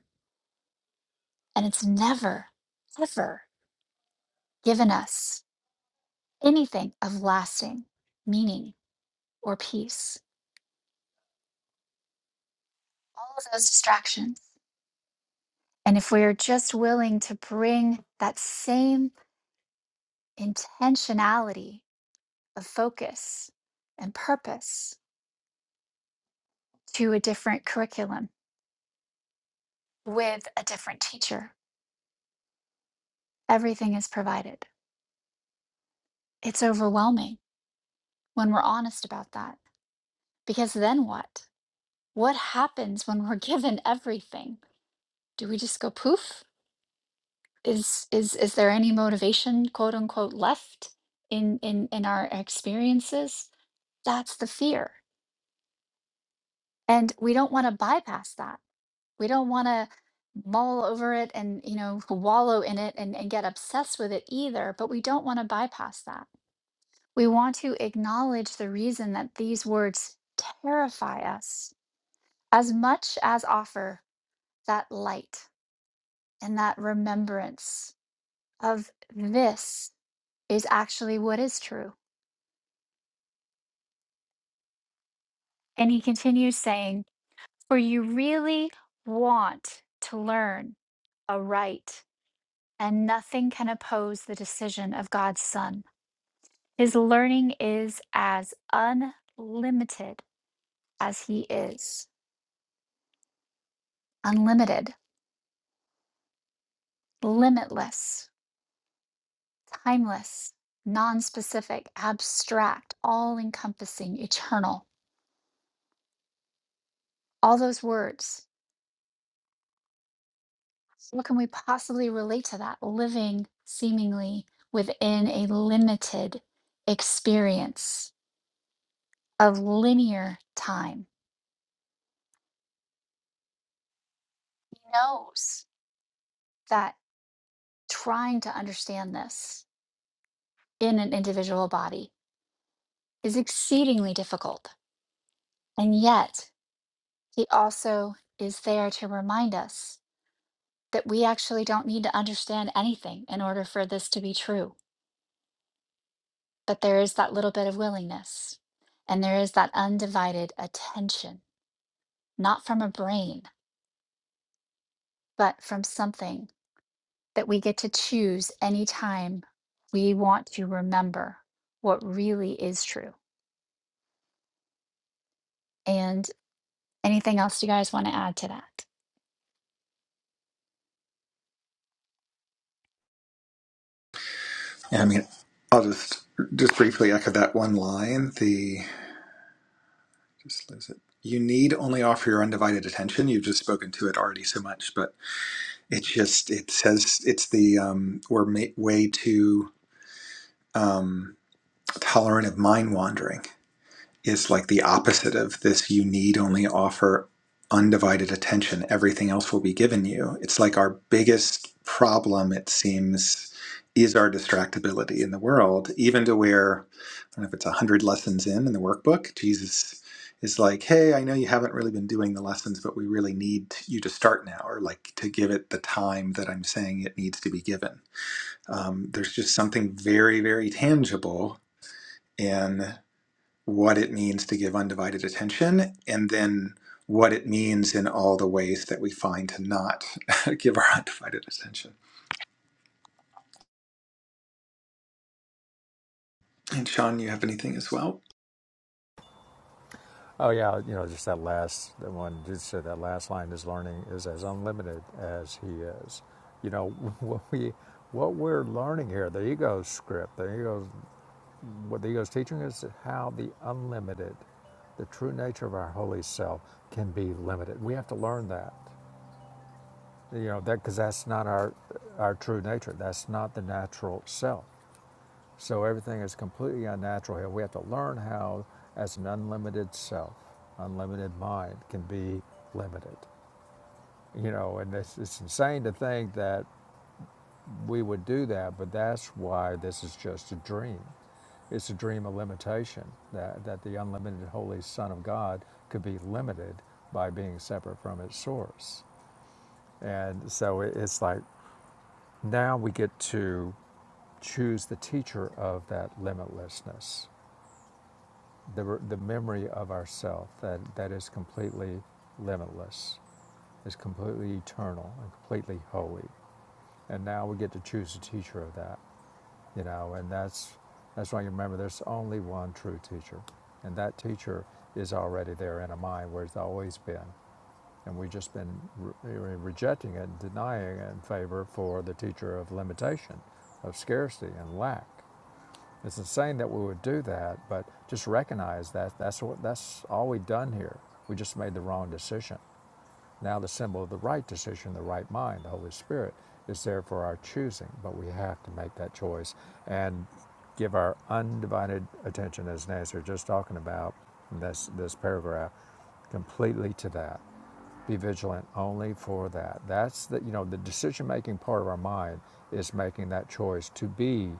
Speaker 3: And it's never, ever given us anything of lasting meaning or peace. All of those distractions And if we're just willing to bring that same intentionality of focus and purpose to a different curriculum with a different teacher, everything is provided. It's overwhelming when we're honest about that. Because then what? What happens when we're given everything? Do we just go poof? Is is is there any motivation, quote unquote, left in in in our experiences? That's the fear And we don't want to bypass that. We don't want to mull over it and, you know, wallow in it and, and get obsessed with it either, but we don't want to bypass that. We want to acknowledge the reason that these words terrify us as much as offer that light and that remembrance of this is actually what is true. And he continues saying, For you really want to learn aright and nothing can oppose the decision of God's Son. His learning is as unlimited as He is unlimited, limitless, timeless, non specific, abstract, all encompassing, eternal. All those words. What can we possibly relate to that? Living seemingly within a limited experience of linear time. He knows that trying to understand this in an individual body is exceedingly difficult. And yet, he also is there to remind us that we actually don't need to understand anything in order for this to be true. But there is that little bit of willingness, and there is that undivided attention, not from a brain, but from something that we get to choose anytime we want to remember what really is true. And Anything else you guys want to add to that?
Speaker 1: yeah. I mean, I'll just just briefly echo that one line. The just lose it. You need only offer your undivided attention. You've just spoken to it already so much, but it's just it says it's the um, we're ma- way too um, tolerant of mind wandering is like the opposite of this you need only offer undivided attention everything else will be given you it's like our biggest problem it seems is our distractibility in the world even to where i don't know if it's 100 lessons in in the workbook jesus is like hey i know you haven't really been doing the lessons but we really need you to start now or like to give it the time that i'm saying it needs to be given um, there's just something very very tangible in what it means to give undivided attention and then what it means in all the ways that we find to not give our undivided attention. And Sean, you have anything as well?
Speaker 2: Oh yeah, you know, just that last that one. Just said that last line is learning is as unlimited as he is. You know what we what we're learning here, the ego script, the ego What the ego is teaching us is how the unlimited, the true nature of our holy self, can be limited. We have to learn that, you know, that because that's not our our true nature. That's not the natural self. So everything is completely unnatural here. We have to learn how, as an unlimited self, unlimited mind can be limited. You know, and it's, it's insane to think that. we would do that, but that's why this is just a dream. It's a dream of limitation that, that the unlimited Holy Son of God could be limited by being separate from its source. And so it, it's like now we get to choose the teacher of that limitlessness, the, the memory of ourself that, that is completely limitless, is completely eternal, and completely holy. And now we get to choose the teacher of that. you know and that's that's why you remember there's only one true teacher and that teacher is already there in a mind where it's always been and we've just been re- rejecting it and denying it in favor for the teacher of limitation of scarcity and lack it's insane that we would do that but just recognize that that's what that's all we've done here we just made the wrong decision now the symbol of the right decision, the right mind, the Holy Spirit, is there for our choosing, but we have to make that choice and give our undivided attention, as Nancy was just talking about in this, this paragraph, completely to that. Be vigilant only for that. That's the you know the decision making part of our mind is making that choice to be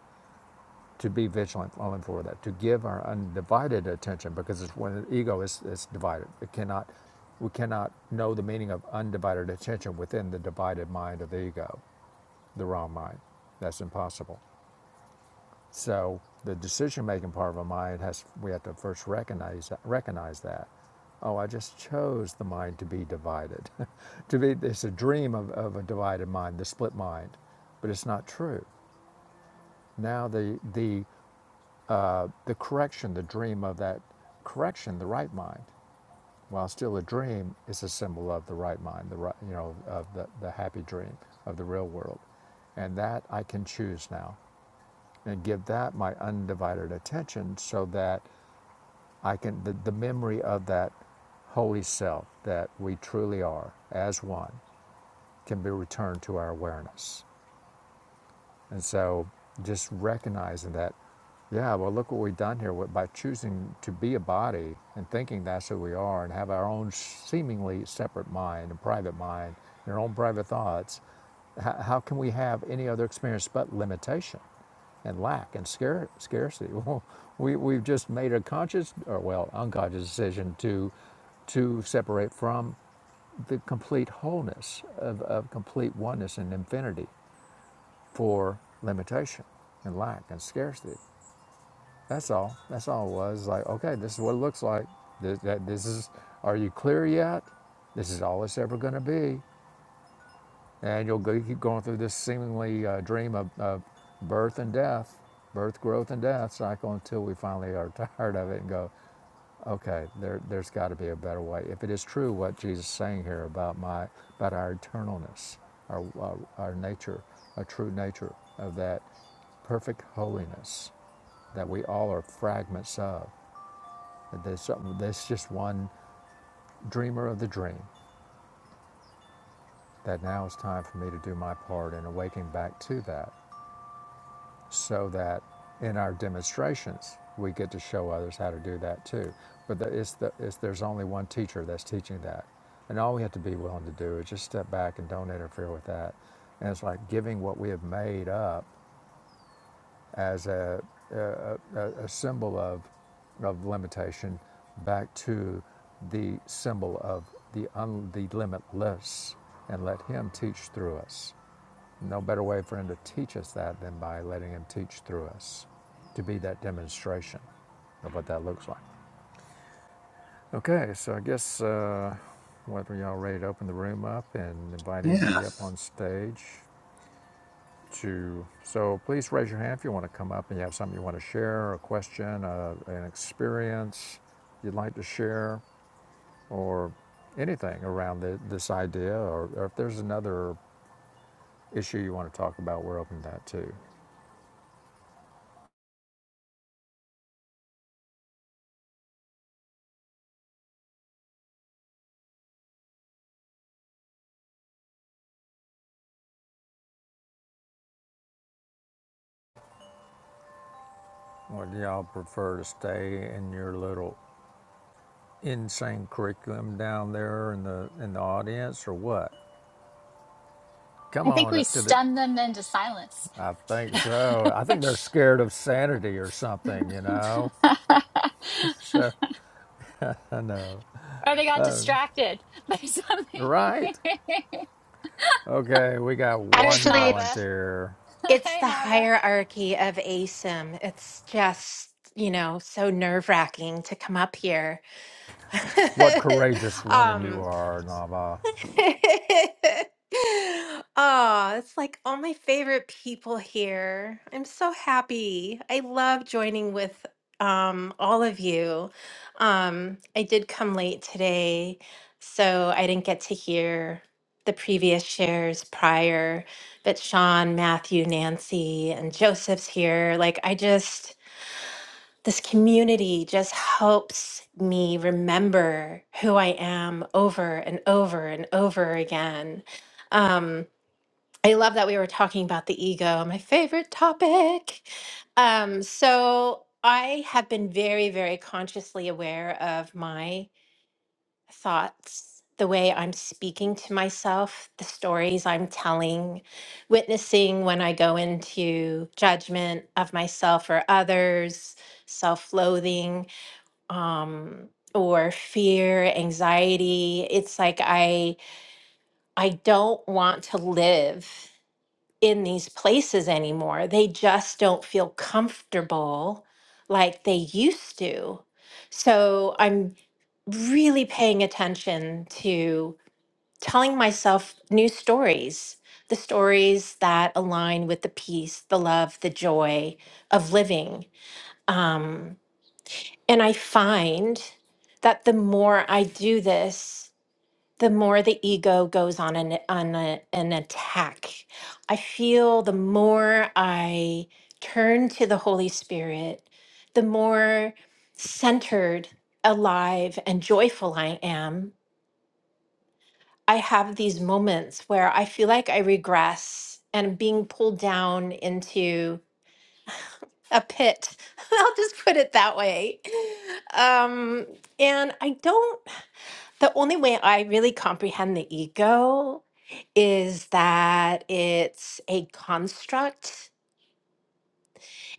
Speaker 2: to be vigilant on for that, to give our undivided attention, because it's when the ego is, is divided. It cannot, we cannot know the meaning of undivided attention within the divided mind of the ego, the wrong mind. That's impossible. So the decision-making part of our mind has, we have to first recognize that, recognize that. Oh, I just chose the mind to be divided. to be, it's a dream of, of a divided mind, the split mind, but it's not true now the the uh, the correction, the dream of that correction, the right mind, while still a dream, is a symbol of the right mind, the right, you know, of the, the happy dream of the real world. And that I can choose now and give that my undivided attention so that I can, the, the memory of that holy self that we truly are as one can be returned to our awareness. And so just recognizing that, yeah, well, look what we've done here by choosing to be a body and thinking that's who we are and have our own seemingly separate mind and private mind and our own private thoughts. How, how can we have any other experience but limitation and lack and scare, scarcity? Well, we, we've just made a conscious or, well, unconscious decision to, to separate from the complete wholeness of, of complete oneness and infinity for limitation and lack and scarcity. That's all. That's all it was. Like, okay, this is what it looks like. This, that, this is, are you clear yet? This is all it's ever going to be. And you'll go, keep going through this seemingly uh, dream of, of birth and death, birth, growth, and death cycle until we finally are tired of it and go, Okay, there, there's got to be a better way. If it is true what Jesus is saying here about my about our eternalness, our, our, our nature, our true nature of that perfect holiness that we all are fragments of, that there's, something- there's just one dreamer of the dream, that now it's time for me to do my part in awaking back to that so that in our demonstrations we get to show others how to do that too. But the, it's the, it's, there's only one teacher that's teaching that, and all we have to be willing to do is just step back and don't interfere with that. And it's like giving what we have made up as a a, a, a symbol of of limitation back to the symbol of the un, the limitless, and let Him teach through us. No better way for him to teach us that than by letting him teach through us to be that demonstration of what that looks like. Okay, so I guess uh, whether y'all ready to open the room up and invite
Speaker 1: Yeah.
Speaker 2: anybody up on stage to. So please raise your hand if you want to come up and you have something you want to share, a question, uh, an experience you'd like to share, or anything around the, this idea, or, or if there's another issue you want to talk about, we're open to that too. Would y'all prefer to stay in your little insane curriculum down there in the in the audience or what? Come
Speaker 3: I think
Speaker 2: on
Speaker 3: we
Speaker 2: up to the
Speaker 3: stunned them into silence.
Speaker 2: I think so. I think they're scared of sanity or something, you know. They're I know.
Speaker 3: or they got
Speaker 2: Oh,
Speaker 3: distracted by something.
Speaker 2: right. Okay, we got
Speaker 3: There's
Speaker 2: one
Speaker 4: Actually,
Speaker 3: Nava.
Speaker 4: it's
Speaker 2: volunteer.
Speaker 4: it's
Speaker 3: Hey,
Speaker 4: the
Speaker 3: Nava.
Speaker 4: hierarchy of ASIM. It's just, you know, so nerve-wracking to come up here.
Speaker 2: What courageous woman
Speaker 4: um,
Speaker 2: you are, Nava.
Speaker 4: Oh, it's like all my favorite people here. I'm so happy. I love joining with um, all of you. Um, I did come late today, so I didn't get to hear the previous shares prior, but Sean, Matthew, Nancy, and Joseph's here. Like, I just. This community just helps me remember who I am over and over and over again. Um, I love that we were talking about the ego, my favorite topic. Um, so I have been very, very consciously aware of my thoughts, the way I'm speaking to myself, the stories I'm telling, witnessing when I go into judgment of myself or others, self loathing um or fear, anxiety. It's like I I don't want to live in these places anymore. They just don't feel comfortable like they used to. So I'm really paying attention to telling myself new stories, the stories that align with the peace, the love, the joy of living. Um and I find that the more I do this, the more the ego goes on an on a, an attack. I feel the more I turn to the Holy Spirit, the more centered, alive, and joyful I am. I have these moments where I feel like I regress and I'm being pulled down into a pit. I'll just put it that way. Um, and I don't The only way I really comprehend the ego is that it's a construct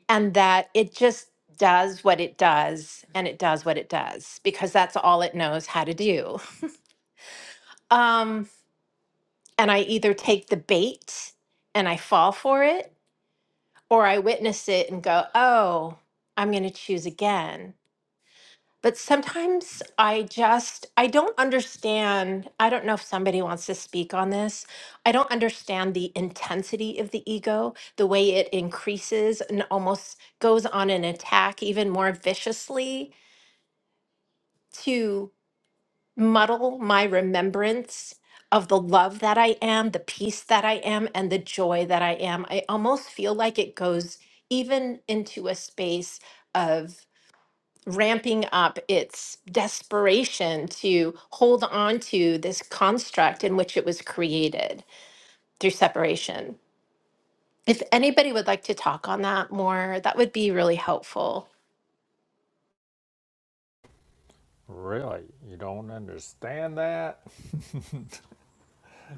Speaker 4: and that it just does what it does and it does what it does because that's all it knows how to do. Um, and I either take the bait and I fall for it or I witness it and go, oh, I'm going to choose again. but sometimes I just I don't understand. I don't know if somebody wants to speak on this. I don't understand the intensity of the ego, the way it increases and almost goes on an attack even more viciously to muddle my remembrance of the love that I am, the peace that I am and the joy that I am. I almost feel like it goes even into a space of ramping up its desperation to hold on to this construct in which it was created through separation. If anybody would like to talk on that more, that would be really helpful.
Speaker 2: Really? You don't understand that?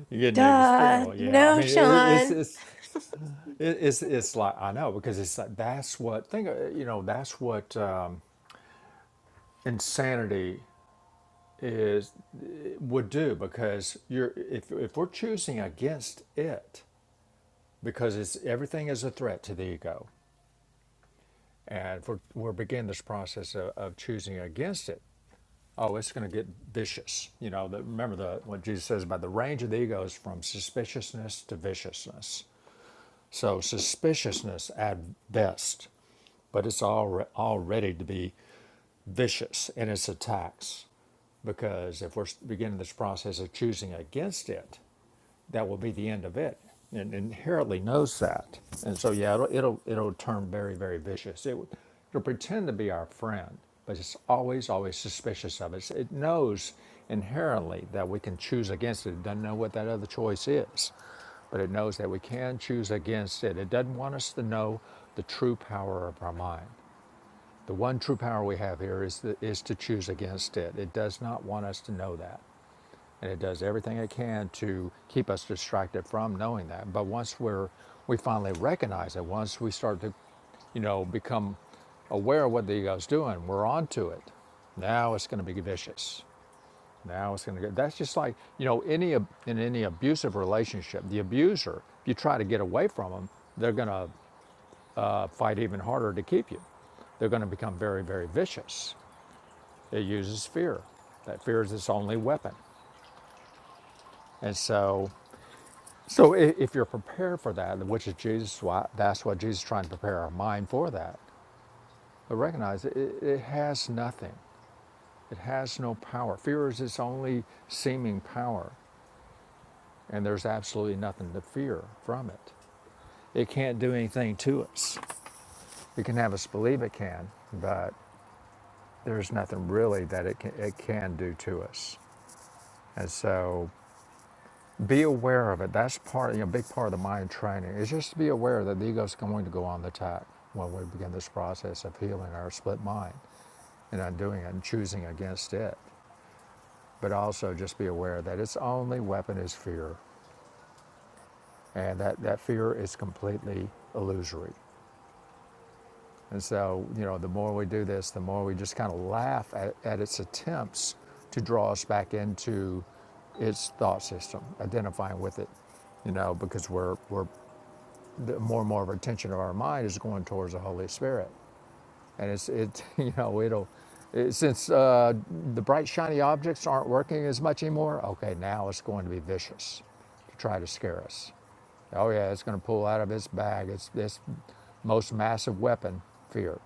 Speaker 2: You're getting
Speaker 4: Duh,
Speaker 2: experimental. Yeah, I
Speaker 4: no,
Speaker 2: mean, it, it's,
Speaker 4: Sean.
Speaker 2: it's It, it's it's like I know because it's like that's what think uh, you know that's what um, insanity is uh, would do because you're if if we're choosing against it because it's everything is a threat to the ego and if we're we're beginning this process of, of choosing against it oh it's going to get vicious you know the, remember the what Jesus says about the range of the ego is from suspiciousness to viciousness so suspiciousness at best but it's all al- already to be vicious in its attacks because if we're beginning this process of choosing against it, that will be the end of it. And inherently knows that, and so yeah, it'll it'll, it'll turn very very vicious. It, will- it'll pretend to be our friend, but it's always always suspicious of us. It knows inherently that we can choose against it. It doesn't know what that other choice is, but it knows that we can choose against it. It doesn't want us to know the true power of our mind. The one true power we have here is, the, is to choose against it. It does not want us to know that. And it does everything it can to keep us distracted from knowing that. But once we're, we finally recognize it, once we start to, you know, become aware of what the ego's doing, we're on to it. Now it's going to be vicious. Now it's going to get, that's just like, you know, any, in any abusive relationship, the abuser, if you try to get away from them, they're going to uh, fight even harder to keep you. They're going to become very, very vicious it uses fear. That fear is its only weapon. And so, so if you're prepared for that, which is Jesus, why that's what Jesus is trying to prepare our mind for that. But recognize it, it it has nothing. It has no power. Fear is its only seeming power, and there's absolutely nothing to fear from it. It can't do anything to us. It can have us believe it can, but there's nothing really that it can, it can do to us. And so be aware of it. That's part, you know, a big part of the mind training is just to be aware that the ego is going to go on the attack when we begin this process of healing our split mind and undoing it and choosing against it. But also just be aware that its only weapon is fear, and that, that fear is completely illusory. And so, you know, the more we do this, the more we just kind of laugh at, at its attempts to draw us back into its thought system, identifying with it, you know, because we're we're the more and more of our attention of our mind is going towards the Holy Spirit, and it's it you know it'll it, since uh, the bright shiny objects aren't working as much anymore. Okay, now it's going to be vicious to try to scare us. Oh yeah, it's going to pull out of its bag its this most massive weapon, fear.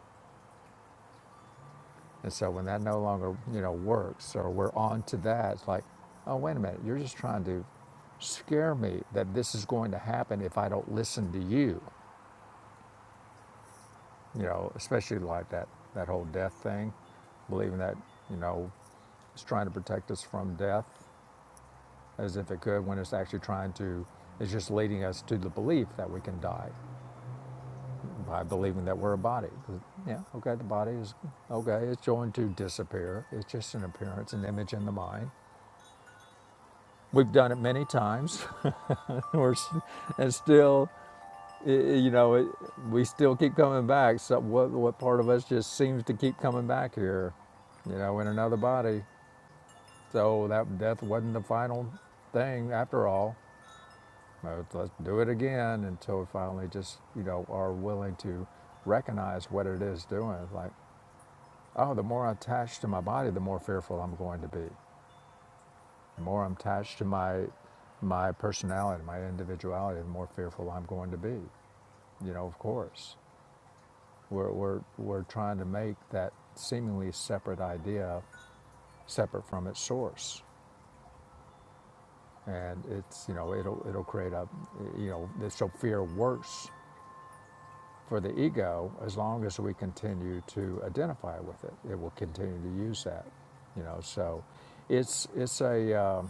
Speaker 2: And so when that no longer you know works, or we're on to that, it's like, oh wait a minute, you're just trying to scare me that this is going to happen if I don't listen to you. you know, especially like that, that whole death thing, believing that, you know, it's trying to protect us from death as if it could when it's actually trying to, it's just leading us to the belief that we can die by believing that we're a body. Yeah, okay, the body is, okay, it's going to disappear. It's just an appearance, an image in the mind. We've done it many times. we're, and still it, you know, it, we still keep coming back. So what what part of us just seems to keep coming back here, you know, in another body. So that death wasn't the final thing after all. Let's, let's do it again until we finally just you know are willing to recognize what it is doing. Like, oh, the more I'm attached to my body, the more fearful I'm going to be. The more I'm attached to my my personality, my individuality, the more fearful I'm going to be. You know, of course. We're, we're, we're trying to make that seemingly separate idea separate from its source. And it's, you know, it'll, it'll create a, you know, so fear works for the ego as long as we continue to identify with it. It will continue to use that, you know. So it's, it's a, um,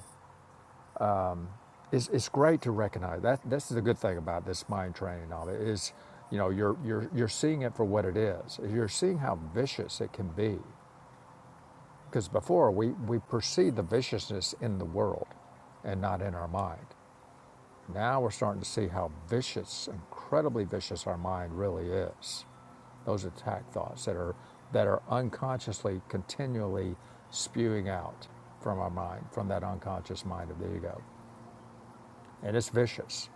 Speaker 2: it's, it's great to recognize that. This is the good thing about this mind training of it is, you know, you're, you're, you're seeing it for what it is. You're seeing how vicious it can be Because before we, we perceive the viciousness in the world and not in our mind. Now we're starting to see how vicious, incredibly vicious our mind really is. Those attack thoughts that are that are unconsciously continually spewing out from our mind, from that unconscious mind of the ego. And it's vicious.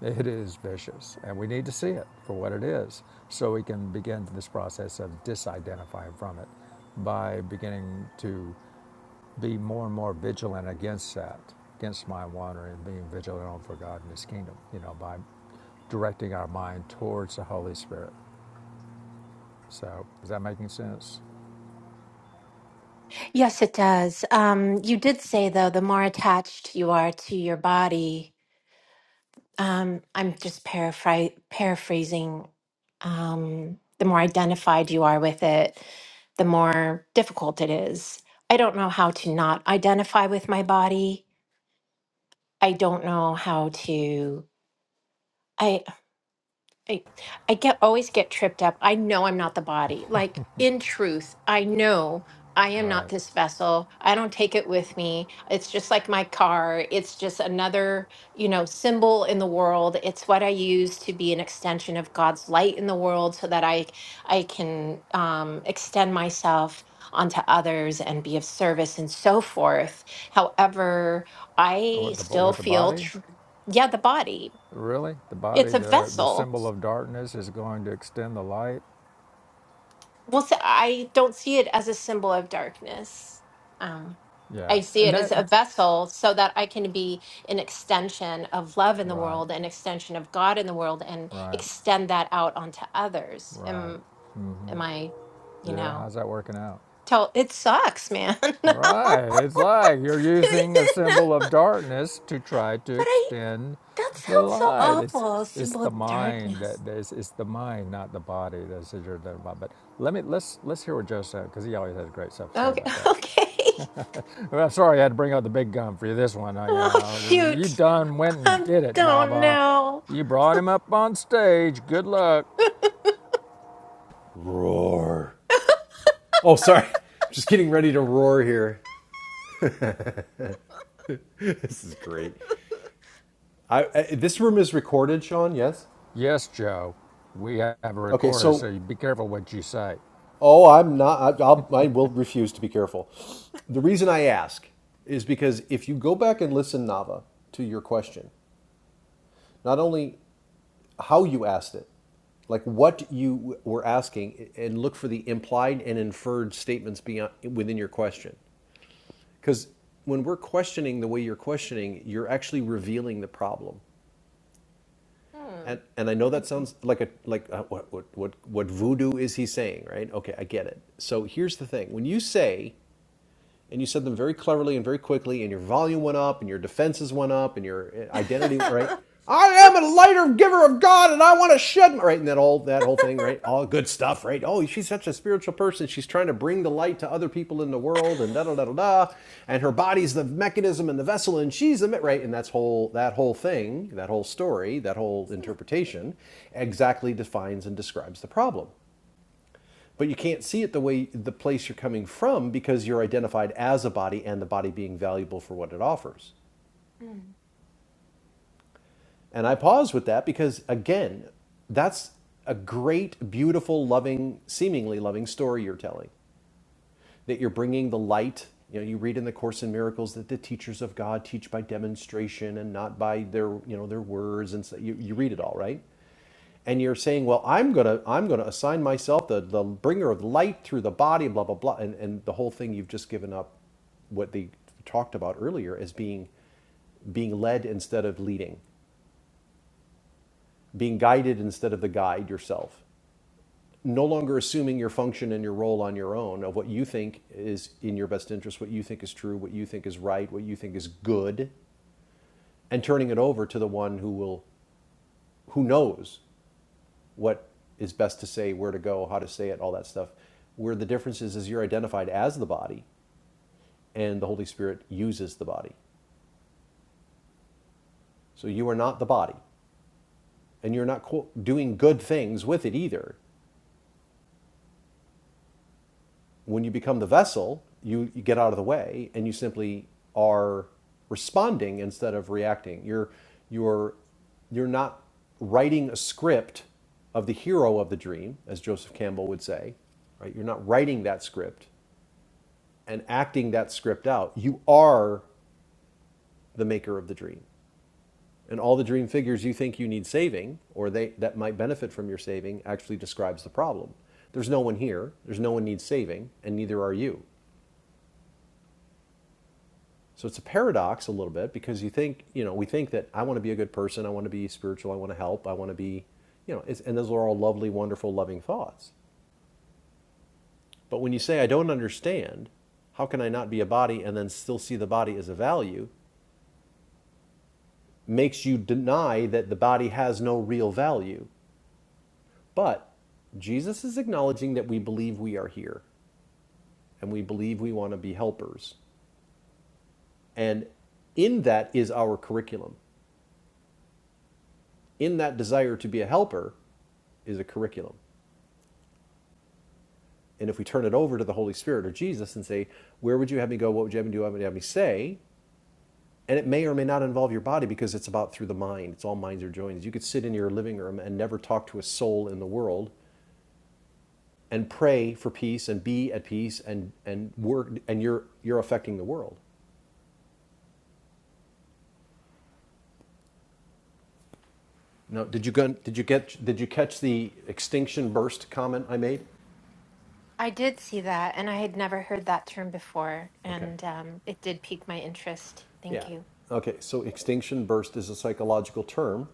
Speaker 2: It is vicious. And we need to see it for what it is so we can begin this process of disidentifying from it by beginning to be more and more vigilant against that, against mind wandering, and being vigilant for God and His kingdom, you know, by directing our mind towards the Holy Spirit. So, is that making sense?
Speaker 4: Yes, it does. Um, you did say, though, the more attached you are to your body, um, I'm just paraphr- paraphrasing. Um, the more identified you are with it, the more difficult it is. I don't know how to not identify with my body. I don't know how to. I, I get always get tripped up. I know I'm not the body. Like in truth, I know I am not
Speaker 2: Right.
Speaker 4: this vessel. I don't take it with me. It's just like my car. It's just another, you know, symbol in the world. It's what I use to be an extension of God's light in the world so that I I can um extend myself onto others and be of service and so forth. However, I
Speaker 2: With the,
Speaker 4: still
Speaker 2: with the
Speaker 4: feel
Speaker 2: body?
Speaker 4: tr- yeah, the body.
Speaker 2: Really? The body,
Speaker 4: It's a
Speaker 2: the, the
Speaker 4: vessel
Speaker 2: symbol of darkness is going to extend the light?
Speaker 4: Well, so I don't see it as a symbol of darkness. Um,
Speaker 2: Yeah.
Speaker 4: I see
Speaker 2: And
Speaker 4: it as
Speaker 2: that,
Speaker 4: a vessel so that I can be an extension of love in the
Speaker 2: right,
Speaker 4: world, an extension of God in the world, and
Speaker 2: right,
Speaker 4: extend that out onto others.
Speaker 2: right.
Speaker 4: Am
Speaker 2: Mm-hmm.
Speaker 4: am I, you
Speaker 2: Yeah.
Speaker 4: know,
Speaker 2: How's that working out?
Speaker 4: tell it sucks, man.
Speaker 2: Right. It's like you're using
Speaker 4: No.
Speaker 2: a
Speaker 4: but
Speaker 2: symbol of darkness to try to
Speaker 4: I
Speaker 2: extend
Speaker 4: that
Speaker 2: the
Speaker 4: sounds so
Speaker 2: light. It's
Speaker 4: awful, a
Speaker 2: it's
Speaker 4: symbol
Speaker 2: the
Speaker 4: of
Speaker 2: mind
Speaker 4: darkness.
Speaker 2: that that is it's the mind, not the body that says you're there. But let me let's let's hear what Joe said because he always has great stuff to say
Speaker 4: Okay,
Speaker 2: about that.
Speaker 4: okay.
Speaker 2: Well, I'm sorry I had to bring out the big gun for you this one. Uh, you
Speaker 4: Oh
Speaker 2: know, you
Speaker 4: shoot.
Speaker 2: done went and
Speaker 4: I
Speaker 2: did it,
Speaker 4: don't
Speaker 2: Nava.
Speaker 4: know.
Speaker 2: You brought him up on stage. Good luck.
Speaker 5: Roar. Oh, sorry. Just getting ready to roar here. This is great. I, I this room is recorded, Sean. Yes.
Speaker 2: Yes, Joe. We have a
Speaker 5: Okay.
Speaker 2: recorder, so
Speaker 5: So,
Speaker 2: you be careful what you say.
Speaker 5: oh, I'm not. I, I'll, I will refuse to be careful. The reason I ask is because if you go back and listen, Nava, to your question, not only how you asked it, like what you were asking and look for the implied and inferred statements beyond within your question because when we're questioning the way you're questioning you're actually revealing the problem
Speaker 4: Hmm.
Speaker 5: And and I know that sounds like a like uh what what what what voodoo is he saying, right? Okay, I get it. So here's the thing: when you say and you said them very cleverly and very quickly, and your volume went up, and your defenses went up, and your identity, right? I am a lighter giver of God, and I want to shed, right? And that all that whole thing, right? All good stuff, right? Oh, she's such a spiritual person. She's trying to bring the light to other people in the world, and da da da da da. And her body's the mechanism and the vessel, and she's the right. And that's whole that whole thing, that whole story, that whole interpretation, exactly defines and describes the problem but you can't see it the way the place you're coming from because you're identified as a body and the body being valuable for what it offers.
Speaker 4: Hmm.
Speaker 5: And I pause with that because again, that's a great, beautiful, loving, seemingly loving story you're telling. That you're bringing the light. You know, you read in the Course in Miracles that the teachers of God teach by demonstration and not by their, you know, their words, and so you, you read it all, right? and you're saying, well, I'm gonna I'm gonna assign myself the the bringer of light through the body, blah blah blah, and and the whole thing you've just given up what they talked about earlier as being being led instead of leading, being guided instead of the guide yourself, no longer assuming your function and your role on your own of what you think is in your best interest, what you think is true, what you think is right, what you think is good, and turning it over to the one who will who knows what is best to say, where to go, how to say it, all that stuff. Where the difference is, is you're identified as the body, and the Holy Spirit uses the body. So you are not the body, and you're not qu- doing good things with it either. When you become the vessel, you, you get out of the way, and you simply are responding instead of reacting. You're you're you're not writing a script of the hero of the dream, as Joseph Campbell would say. Right? You're not writing that script. and acting that script out, you are the maker of the dream. And all the dream figures you think you need saving or they, that might benefit from your saving actually describes the problem. There's no one here, there's no one needs saving, and neither are you. So it's a paradox a little bit because you think, you know, we think that I want to be a good person, I want to be spiritual, I want to help, I want to be, you know, it's, and those are all lovely, wonderful, loving thoughts. But when you say, I don't understand, how can I not be a body and then still see the body as a value? makes you deny that the body has no real value. But Jesus is acknowledging that we believe we are here and we believe we want to be helpers. And in that is our curriculum. In that desire to be a helper is a curriculum. And if we turn it over to the Holy Spirit or Jesus and say, Where would you have me go? What would you have me do? What would you have me say? And it may or may not involve your body because it's about through the mind. It's all minds are joined. You could sit in your living room and never talk to a soul in the world and pray for peace and be at peace and, and work and you're you're affecting the world. Now, did you go? did you get did you catch the extinction burst comment I made?
Speaker 4: I did see that, and I had never heard that term before,
Speaker 5: Okay.
Speaker 4: and um, it did pique my interest. Thank
Speaker 5: Yeah.
Speaker 4: you.
Speaker 5: Okay, so extinction burst is a psychological term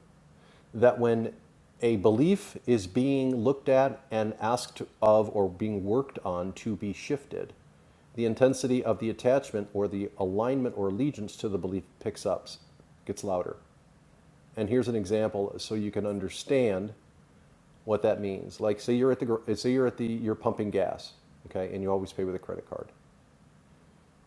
Speaker 5: that when a belief is being looked at and asked of or being worked on to be shifted, the intensity of the attachment or the alignment or allegiance to the belief picks up, gets louder. and here's an example so you can understand what that means. Like say you're at the say you're at the you're pumping gas, okay, and you always pay with a credit card.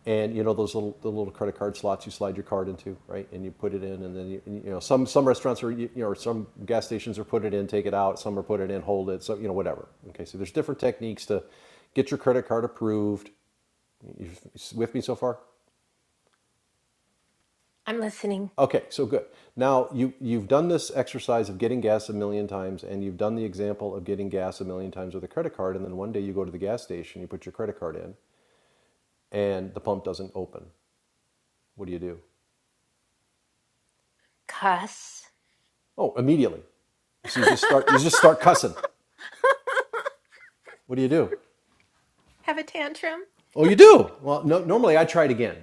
Speaker 5: And you know those little the little credit card slots you slide your card into, right? And you put it in, and then you, you know some some restaurants are you know or some gas stations are put it in, take it out. Some are put it in, hold it. So you know whatever. Okay, so there's different techniques to get your credit card approved. You with me so far?
Speaker 4: I'm listening.
Speaker 5: Okay, so good. Now you you've done this exercise of getting gas a million times, and you've done the example of getting gas a million times with a credit card, and then one day you go to the gas station, you put your credit card in, and the pump doesn't open. What do you do?
Speaker 4: Cuss.
Speaker 5: Oh, immediately. So you just start you just start cussing. What do you do?
Speaker 4: Have a tantrum.
Speaker 5: Oh, you do. Well, no, normally I try again.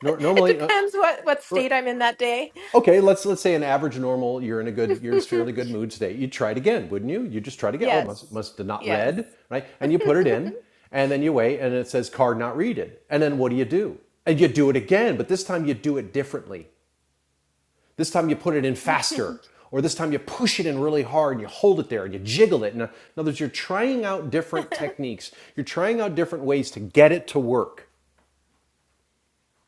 Speaker 5: Nor
Speaker 4: it
Speaker 5: normally, uh,
Speaker 4: depends what what state
Speaker 5: right.
Speaker 4: I'm in that day.
Speaker 5: Okay, let's let's say an average normal. You're in a good, you're in a fairly good mood today. You'd try it again, wouldn't you? You just try to get. Oh, must
Speaker 4: yes.
Speaker 5: must have not
Speaker 4: Yes.
Speaker 5: read, right? And you put it in, and then you wait, and it says card not readed. And then what do you do? And you do it again, but this time you do it differently. This time you put it in faster, or this time you push it in really hard and you hold it there and you jiggle it. In other words, you're trying out different techniques. You're trying out different ways to get it to work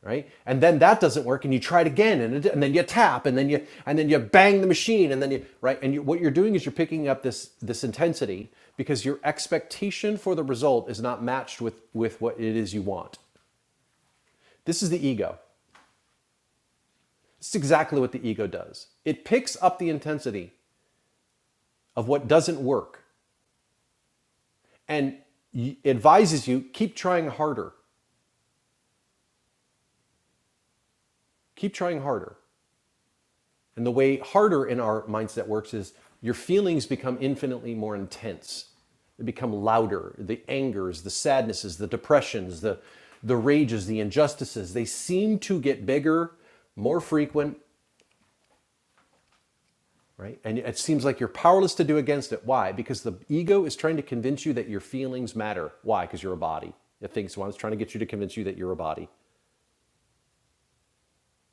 Speaker 5: right? And then that doesn't work, and you try it again, and, it, and then you tap, and then you and then you bang the machine, and then you right. And you, what you're doing is you're picking up this this intensity because your expectation for the result is not matched with with what it is you want. This is the ego. This is exactly what the ego does. It picks up the intensity of what doesn't work and advises you keep trying harder, keep trying harder. And the way harder in our mindset works is your feelings become infinitely more intense. They become louder. The angers, the sadnesses, the depressions, the, the rages, the injustices, they seem to get bigger, more frequent, right? And it seems like you're powerless to do against it. Why? Because the ego is trying to convince you that your feelings matter. Why? Because you're a body. It thinks, well, it's trying to get you to convince you that you're a body.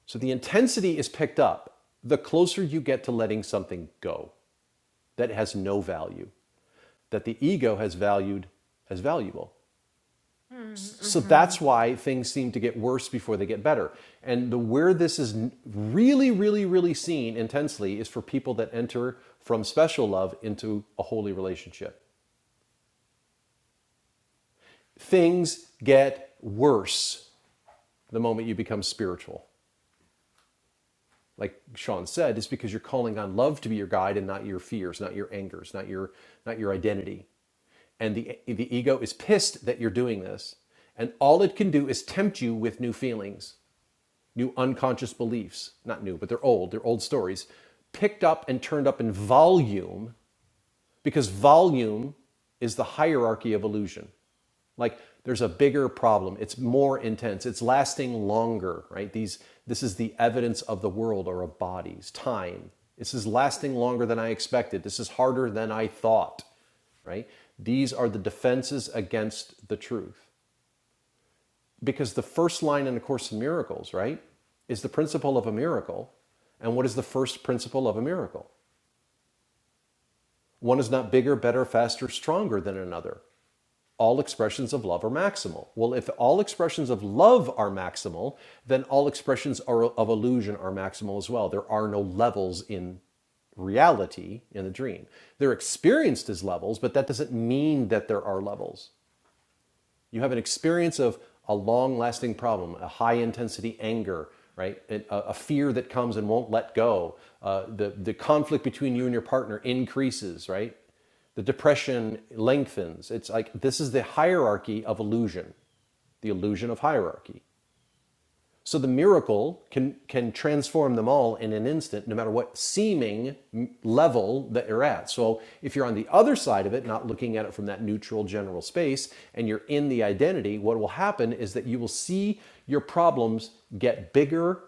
Speaker 5: So the intensity is picked up the closer you get to letting something go. that has no value, that the ego has valued as valuable.
Speaker 4: Mm,
Speaker 5: So
Speaker 4: mhm.
Speaker 5: that's why things seem to get worse before they get better. And the where this is really, really, really seen intensely is for people that enter from special love into a holy relationship. Things get worse the moment you become spiritual. like Sean said, is because you're calling on love to be your guide and not your fears, not your angers, not your not your identity. And the the ego is pissed that you're doing this, and all it can do is tempt you with new feelings, new unconscious beliefs, not new, but they're old, they're old stories, picked up and turned up in volume because volume is the hierarchy of illusion. Like there's a bigger problem. It's more intense. It's lasting longer, right? These this is the evidence of the world or of bodies, time. This is lasting longer than I expected. This is harder than I thought, right? These are the defenses against the truth. Because the first line in a course in miracles, right, is the principle of a miracle. And what is the first principle of a miracle? One is not bigger, better, faster, stronger than another. All expressions of love are maximal. Well, if all expressions of love are maximal, then all expressions are, of illusion are maximal as well. There are no levels in reality in the dream. They're experienced as levels, but that doesn't mean that there are levels. You have an experience of a long lasting problem, a high intensity anger, right? A, a- fear that comes and won't let go. Uh, the, the conflict between you and your partner increases, right? The depression lengthens. It's like this is the hierarchy of illusion, the illusion of hierarchy. So the miracle can can transform them all in an instant, no matter what seeming level that you're at. So if you're on the other side of it, not looking at it from that neutral general space, and you're in the identity, what will happen is that you will see your problems get bigger,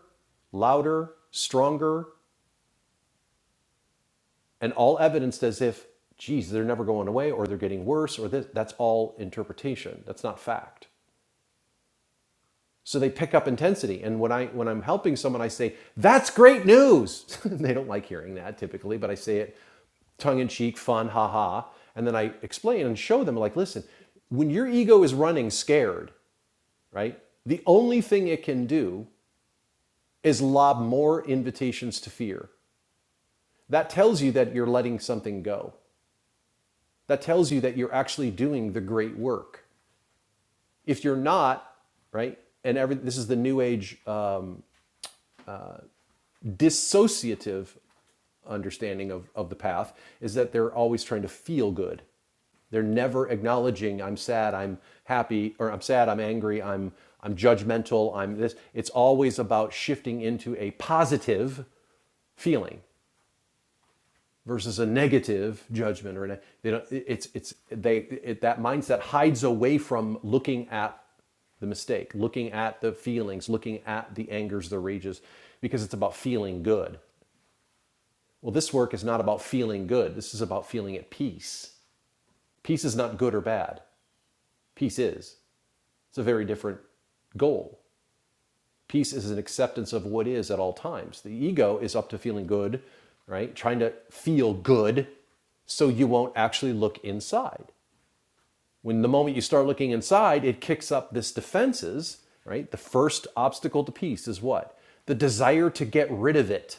Speaker 5: louder, stronger, and all evidenced as if, geez, they're never going away, or they're getting worse, or this. That's all interpretation. That's not fact. So they pick up intensity. And when I when I'm helping someone, I say, that's great news. they don't like hearing that typically, but I say it tongue in cheek, fun, ha ha. And then I explain and show them, like, listen, when your ego is running scared, right? The only thing it can do is lob more invitations to fear. That tells you that you're letting something go. That tells you that you're actually doing the great work. If you're not, right? And every this is the new age uh, dissociative understanding of, of the path is that they're always trying to feel good. They're never acknowledging I'm sad, I'm happy, or I'm sad, I'm angry, I'm I'm judgmental, I'm this. It's always about shifting into a positive feeling versus a negative judgment or an, they don't, it's it's they it, that mindset hides away from looking at the mistake, looking at the feelings, looking at the angers, the rages because it's about feeling good well, this work is not about feeling good. This is about feeling at peace. Peace is not good or bad. Peace is. It's a very different goal. Peace is an acceptance of what is at all times. The ego is up to feeling good, right? Trying to feel good so you won't actually look inside. When the moment you start looking inside, it kicks up this defenses, right? The first obstacle to peace is what? The desire to get rid of it.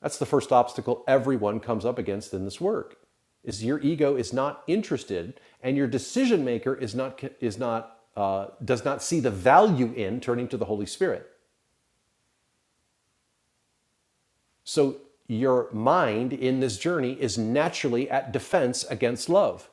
Speaker 5: That's the first obstacle everyone comes up against in this work. Is your ego is not interested, and your decision maker is not is not uh, does not see the value in turning to the Holy Spirit. So your mind in this journey is naturally at defense against love.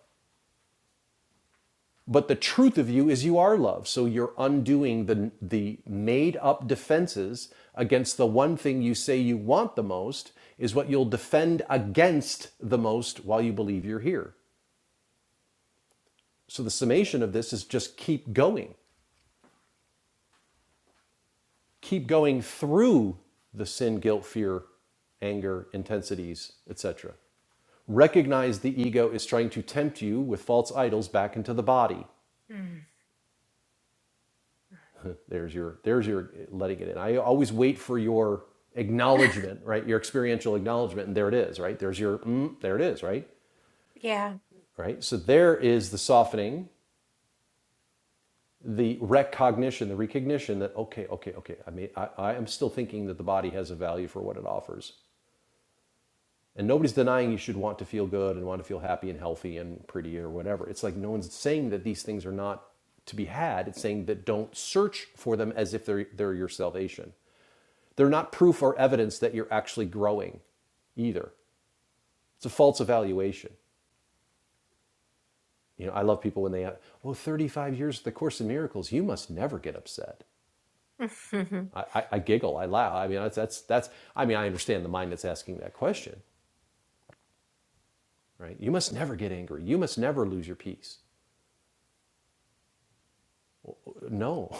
Speaker 5: But the truth of you is you are love. So you're undoing the the made up defenses against the one thing you say you want the most is what you'll defend against the most while you believe you're here. So the summation of this is just keep going. Keep going through the sin, guilt, fear, anger, intensities, etc. Recognize the ego is trying to tempt you with false idols back into the body.
Speaker 4: Mm.
Speaker 5: There's your there's your letting it in. I always wait for your acknowledgement, right? Your experiential acknowledgement and there it is, right? There's your mm, there it is, right?
Speaker 4: Yeah.
Speaker 5: Right? So there is the softening the recognition, the recognition that okay, okay, okay, I mean, I, I am still thinking that the body has a value for what it offers, and nobody's denying you should want to feel good and want to feel happy and healthy and pretty or whatever. It's like no one's saying that these things are not to be had. It's saying that don't search for them as if they're they're your salvation. They're not proof or evidence that you're actually growing, either. It's a false evaluation. You know, I love people when they, have, oh, 35 years of the Course in Miracles, you must never get upset. I, I, I giggle, I laugh. I mean, that's, that's, that's, I mean, I understand the mind that's asking that question, right? You must never get angry. You must never lose your peace. No,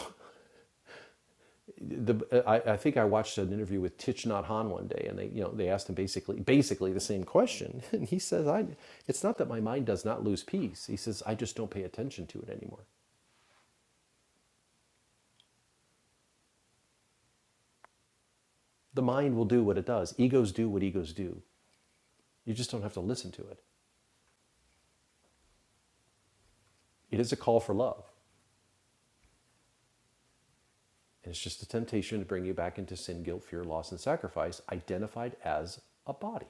Speaker 5: the, I, I think I watched an interview with Thich Nhat Hanh one day, and they, you know, they asked him basically, basically the same question, and he says, "I, it's not that my mind does not lose peace. He says I just don't pay attention to it anymore. The mind will do what it does. Egos do what egos do. You just don't have to listen to it. It is a call for love. And it's just a temptation to bring you back into sin, guilt, fear, loss, and sacrifice, identified as a body.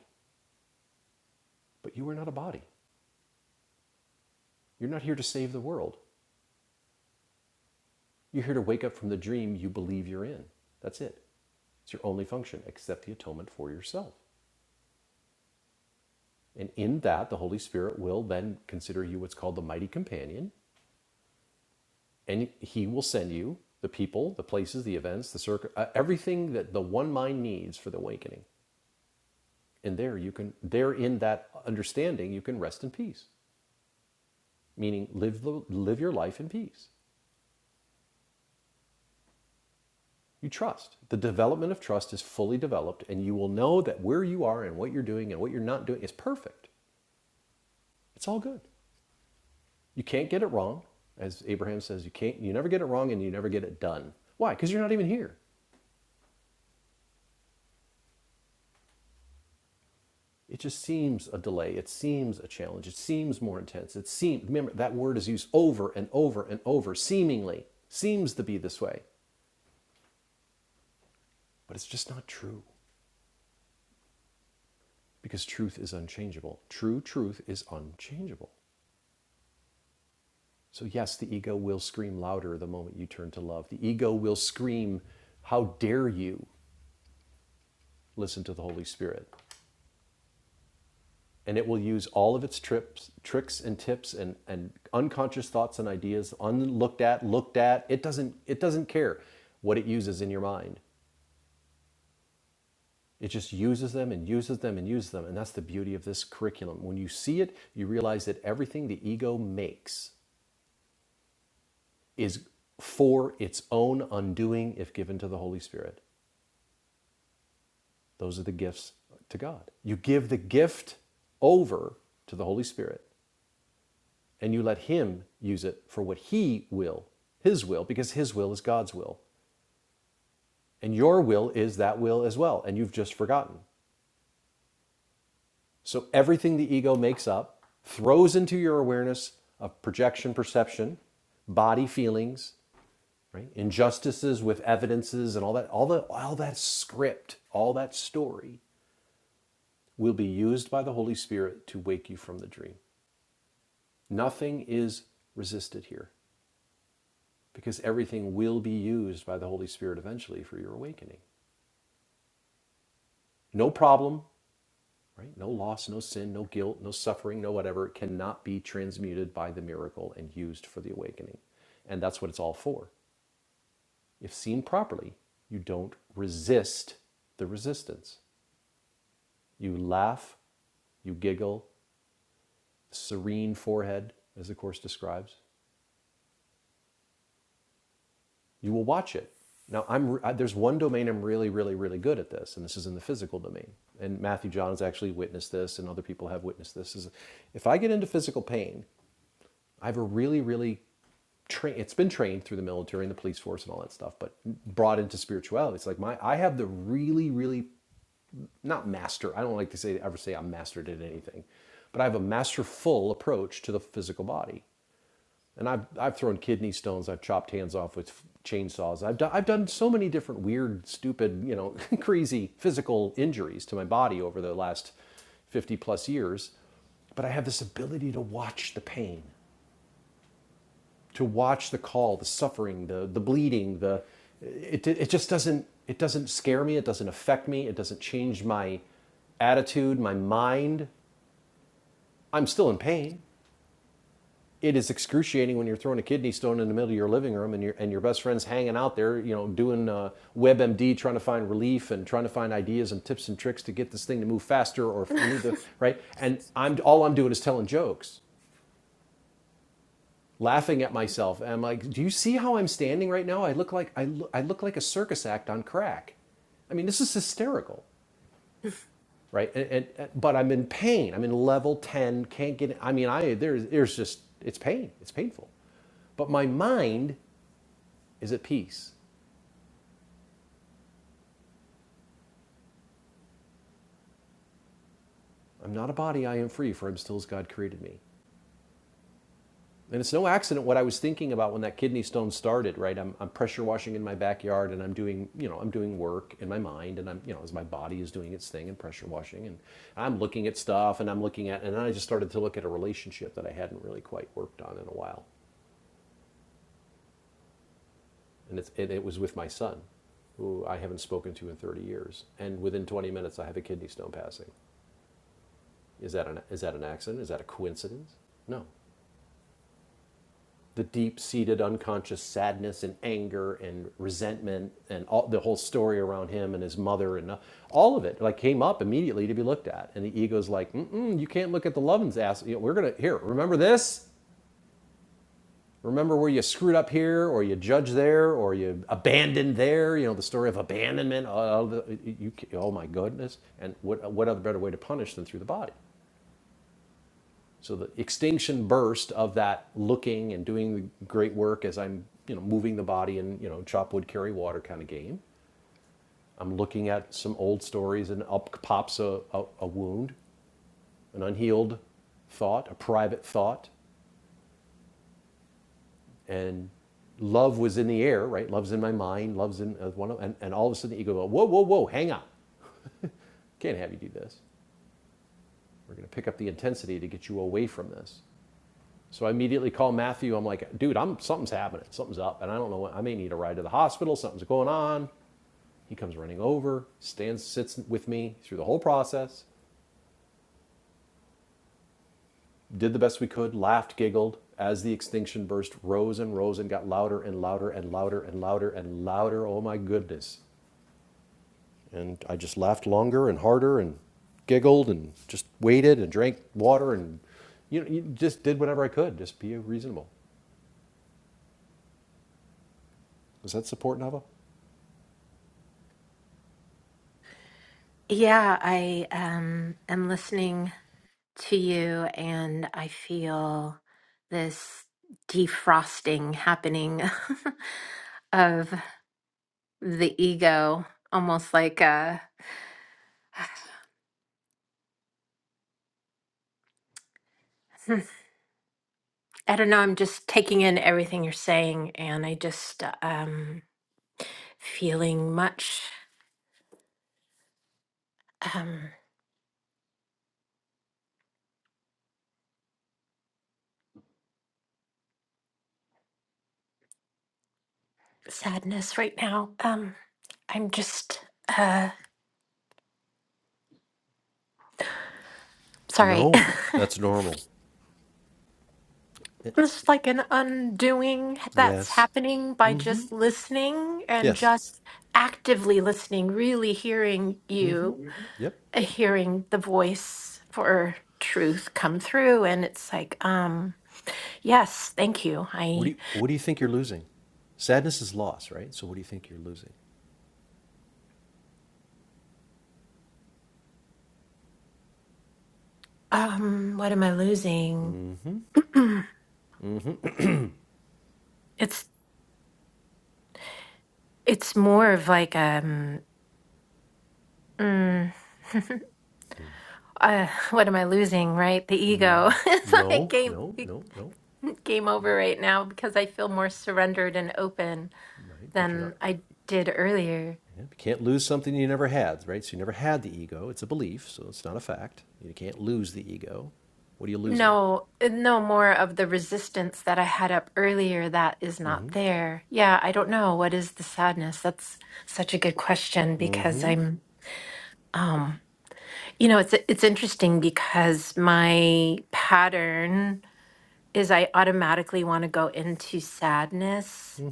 Speaker 5: But you are not a body. You're not here to save the world. You're here to wake up from the dream you believe you're in. That's it. It's your only function. Accept the atonement for yourself. And in that, the Holy Spirit will then consider you what's called the mighty companion, and He will send you the people, the places, the events, the circle, uh, everything that the one mind needs for the awakening. And there you can, there in that understanding, you can rest in peace. meaning live, live your life in peace. You trust. The development of trust is fully developed, and you will know that where you are and what you're doing and what you're not doing is perfect. It's all good. You can't get it wrong. As Abraham says, you can't you never get it wrong and you never get it done. Why? Because you're not even here. It just seems a delay. It seems a challenge. It seems more intense. It seems remember that word is used over and over and over, seemingly. Seems to be this way. But it's just not true because truth is unchangeable. True truth is unchangeable. So, yes, the ego will scream louder the moment you turn to love. The ego will scream, How dare you listen to the Holy Spirit? And it will use all of its trips, tricks and tips and, and unconscious thoughts and ideas, unlooked at, looked at. It doesn't, it doesn't care what it uses in your mind. It just uses them and uses them and uses them. And that's the beauty of this curriculum. When you see it, you realize that everything the ego makes is for its own undoing if given to the Holy Spirit. Those are the gifts to God. You give the gift over to the Holy Spirit and you let Him use it for what He will, His will, because His will is God's will. And your will is that will as well. And you've just forgotten. So everything the ego makes up throws into your awareness of projection, perception, body feelings, right? Injustices with evidences and all that, all the all that script, all that story will be used by the Holy Spirit to wake you from the dream. Nothing is resisted here because everything will be used by the Holy Spirit eventually for your awakening. No problem, right? No loss, no sin, no guilt, no suffering, no whatever cannot be transmuted by the miracle and used for the awakening. And that's what it's all for. If seen properly, you don't resist the resistance. You laugh, you giggle, serene forehead, as the Course describes. you will watch it. Now, I'm, I, there's one domain I'm really, really, really good at this, and this is in the physical domain. And Matthew John has actually witnessed this, and other people have witnessed this. Is if I get into physical pain, I have a really, really train. It's been trained through the military and the police force and all that stuff, but brought into spirituality. It's like my I have the really, really not master. I don't like to say ever say I'm mastered at anything, but I have a masterful approach to the physical body and I've, I've thrown kidney stones. I've chopped hands off with chainsaws. I've, do, I've done so many different weird, stupid, you know, crazy physical injuries to my body over the last 50 plus years. But I have this ability to watch the pain, to watch the call, the suffering, the, the bleeding, the, it, it just doesn't, it doesn't scare me. It doesn't affect me. It doesn't change my attitude, my mind. I'm still in pain. it is excruciating when you're throwing a kidney stone in the middle of your living room and your and your best friend's hanging out there, you know, doing uh, WebMD, trying to find relief and trying to find ideas and tips and tricks to get this thing to move faster or relieve the right. And I'm all I'm doing is telling jokes, laughing at myself. And I'm like, do you see how I'm standing right now? I look like I look, I look like a circus act on crack. I mean, this is hysterical, right? And, and and- but I'm in pain. I'm in level ten. Can't get. I mean, I there's there's just it's pain. It's painful. But my mind is at peace. I'm not a body, I am free, for I'm still as God created me. And it's no accident what I was thinking about when that kidney stone started, right? I'm, I'm pressure washing in my backyard and I'm doing, you know, I'm doing work in my mind and I'm, you know, as my body is doing its thing and pressure washing and I'm looking at stuff and I'm looking at, and then I just started to look at a relationship that I hadn't really quite worked on in a while. And it's, it, it was with my son, who I haven't spoken to in 30 years. And within 20 minutes, I have a kidney stone passing. Is that an, is that an accident? Is that a coincidence? No, the deep-seated unconscious sadness and anger and resentment and all the whole story around him and his mother and uh, all of it like came up immediately to be looked at and the ego's like Mm-mm, you can't look at the lovin's ass you know, we're gonna here remember this remember where you screwed up here or you judged there or you abandoned there you know the story of abandonment oh, the, you, oh my goodness and what, what other better way to punish than through the body So the extinction burst of that looking and doing the great work as I'm, you know, moving the body and, you know, chop wood, carry water kind of game. I'm looking at some old stories and up pops a, a, a wound, an unhealed thought, a private thought. And love was in the air, right? Love's in my mind, love's in uh, one of, and, and all of a sudden the ego go, whoa, whoa, whoa, hang on. Can't have you do this. We're going to pick up the intensity to get you away from this. So I immediately call Matthew. I'm like, dude, I'm something's happening. Something's up, and I don't know what. I may need a ride to the hospital. Something's going on. He comes running over, stands, sits with me through the whole process. Did the best we could. Laughed, giggled as the extinction burst rose and rose and got louder and louder and louder and louder and louder. Oh my goodness! And I just laughed longer and harder and giggled and just waited and drank water and you know you just did whatever I could. Just be reasonable. Was that support, Nava?
Speaker 4: Yeah, I um, am listening to you and I feel this defrosting happening of the ego, almost like a, I don't know, I'm just taking in everything you're saying and I just um feeling much um sadness right now. Um I'm just uh sorry.
Speaker 5: No, that's normal. It-
Speaker 4: Just like an undoing that's
Speaker 5: Yes.
Speaker 4: happening by just listening and
Speaker 5: Yes.
Speaker 4: just actively listening, really hearing you,
Speaker 5: Yep.
Speaker 4: uh, hearing the voice for truth come through. And it's like, um, yes, thank you.
Speaker 5: What do
Speaker 4: I,
Speaker 5: you What do you think you're losing? Sadness is loss, right? So what do you think you're losing?
Speaker 4: um, what am I losing? it's, it's more of like, um, mm, uh, what am I losing, right? The ego. it's like
Speaker 5: No,
Speaker 4: game.
Speaker 5: no, no, no.
Speaker 4: Game over right now because I feel more surrendered and open
Speaker 5: Right, but you're not.
Speaker 4: than I did earlier.
Speaker 5: Yeah, you can't lose something you never had, right? So you never had the ego. It's a belief, so it's not a fact. You can't lose the ego. What are you losing?
Speaker 4: No, eh, no more of the resistance that I had up earlier that is not there. Yeah, I don't know. What is the sadness? That's such a good question because I'm um you know, it's it's interesting because my pattern is I automatically want to go into sadness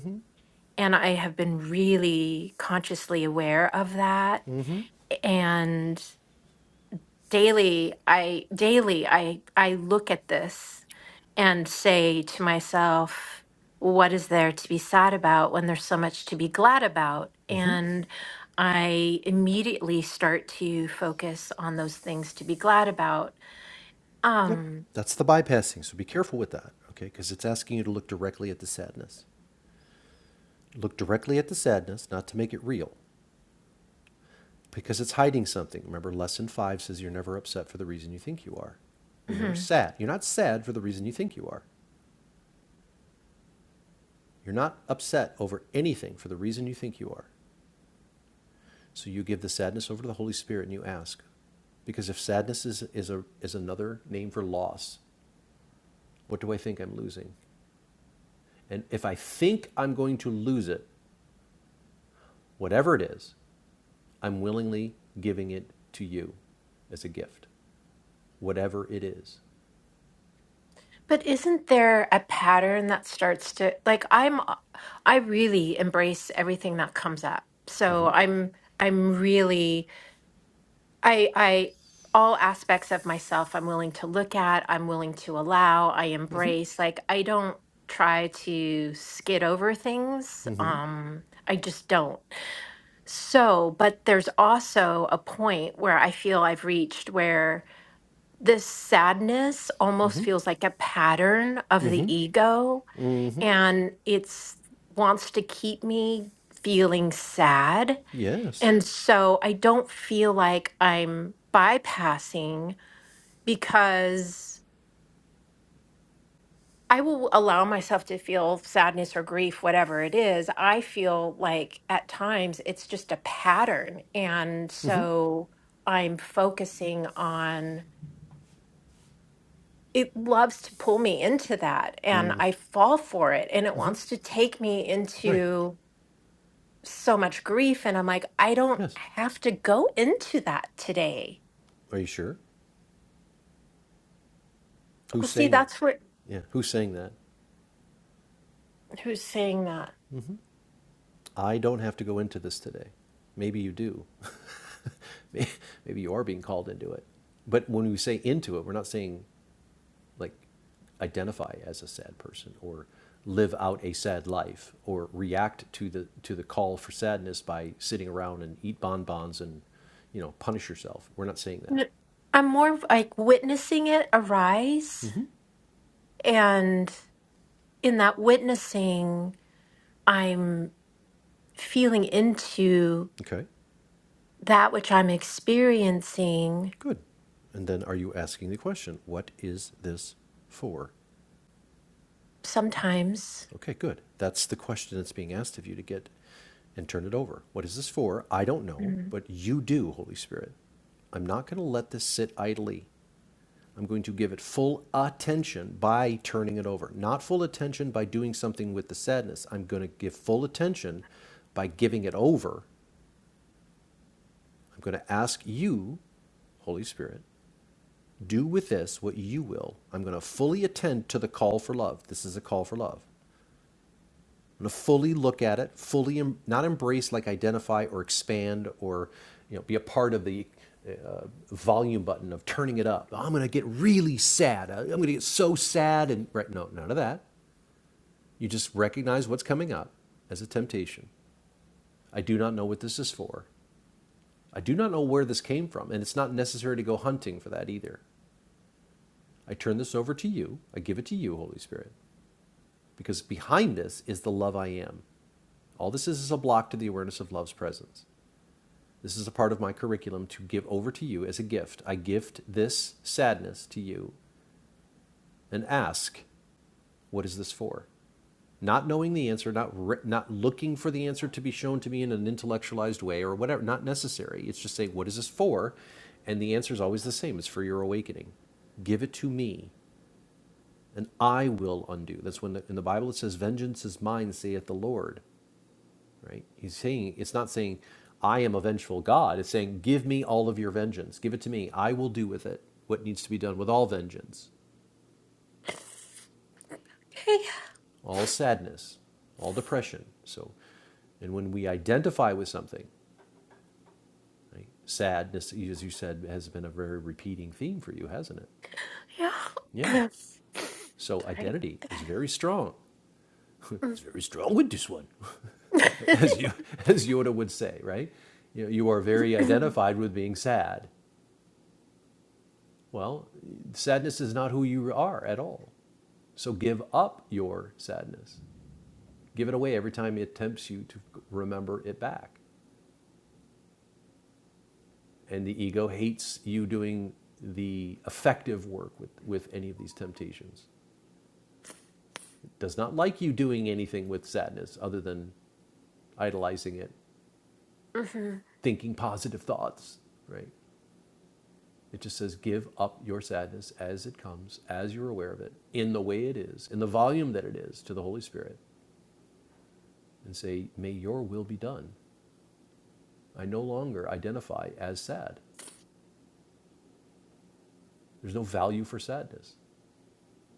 Speaker 4: and I have been really consciously aware of that. And daily i daily i i look at this and say to myself what is there to be sad about when there's so much to be glad about and i immediately start to focus on those things to be glad about
Speaker 5: Yep.
Speaker 4: um
Speaker 5: That's the bypassing. So be careful with that, okay? Because it's asking you to look directly at the sadness. Look directly at the sadness, not to make it real. because it's hiding something. Remember, lesson five says you're never upset for the reason you think you are. You're never
Speaker 4: mhm.
Speaker 5: sad. You're not sad for the reason you think you are. You're not upset over anything for the reason you think you are. So you give the sadness over to the Holy Spirit and you ask. Because if sadness is, is, a, is another name for loss, what do I think I'm losing? And if I think I'm going to lose it, whatever it is, I'm willingly giving it to you as a gift, whatever it is.
Speaker 4: but isn't there a pattern that starts to like i'm uh, i really embrace everything that comes up so
Speaker 5: Mm-hmm.
Speaker 4: i'm i'm really I I all aspects of myself I'm willing to look at, I'm willing to allow, I embrace. Like I don't try to skid over things.
Speaker 5: Mm-hmm.
Speaker 4: Um I just don't. So, but there's also a point where I feel I've reached where this sadness almost
Speaker 5: Mm-hmm.
Speaker 4: feels like a pattern of the
Speaker 5: Mm-hmm.
Speaker 4: ego
Speaker 5: Mm-hmm.
Speaker 4: and it's wants to keep me feeling sad
Speaker 5: Yes.
Speaker 4: and so I don't feel like I'm bypassing because I will allow myself to feel sadness or grief, whatever it is. I feel like at times it's just a pattern. And
Speaker 5: Mm-hmm.
Speaker 4: so I'm focusing on it loves to pull me into that and I fall for it and it
Speaker 5: Mm-hmm.
Speaker 4: wants to take me
Speaker 5: Right.
Speaker 4: into so much grief and I'm like I don't
Speaker 5: Yes.
Speaker 4: have to go into that today.
Speaker 5: Are you sure?
Speaker 4: Well,
Speaker 5: Who's
Speaker 4: see,
Speaker 5: saying that?
Speaker 4: that's where
Speaker 5: Yeah. Who's saying that?
Speaker 4: Who's saying that?
Speaker 5: I don't have to go into this today. Maybe you do. May- Maybe you are being called into it. But when we say into it, we're not saying like identify as a sad person or live out a sad life or react to the to the call for sadness by sitting around and eat bonbons and you know punish yourself. We're not saying that.
Speaker 4: N- I'm more of like witnessing it arise. And in that witnessing, I'm feeling into
Speaker 5: Okay.
Speaker 4: that which I'm experiencing
Speaker 5: Good. And then are you asking the question, what is this for?
Speaker 4: sometimes.
Speaker 5: Okay, good. That's the question that's being asked of you to get and turn it over. What is this for? I don't know,
Speaker 4: Mm.
Speaker 5: but you do, Holy Spirit. I'm not going to let this sit idly. I'm going to give it full attention by turning it over. Not full attention by doing something with the sadness. I'm going to give full attention by giving it over. I'm going to ask you, Holy Spirit, Do with this what you will. I'm going to fully attend to the call for love. This is a call for love. I'm going to fully look at it, fully em- not embrace like identify or expand or you know be a part of the uh, volume button of turning it up. I'm going to get really sad. Uh, I'm going to get so sad and right no none of that. You just recognize what's coming up as a temptation. I do not know what this is for. I do not know where this came from, and it's not necessary to go hunting for that either. I turn this over to you. I give it to you, Holy Spirit. Because behind this is the love I am. All this is is a block to the awareness of love's presence. This is a part of my curriculum to give over to you as a gift. I gift this sadness to you and ask, what is this for? Not knowing the answer, not, re- not looking for the answer to be shown to me in an intellectualized way or whatever, not necessary. It's just saying, what is this for? And the answer is always the same it's for your awakening. Give it to me, and I will undo. That's when the, in the Bible it says, Vengeance is mine, saith the Lord. right? He's saying it's not saying I am a vengeful God. It's saying give me all of your vengeance. Give it to me. I will do with it what needs to be done with all vengeance,
Speaker 4: Hey,
Speaker 5: all sadness, all depression. So, and when we identify with something, right? Sadness, as you said, has been a very repeating theme for you, hasn't it?
Speaker 4: yeah.
Speaker 5: Yeah. So
Speaker 4: Sorry.
Speaker 5: identity is very strong. it's very strong with this one.
Speaker 4: Mm.
Speaker 5: as you as Yoda would say, right? You, know, you are very identified with being sad. Well, sadness is not who you are at all. So give up your sadness. Give it away every time it tempts you to remember it back. And the ego hates you doing the effective work with, with any of these temptations. It does not like you doing anything with sadness other than idolizing it,
Speaker 4: Mhm.
Speaker 5: thinking positive thoughts, right? It just says give up your sadness as it comes, as you're aware of it, in the way it is, in the volume that it is to the Holy Spirit and say, May your will be done. I no longer identify as sad. There's no value for sadness.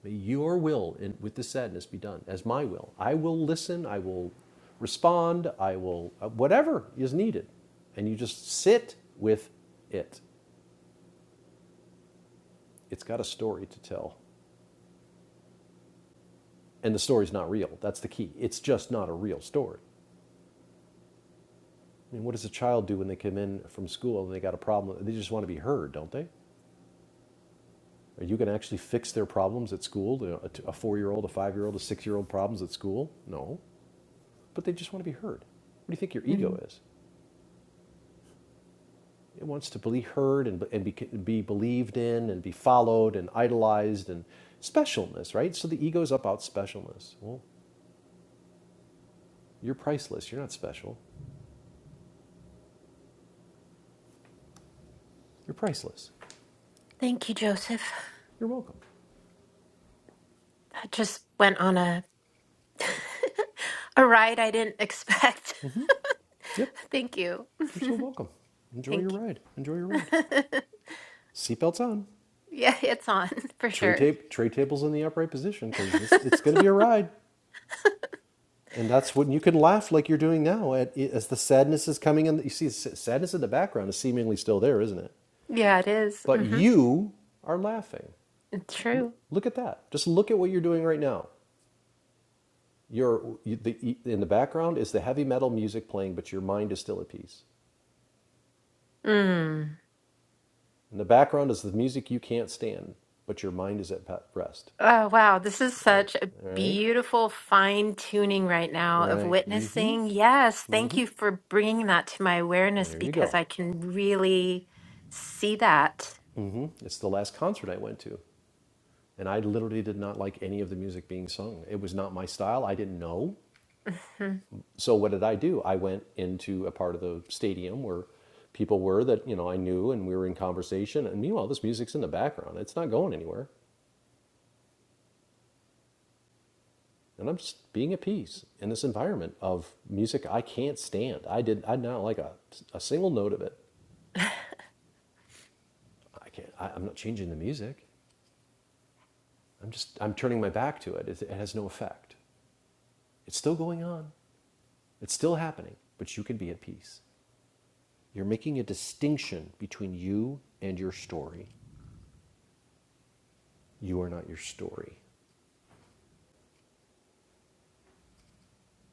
Speaker 5: May your will in, with this sadness be done as my will. I will listen, I will respond, I will, uh, whatever is needed. And you just sit with it. It's got a story to tell. And the story's not real. That's the key. It's just not a real story. I mean, what does a child do when they come in from school and they got a problem? They just want to be heard, don't they? You can actually fix their problems at school. A ata 4 year old A, t- a four-year-old, a five-year-old, a six-year-old problems at school? No, but they just want to be heard. What do you think your ego
Speaker 4: Mm.
Speaker 5: is? It wants to be heard and, and be, be believed in and be followed and idolized and specialness, right? So the ego's up about specialness. Well, you're priceless. You're not special. You're priceless.
Speaker 4: Thank you, Joseph.
Speaker 5: You're welcome.
Speaker 4: That just went on a a ride I didn't expect.
Speaker 5: Yep,
Speaker 4: Thank you.
Speaker 5: you're so welcome. Enjoy your
Speaker 4: Thank
Speaker 5: ride. Enjoy your
Speaker 4: you.
Speaker 5: ride. Seatbelts on.
Speaker 4: yeah, it's on for
Speaker 5: Tray
Speaker 4: sure.
Speaker 5: tape, tray tables in the upright position because this it's going to be a ride. and that's what and you can laugh like you're doing now at, as the sadness is coming in. You see, sadness in the background is seemingly still there, isn't it?
Speaker 4: yeah, it is.
Speaker 5: But
Speaker 4: Mm-hmm.
Speaker 5: you are laughing.
Speaker 4: It's
Speaker 5: L-
Speaker 4: true.
Speaker 5: look at that. Just look at what you're doing right now. You're, you, the, in the background is the heavy metal music playing, but your mind is still at peace.
Speaker 4: Mm.
Speaker 5: In the background is the music you can't stand, but your mind is at rest.
Speaker 4: Oh, wow. This is such a
Speaker 5: All right,
Speaker 4: beautiful fine tuning right now of
Speaker 5: right. Mm.
Speaker 4: witnessing. Yes. Thank you for bringing that to my awareness
Speaker 5: There you
Speaker 4: because
Speaker 5: go.
Speaker 4: I can really see that.
Speaker 5: hmm It's the last concert I went to, and I literally did not like any of the music being sung. It was not my style. I didn't know.
Speaker 4: hmm
Speaker 5: so what did I do? I went into a part of the stadium where people were that you know I knew, and we were in conversation. And meanwhile, this music's in the background; it's not going anywhere. And I'm just being at peace in this environment of music I can't stand. I did I not like a, a single note of it. I can't. I, I'm not changing the music. I'm just I'm turning my back to it. it. It has no effect. It's still going on. It's still happening. But you can be at peace. You're making a distinction between you and your story. You are not your story.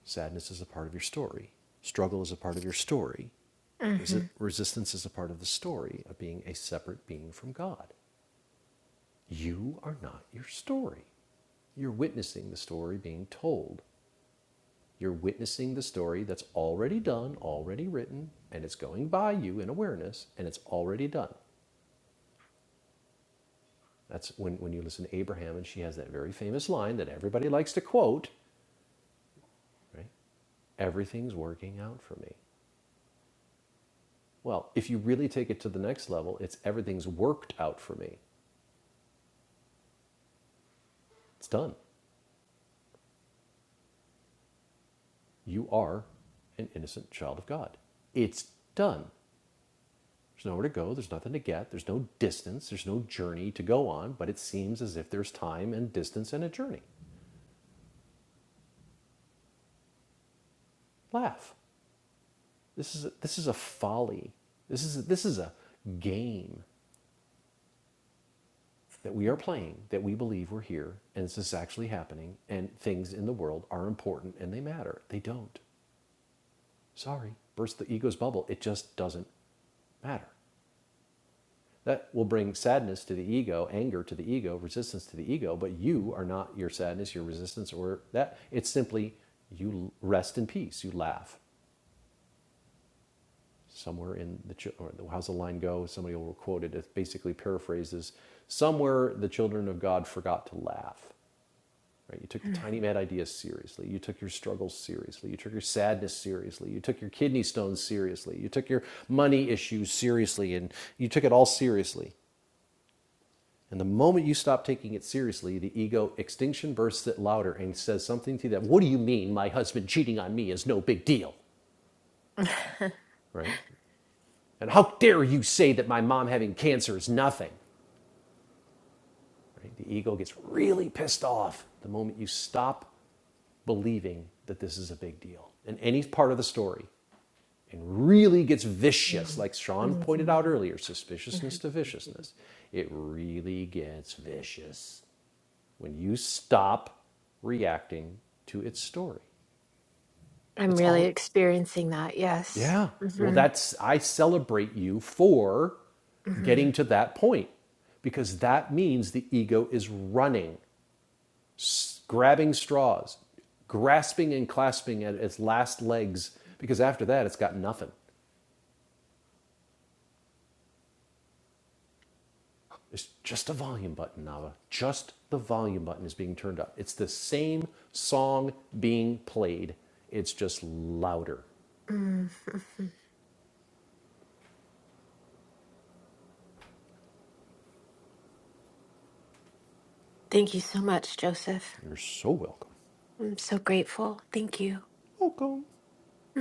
Speaker 5: Sadness is a part of your story. Struggle is a part of your story. Resi-
Speaker 4: hmm
Speaker 5: resistance is a part of the story of being a separate being from God. You are not your story. You're witnessing the story being told. You're witnessing the story that's already done, already written, and it's going by you in awareness, and it's already done. That's when, when you listen to Abraham, and she has that very famous line that everybody likes to quote, right? Everything's working out for me. Well, if you really take it to the next level, it's everything's worked out for me. It's done. You are an innocent child of God. It's done. There's nowhere to go. There's nothing to get. There's no distance. There's no journey to go on, but it seems as if there's time and distance and a journey. Laugh. This is a, this is a folly. This is a, this is a game that we are playing that we believe we're here and this is actually happening and things in the world are important and they matter. They don't. Sorry, burst the ego's bubble. It just doesn't matter. That will bring sadness to the ego, anger to the ego, resistance to the ego, but you are not your sadness, your resistance, or that. It's simply you rest in peace, you laugh. Somewhere in the, or how's the line go? Somebody will quote it. It basically paraphrases Somewhere the children of God forgot to laugh. Right? You took the tiny mad ideas seriously. You took your struggles seriously. You took your sadness seriously. You took your kidney stones seriously. You took your money issues seriously, and you took it all seriously. And the moment you stop taking it seriously, the ego extinction bursts it louder and says something to that. What do you mean my husband cheating on me is no big deal? Right? And how dare you say that my mom having cancer is nothing? Right? The ego gets really pissed off the moment you stop believing that this is a big deal in any part of the story and really gets vicious, like Sean pointed out earlier suspiciousness to viciousness. It really gets vicious when you stop reacting to its story.
Speaker 4: I'm
Speaker 5: It's
Speaker 4: really
Speaker 5: all
Speaker 4: experiencing that. Yes.
Speaker 5: Yeah. Well,
Speaker 4: hmm
Speaker 5: that's, I celebrate you for
Speaker 4: hmm
Speaker 5: getting to that point because that means the ego is running, grabbing straws, grasping and clasping at its last legs because after that, it's got nothing. There's just a volume button, Nava. Just the volume button is being turned up. It's the same song being played. It's just louder.
Speaker 4: Mm. Thank you so much, Joseph.
Speaker 5: You're so welcome.
Speaker 4: I'm so grateful. Thank you.
Speaker 5: Welcome.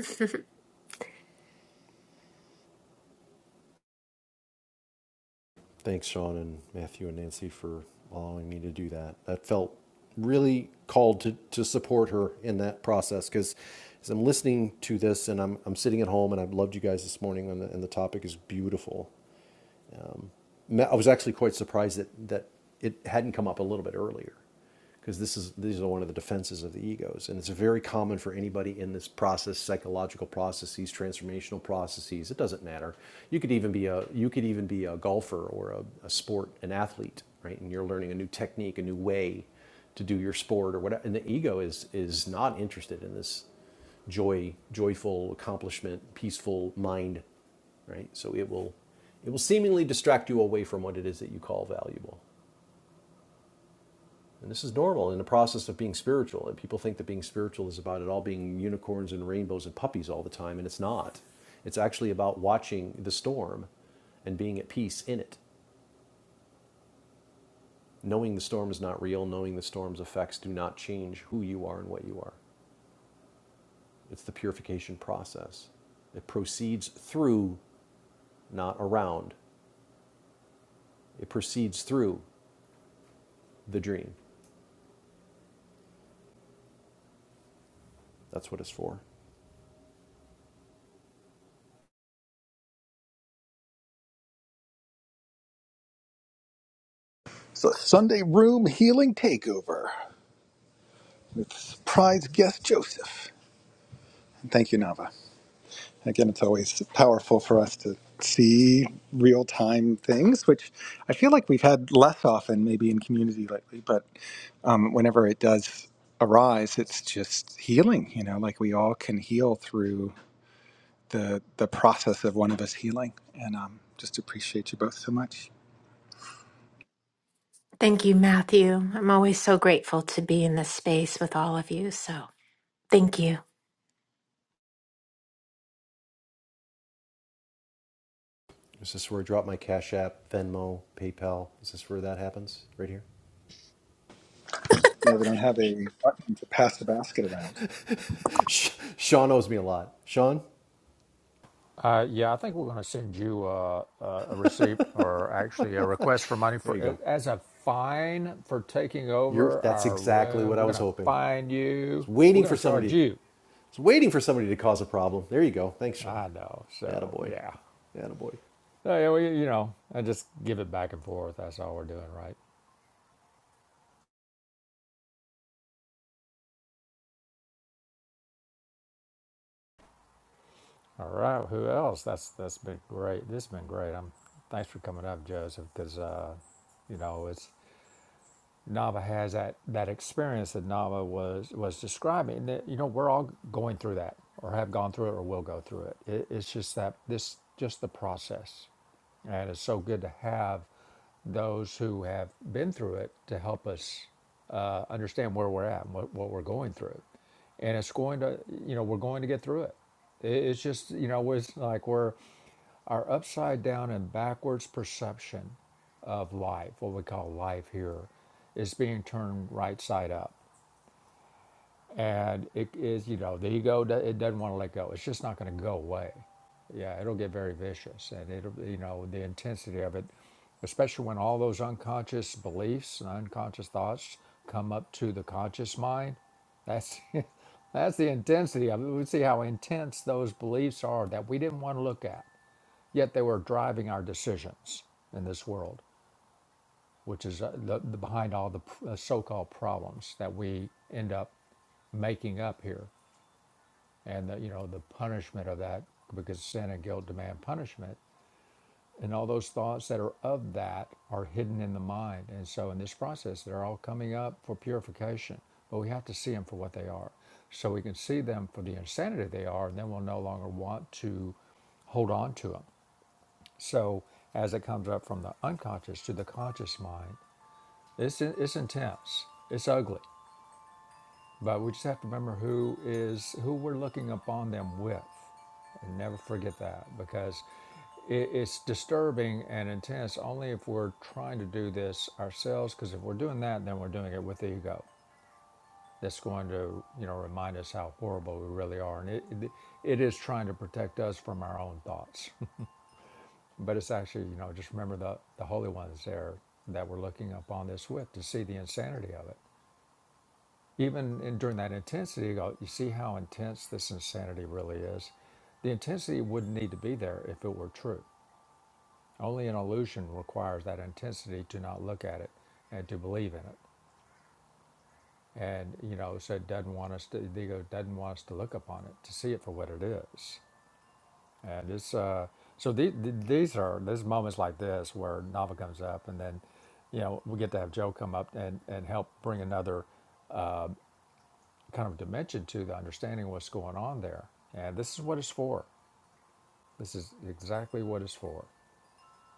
Speaker 5: Thanks, Sean and Matthew and Nancy for allowing me to do that. That felt really called to, to support her in that process because as I'm listening to this and I'm, I'm sitting at home and I've loved you guys this morning and the, and the topic is beautiful. I was actually quite surprised that, that it hadn't come up a little bit earlier because this is these are one of the defenses of the egos and it's very common for anybody in this process psychological processes transformational processes it doesn't matter you could even be a you could even be a golfer or a, a sport an athlete right and you're learning a new technique a new way to do your sport or whatever and the ego is is not interested in this joy joyful accomplishment peaceful mind right? So it will, it will seemingly distract you away from what it is that you call valuable. And this is normal in the process of being spiritual. And people think that being spiritual is about it all being unicorns and rainbows and puppies all the time, and it's not. It's actually about watching the storm and being at peace in it, knowing the storm is not real, knowing the storm's effects do not change who you are and what you are. It's the purification process. It proceeds through, not around. It proceeds through the dream. That's what it's for.
Speaker 1: So Sunday Room Healing Takeover with surprise guest Joseph. And Thank you, Nava. again, it's always powerful for us to see real time things, which I feel like we've had less often maybe in community lately, but um, whenever it does arise, it's just healing, you know, like we all can heal through the, the process of one of us healing. And um, just appreciate you both so much.
Speaker 4: thank you, Matthew. I'm always so grateful to be in this space with all of you. So thank you.
Speaker 5: Is this where I drop my Cash App, Venmo, PayPal? Is this where that happens? Right here?
Speaker 1: Yeah, they don't have a button to pass the basket around.
Speaker 5: Sean owes me a lot. Sean,
Speaker 2: Uh, yeah, I think we're going to send you uh, uh, a receipt or actually a request for money
Speaker 5: there you
Speaker 2: for
Speaker 5: go.
Speaker 2: as a fine for taking
Speaker 5: You're,
Speaker 2: over
Speaker 5: that's
Speaker 2: our
Speaker 5: exactly
Speaker 2: room.
Speaker 5: what
Speaker 2: We're
Speaker 5: I
Speaker 2: going
Speaker 5: was
Speaker 2: to
Speaker 5: hoping. I
Speaker 2: fine
Speaker 5: was
Speaker 2: you. We're
Speaker 5: waiting for
Speaker 2: going to
Speaker 5: somebody.
Speaker 2: charge you.
Speaker 5: I was waiting for somebody to cause a problem. There you go. Thanks, Sean.
Speaker 2: I know. So
Speaker 5: Attaboy.
Speaker 2: yeah,
Speaker 5: Attaboy.
Speaker 2: so, yeah, we, you know, and just give it back and forth. That's all we're doing, right? All right. Who else? That's that's been great. This has been great. I'm thanks for coming up, Joseph, because uh, you know it's Nava has that that experience that Nava was was describing. That you know we're all going through that, or have gone through it, or will go through it. it it's just that this just the process. And it's so good to have those who have been through it to help us uh, understand where we're at and what, what we're going through. And it's going to, you know, we're going to get through it. It- It's just, you know, it's like we're our upside down and backwards perception of life, what we call life here, is being turned right side up and it is you know the ego do- it doesn't want to let go it's just not going to go away yeah it'll get very vicious and it'll you know the intensity of it especially when all those unconscious beliefs and unconscious thoughts come up to the conscious mind that's that's the intensity of it we see how intense those beliefs are that we didn't want to look at yet they were driving our decisions in this world which is uh, the, the behind all the pr- uh, so-called problems that we end up making up here and the, you know the punishment of that because sin and guilt demand punishment and all those thoughts that are of that are hidden in the mind and so in this process they're all coming up for purification but we have to see them for what they are so we can see them for the insanity they are and then we'll no longer want to hold on to them so as it comes up from the unconscious to the conscious mind it's, it's intense it's ugly But we just have to remember who is who we're looking upon them with, and never forget that because it, it's disturbing and intense only if we're trying to do this ourselves. Because if we're doing that, then we're doing it with ego. That's going to you know remind us how horrible we really are, and it it, it is trying to protect us from our own thoughts. but it's actually you know just remember the the holy ones there that we're looking upon this with to see the insanity of it even in, during that intensity, you go, you see how intense this insanity really is. The intensity wouldn't need to be there if it were true. Only an illusion requires that intensity to not look at it and to believe in it. And you know, so it doesn't want us to. The ego doesn't want us to look upon it to see it for what it is. And it's uh, so the, the, these are there's moments like this where Nava comes up, and then you know we get to have Joe come up and and help bring another. kind of dimension to the understanding of what's going on there. And this is what it's for. This is exactly what it's for.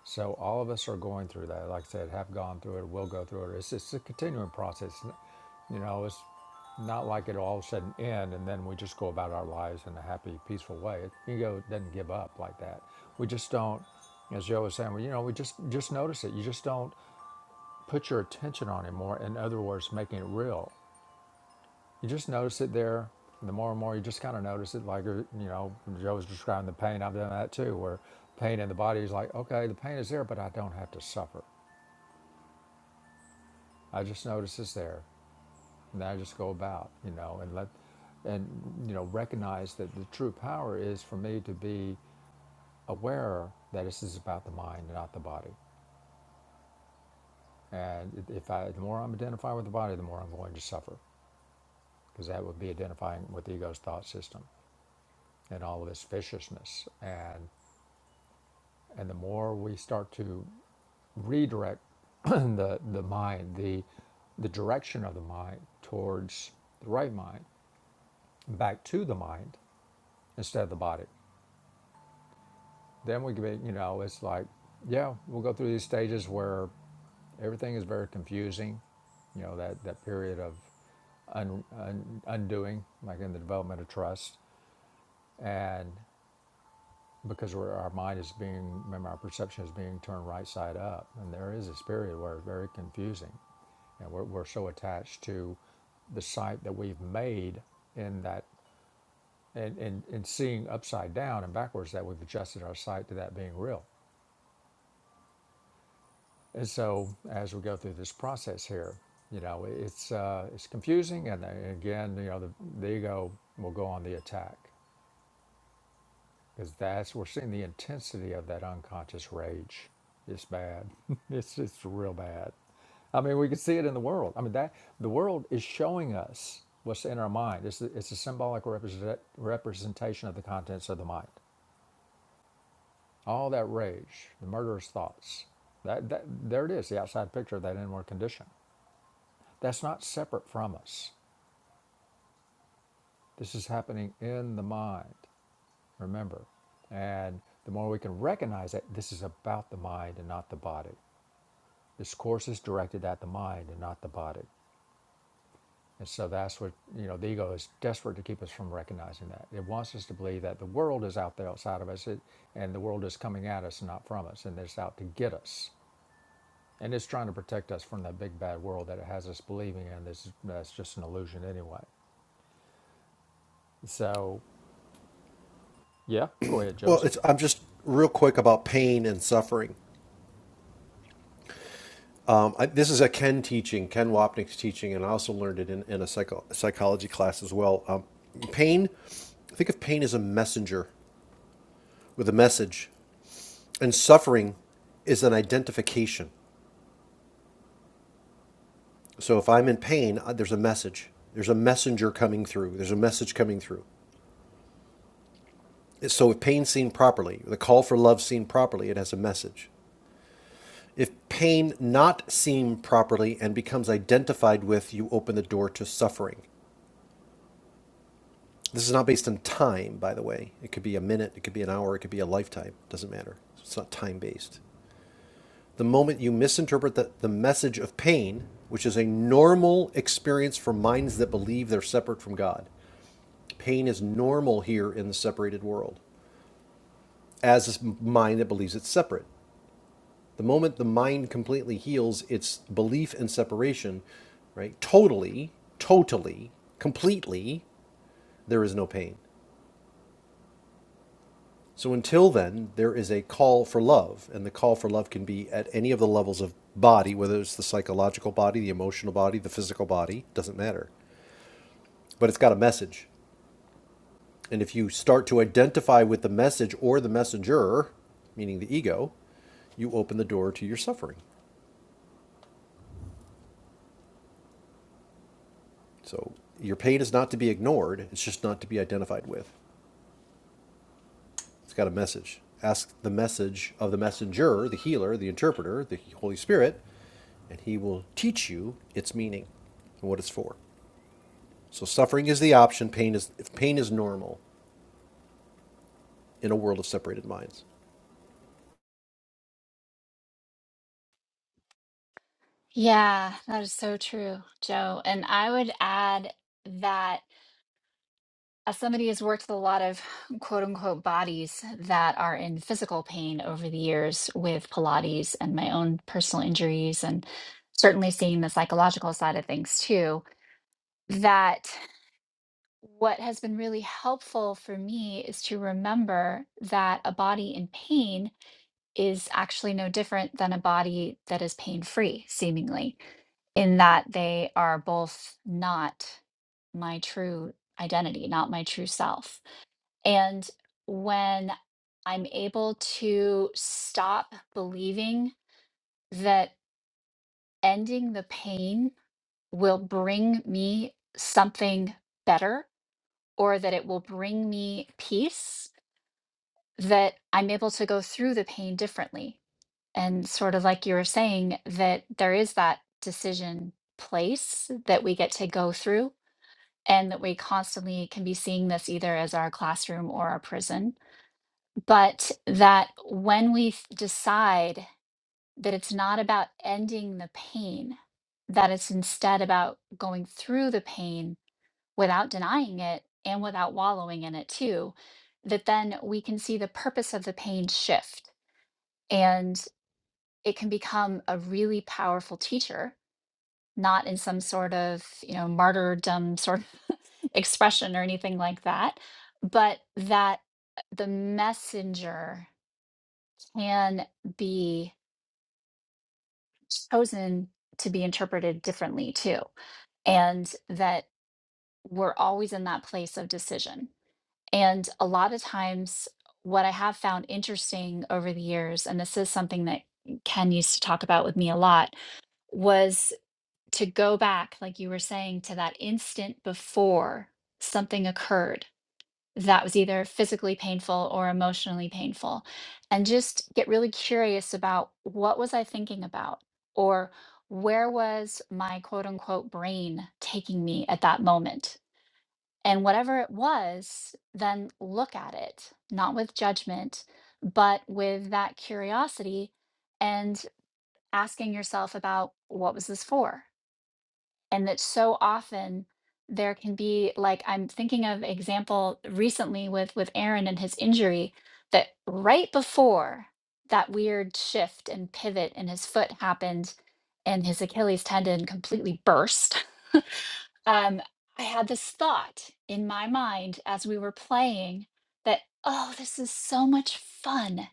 Speaker 2: So all of us are going through that. Like I said, have gone through it, will go through it. It's it's a continuing process. You know, it's not like it all of a sudden end and then we just go about our lives in a happy, peaceful way. Ego doesn't give up like that. We just don't, as Joe was saying, well, you know, we just just notice it. You just don't put your attention on it more. In other words, making it real You just notice it there. the more and more you just kind of notice it, like uh, you know, Joe was describing the pain. I've done that too, where pain in the body is like, okay, the pain is there, but I don't have to suffer. I just notice it's there, and then I just go about, you know, and let, and you know, recognize that the true power is for me to be aware that this is about the mind, not the body. And if I, the more I'm identifying with the body, the more I'm going to suffer, because that would be identifying with the ego's thought system and all of its viciousness and. And the more we start to redirect the, the mind, the, the direction of the mind towards the right mind, back to the mind instead of the body, then we can be, you know, it's like, yeah, we'll go through these stages where everything is very confusing. You know, that, that period of un, un, undoing, like in the development of trust. and. because we're, our mind is being, remember, our perception is being turned right side up. And there is this period where it's very confusing. And we're, we're so attached to the sight that we've made in that, and, and, and seeing upside down and backwards that we've adjusted our sight to that being real. And so as we go through this process here, you know, it's, uh, it's confusing. And then again, you know, the, the ego will go on the attack because that's we're seeing the intensity of that unconscious rage. It's bad. it's it's real bad. I mean, we can see it in the world. I mean, that the world is showing us what's in our mind. It's a, it's a symbolic represent, representation of the contents of the mind. All that rage, the murderous thoughts. That, that there it is, the outside picture of that inward condition. That's not separate from us. This is happening in the mind. Remember, and the more we can recognize that this is about the mind and not the body This course is directed at the mind and not the body. And so that's what, you know, the ego is desperate to keep us from recognizing that. It wants us to believe that the world is out there outside of us it, and the world is coming at us, not from us, and it's out to get us. And it's trying to protect us from that big bad world that it has us believing in. This that's just an illusion anyway. So, yeah, go ahead,
Speaker 5: Well,
Speaker 2: Joseph.
Speaker 5: it's, I'm just real quick about pain and suffering. Um, I, this is a Ken teaching, Ken Wapnick's teaching, and I also learned it in, in a psycho, psychology class as well. Um, pain, think of pain as a messenger with a message And suffering is an identification. So if I'm in pain, uh, there's a message. There's a messenger coming through. There's a message coming through. So if pain seen properly, the call for love seen properly, it has a message. If pain not seen properly and becomes identified with, you open the door to suffering. This is not based on time, by the way. It could be a minute, it could be an hour, it could be a lifetime. It doesn't matter. It's not time based. The moment you misinterpret the, the message of pain, which is a normal experience for minds that believe they're separate from God, pain is normal here in the separated world, as a mind that believes it's separate. The moment the mind completely heals its belief in separation, right, totally, totally, completely, there is no pain. So until then, there is a call for love, and the call for love can be at any of the levels of body, whether it's the psychological body, the emotional body, the physical body, doesn't matter. But it's got a message. And if you start to identify with the message or the messenger, meaning the ego, you open the door to your suffering. So your pain is not to be ignored, it's just not to be identified with. It's got a message. Ask the message of the messenger, the healer, the interpreter, the Holy Spirit, and he will teach you its meaning and what it's for. So suffering is the option. Pain is if pain is normal in a world of separated minds.
Speaker 3: Yeah, that is so true, Joe. And I would add that. As somebody who's worked with a lot of quote unquote bodies that are in physical pain over the years with Pilates and my own personal injuries, and certainly seeing the psychological side of things too, that what has been really helpful for me is to remember that a body in pain is actually no different than a body that is pain free, seemingly, in that they are both not my true identity, not my true self and when I'm able to stop believing that ending the pain will bring me something better or that it will bring me peace, that I'm able to go through the pain differently. And sort of like you were saying, that there is that decision place that we get to go through, and that we constantly can be seeing this either as our classroom or our prison but that when we f- decide that it's not about ending the pain, that it's instead about going through the pain without denying it and without wallowing in it too, that then we can see the purpose of the pain shift and it can become a really powerful teacher not in some sort of you know martyrdom sort of expression or anything like that but that uh, the messenger can be chosen to be interpreted differently too. And that we're always in that place of decision. And a lot of times, what I have found interesting over the years, and this is something that Ken used to talk about with me a lot, was to go back, like you were saying, to that instant before something occurred that was either physically painful or emotionally painful and just get really curious about what was i thinking about or where was my quote unquote brain taking me at that moment and whatever it was then look at it not with judgment but with that curiosity and asking yourself about what was this for and that so often there can be like i'm thinking of example recently with with aaron and his injury that right before that weird shift and pivot in his foot happened and his achilles tendon completely burst um i had this thought in my mind as we were playing that oh this is so much fun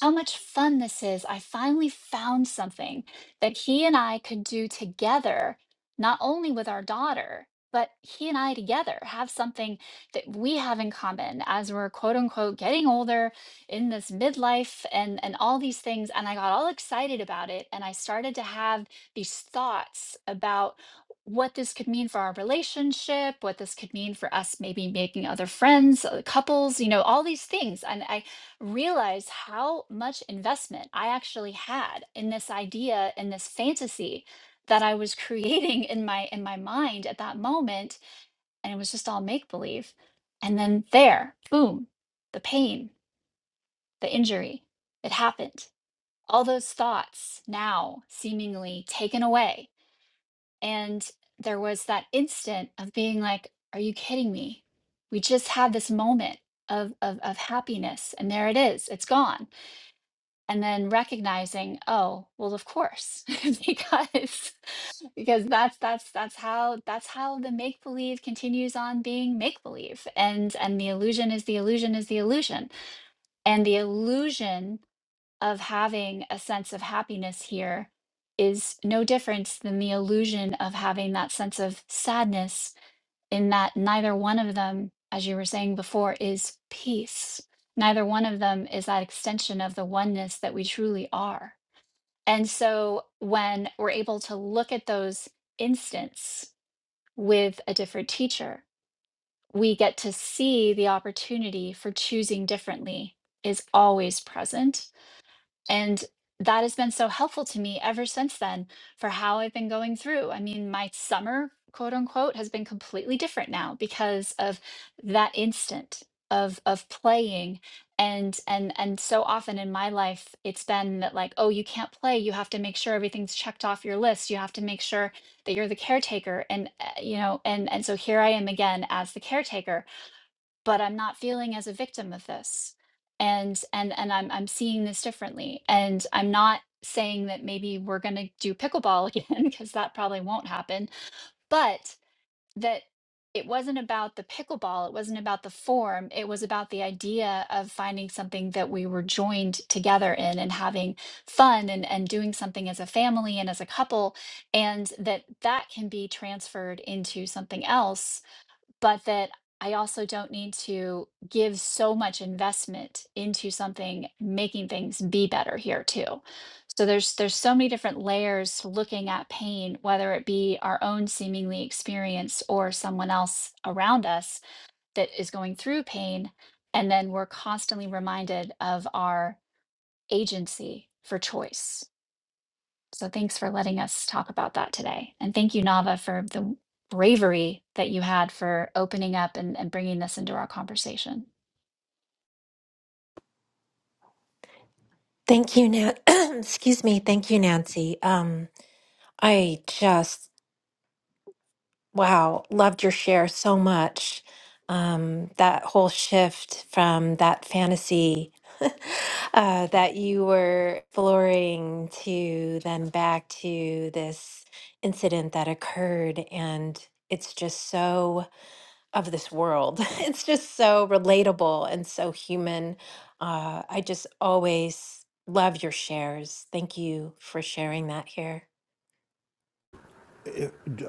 Speaker 3: how much fun this is. I finally found something that he and I could do together, not only with our daughter, but he and I together have something that we have in common as we're quote unquote getting older in this midlife and, and all these things. And I got all excited about it. And I started to have these thoughts about what this could mean for our relationship, what this could mean for us maybe making other friends, uh, couples, you know, all these things. And I realize how much investment I actually had in this idea and this fantasy that I was creating in my in my mind at that moment and it was just all make believe and then there boom the pain the injury it happened all those thoughts now seemingly taken away and there was that instant of being like are you kidding me we just had this moment of of, of happiness and there it is it's gone and then recognizing oh well of course because because that's that's that's how that's how the make believe continues on being make believe and and the illusion is the illusion is the illusion and the illusion of having a sense of happiness here is no different than the illusion of having that sense of sadness in that neither one of them, as you were saying before, is peace. Neither one of them is that extension of the oneness that we truly are. And so when we're able to look at those instants with a different teacher, we get to see the opportunity for choosing differently is always present and that has been so helpful to me ever since then for how I've been going through. I mean, my summer, quote unquote, has been completely different now because of that instant of of playing and and and so often in my life it's been that like oh you can't play you have to make sure everything's checked off your list you have to make sure that you're the caretaker and uh, you know and and so here I am again as the caretaker but I'm not feeling as a victim of this. And and and I'm I'm seeing this differently. And I'm not saying that maybe we're going to do pickleball again because that probably won't happen, but that it wasn't about the pickleball, it wasn't about the form, it was about the idea of finding something that we were joined together in and having fun and and doing something as a family and as a couple and that that can be transferred into something else but that I also don't need to give so much investment into something making things be better here too. So there's there's so many different layers to looking at pain, whether it be our own seemingly experience or someone else around us that is going through pain, and then we're constantly reminded of our agency for choice. So thanks for letting us talk about that today. And thank you, Nava, for the bravery that you had for opening up and, and bringing this into our conversation.
Speaker 4: Thank you, Nan. Excuse me. Thank you, Nancy. Um, I just Wow, loved your share so much. Um, that whole shift from that fantasy uh, that you were exploring to then back to this incident that occurred. And it's just so of this world. It's just so relatable and so human. Uh, I just always love your shares. Thank you for sharing that here.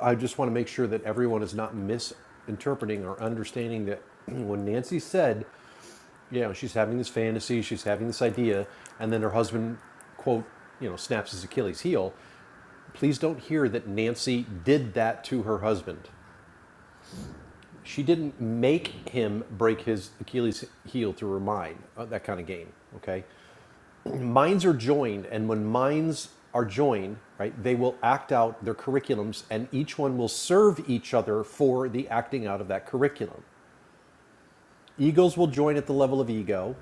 Speaker 5: I just want to make sure that everyone is not misinterpreting or understanding that when Nancy said, you know, she's having this fantasy, she's having this idea, and then her husband, quote, you know, snaps his Achilles heel. Please don't hear that Nancy did that to her husband. She didn't make him break his Achilles heel through her mind, uh, that kind of game, okay? Minds are joined, and when minds are joined, right, they will act out their curriculums, and each one will serve each other for the acting out of that curriculum. Egos will join at the level of ego,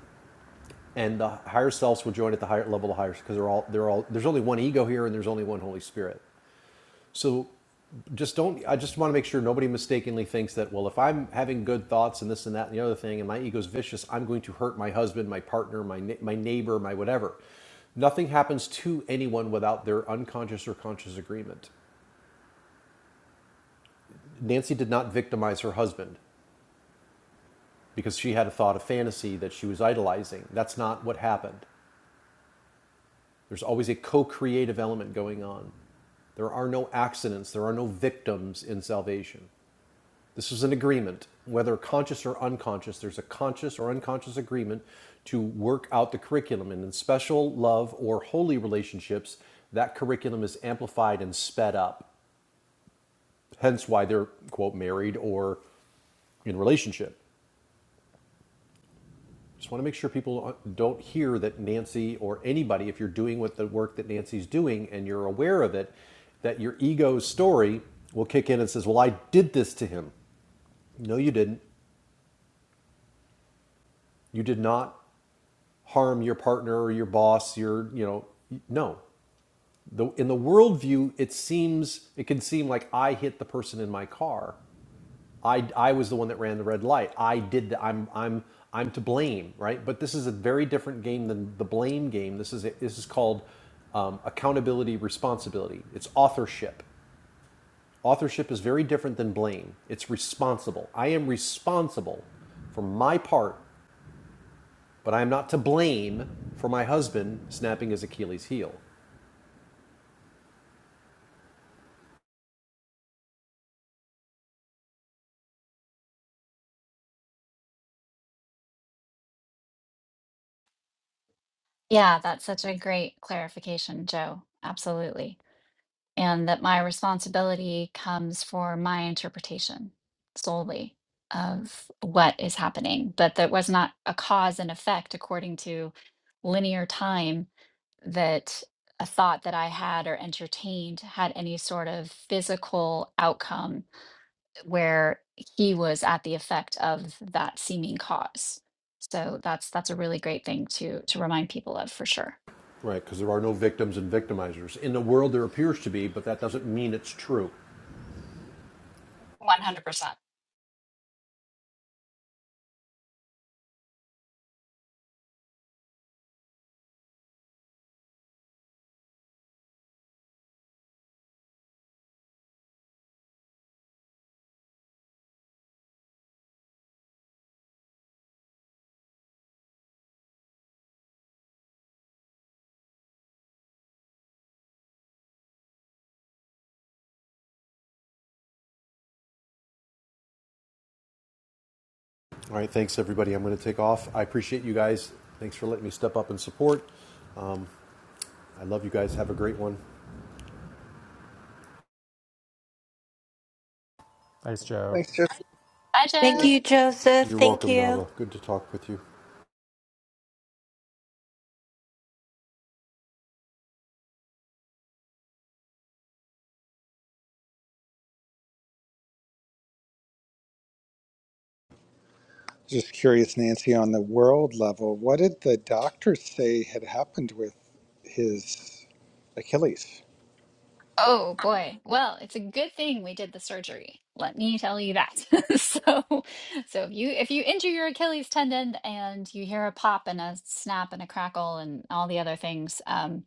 Speaker 5: and the higher selves will join at the higher level of higher, because they're all, they're all, there's only one ego here, and there's only one Holy Spirit. So just don't I just want to make sure nobody mistakenly thinks that well if I'm having good thoughts and this and that and the other thing and my ego's vicious I'm going to hurt my husband, my partner, my my neighbor, my whatever. Nothing happens to anyone without their unconscious or conscious agreement. Nancy did not victimize her husband because she had a thought of fantasy that she was idolizing. That's not what happened. There's always a co-creative element going on. There are no accidents, there are no victims in salvation. This is an agreement, whether conscious or unconscious. There's a conscious or unconscious agreement to work out the curriculum. And in special, love, or holy relationships, that curriculum is amplified and sped up. Hence why they're, quote, married or in relationship. Just want to make sure people don't hear that Nancy or anybody, if you're doing what the work that Nancy's doing and you're aware of it, that your ego story will kick in and says, Well, I did this to him. No, you didn't. You did not harm your partner or your boss your you know no the, in the worldview it seems it can seem like i hit the person in my car i i was the one that ran the red light i did the, i'm i'm i'm to blame right but this is a very different game than the blame game this is a, this is called um, accountability responsibility it's authorship authorship is very different than blame it's responsible i am responsible for my part but I am not to blame for my husband snapping his Achilles heel.
Speaker 3: Yeah, that's such a great clarification, Joe. Absolutely. and that my responsibility comes for my interpretation solely of what is happening, but that was not a cause and effect according to linear time that a thought that I had or entertained had any sort of physical outcome where he was at the effect of that seeming cause. So that's that's a really great thing to to remind people of for sure.
Speaker 5: Right, because there are no victims and victimizers. In the world, there appears to be, but that doesn't mean it's true.
Speaker 3: One hundred percent.
Speaker 5: All right, thanks everybody. I'm going to take off. I appreciate you guys. Thanks for letting me step up and support. Um, I love you guys. Have a great one.
Speaker 2: Thanks, Joe.
Speaker 1: Thanks, Jesse.
Speaker 3: Bye, Joe.
Speaker 4: Thank you, Joseph.
Speaker 5: You're
Speaker 4: Thank
Speaker 5: welcome,
Speaker 4: you.
Speaker 5: Nava. Good to talk with you.
Speaker 1: Just curious, Nancy, on the world level, what did the doctors say had happened with his Achilles?
Speaker 3: Oh boy. Well, it's a good thing we did the surgery. Let me tell you that. so, so if you if you injure your Achilles tendon and you hear a pop and a snap and a crackle and all the other things, um,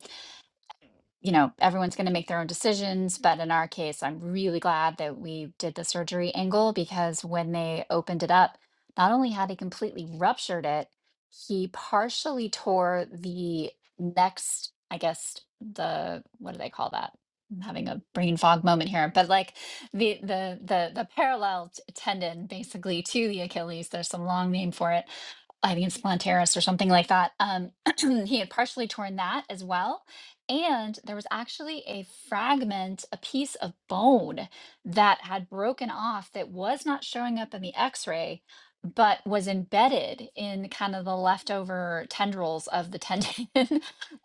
Speaker 3: you know, everyone's going to make their own decisions. But in our case, I'm really glad that we did the surgery angle because when they opened it up, not only had he completely ruptured it, he partially tore the next, I guess, the what do they call that? I'm having a brain fog moment here, but like the the the the parallel t- tendon basically to the Achilles. There's some long name for it. I think it's plantaris or something like that. Um, he had partially torn that as well and there was actually a fragment, a piece of bone that had broken off that was not showing up in the x ray, but was embedded in kind of the leftover tendrils of the tendon.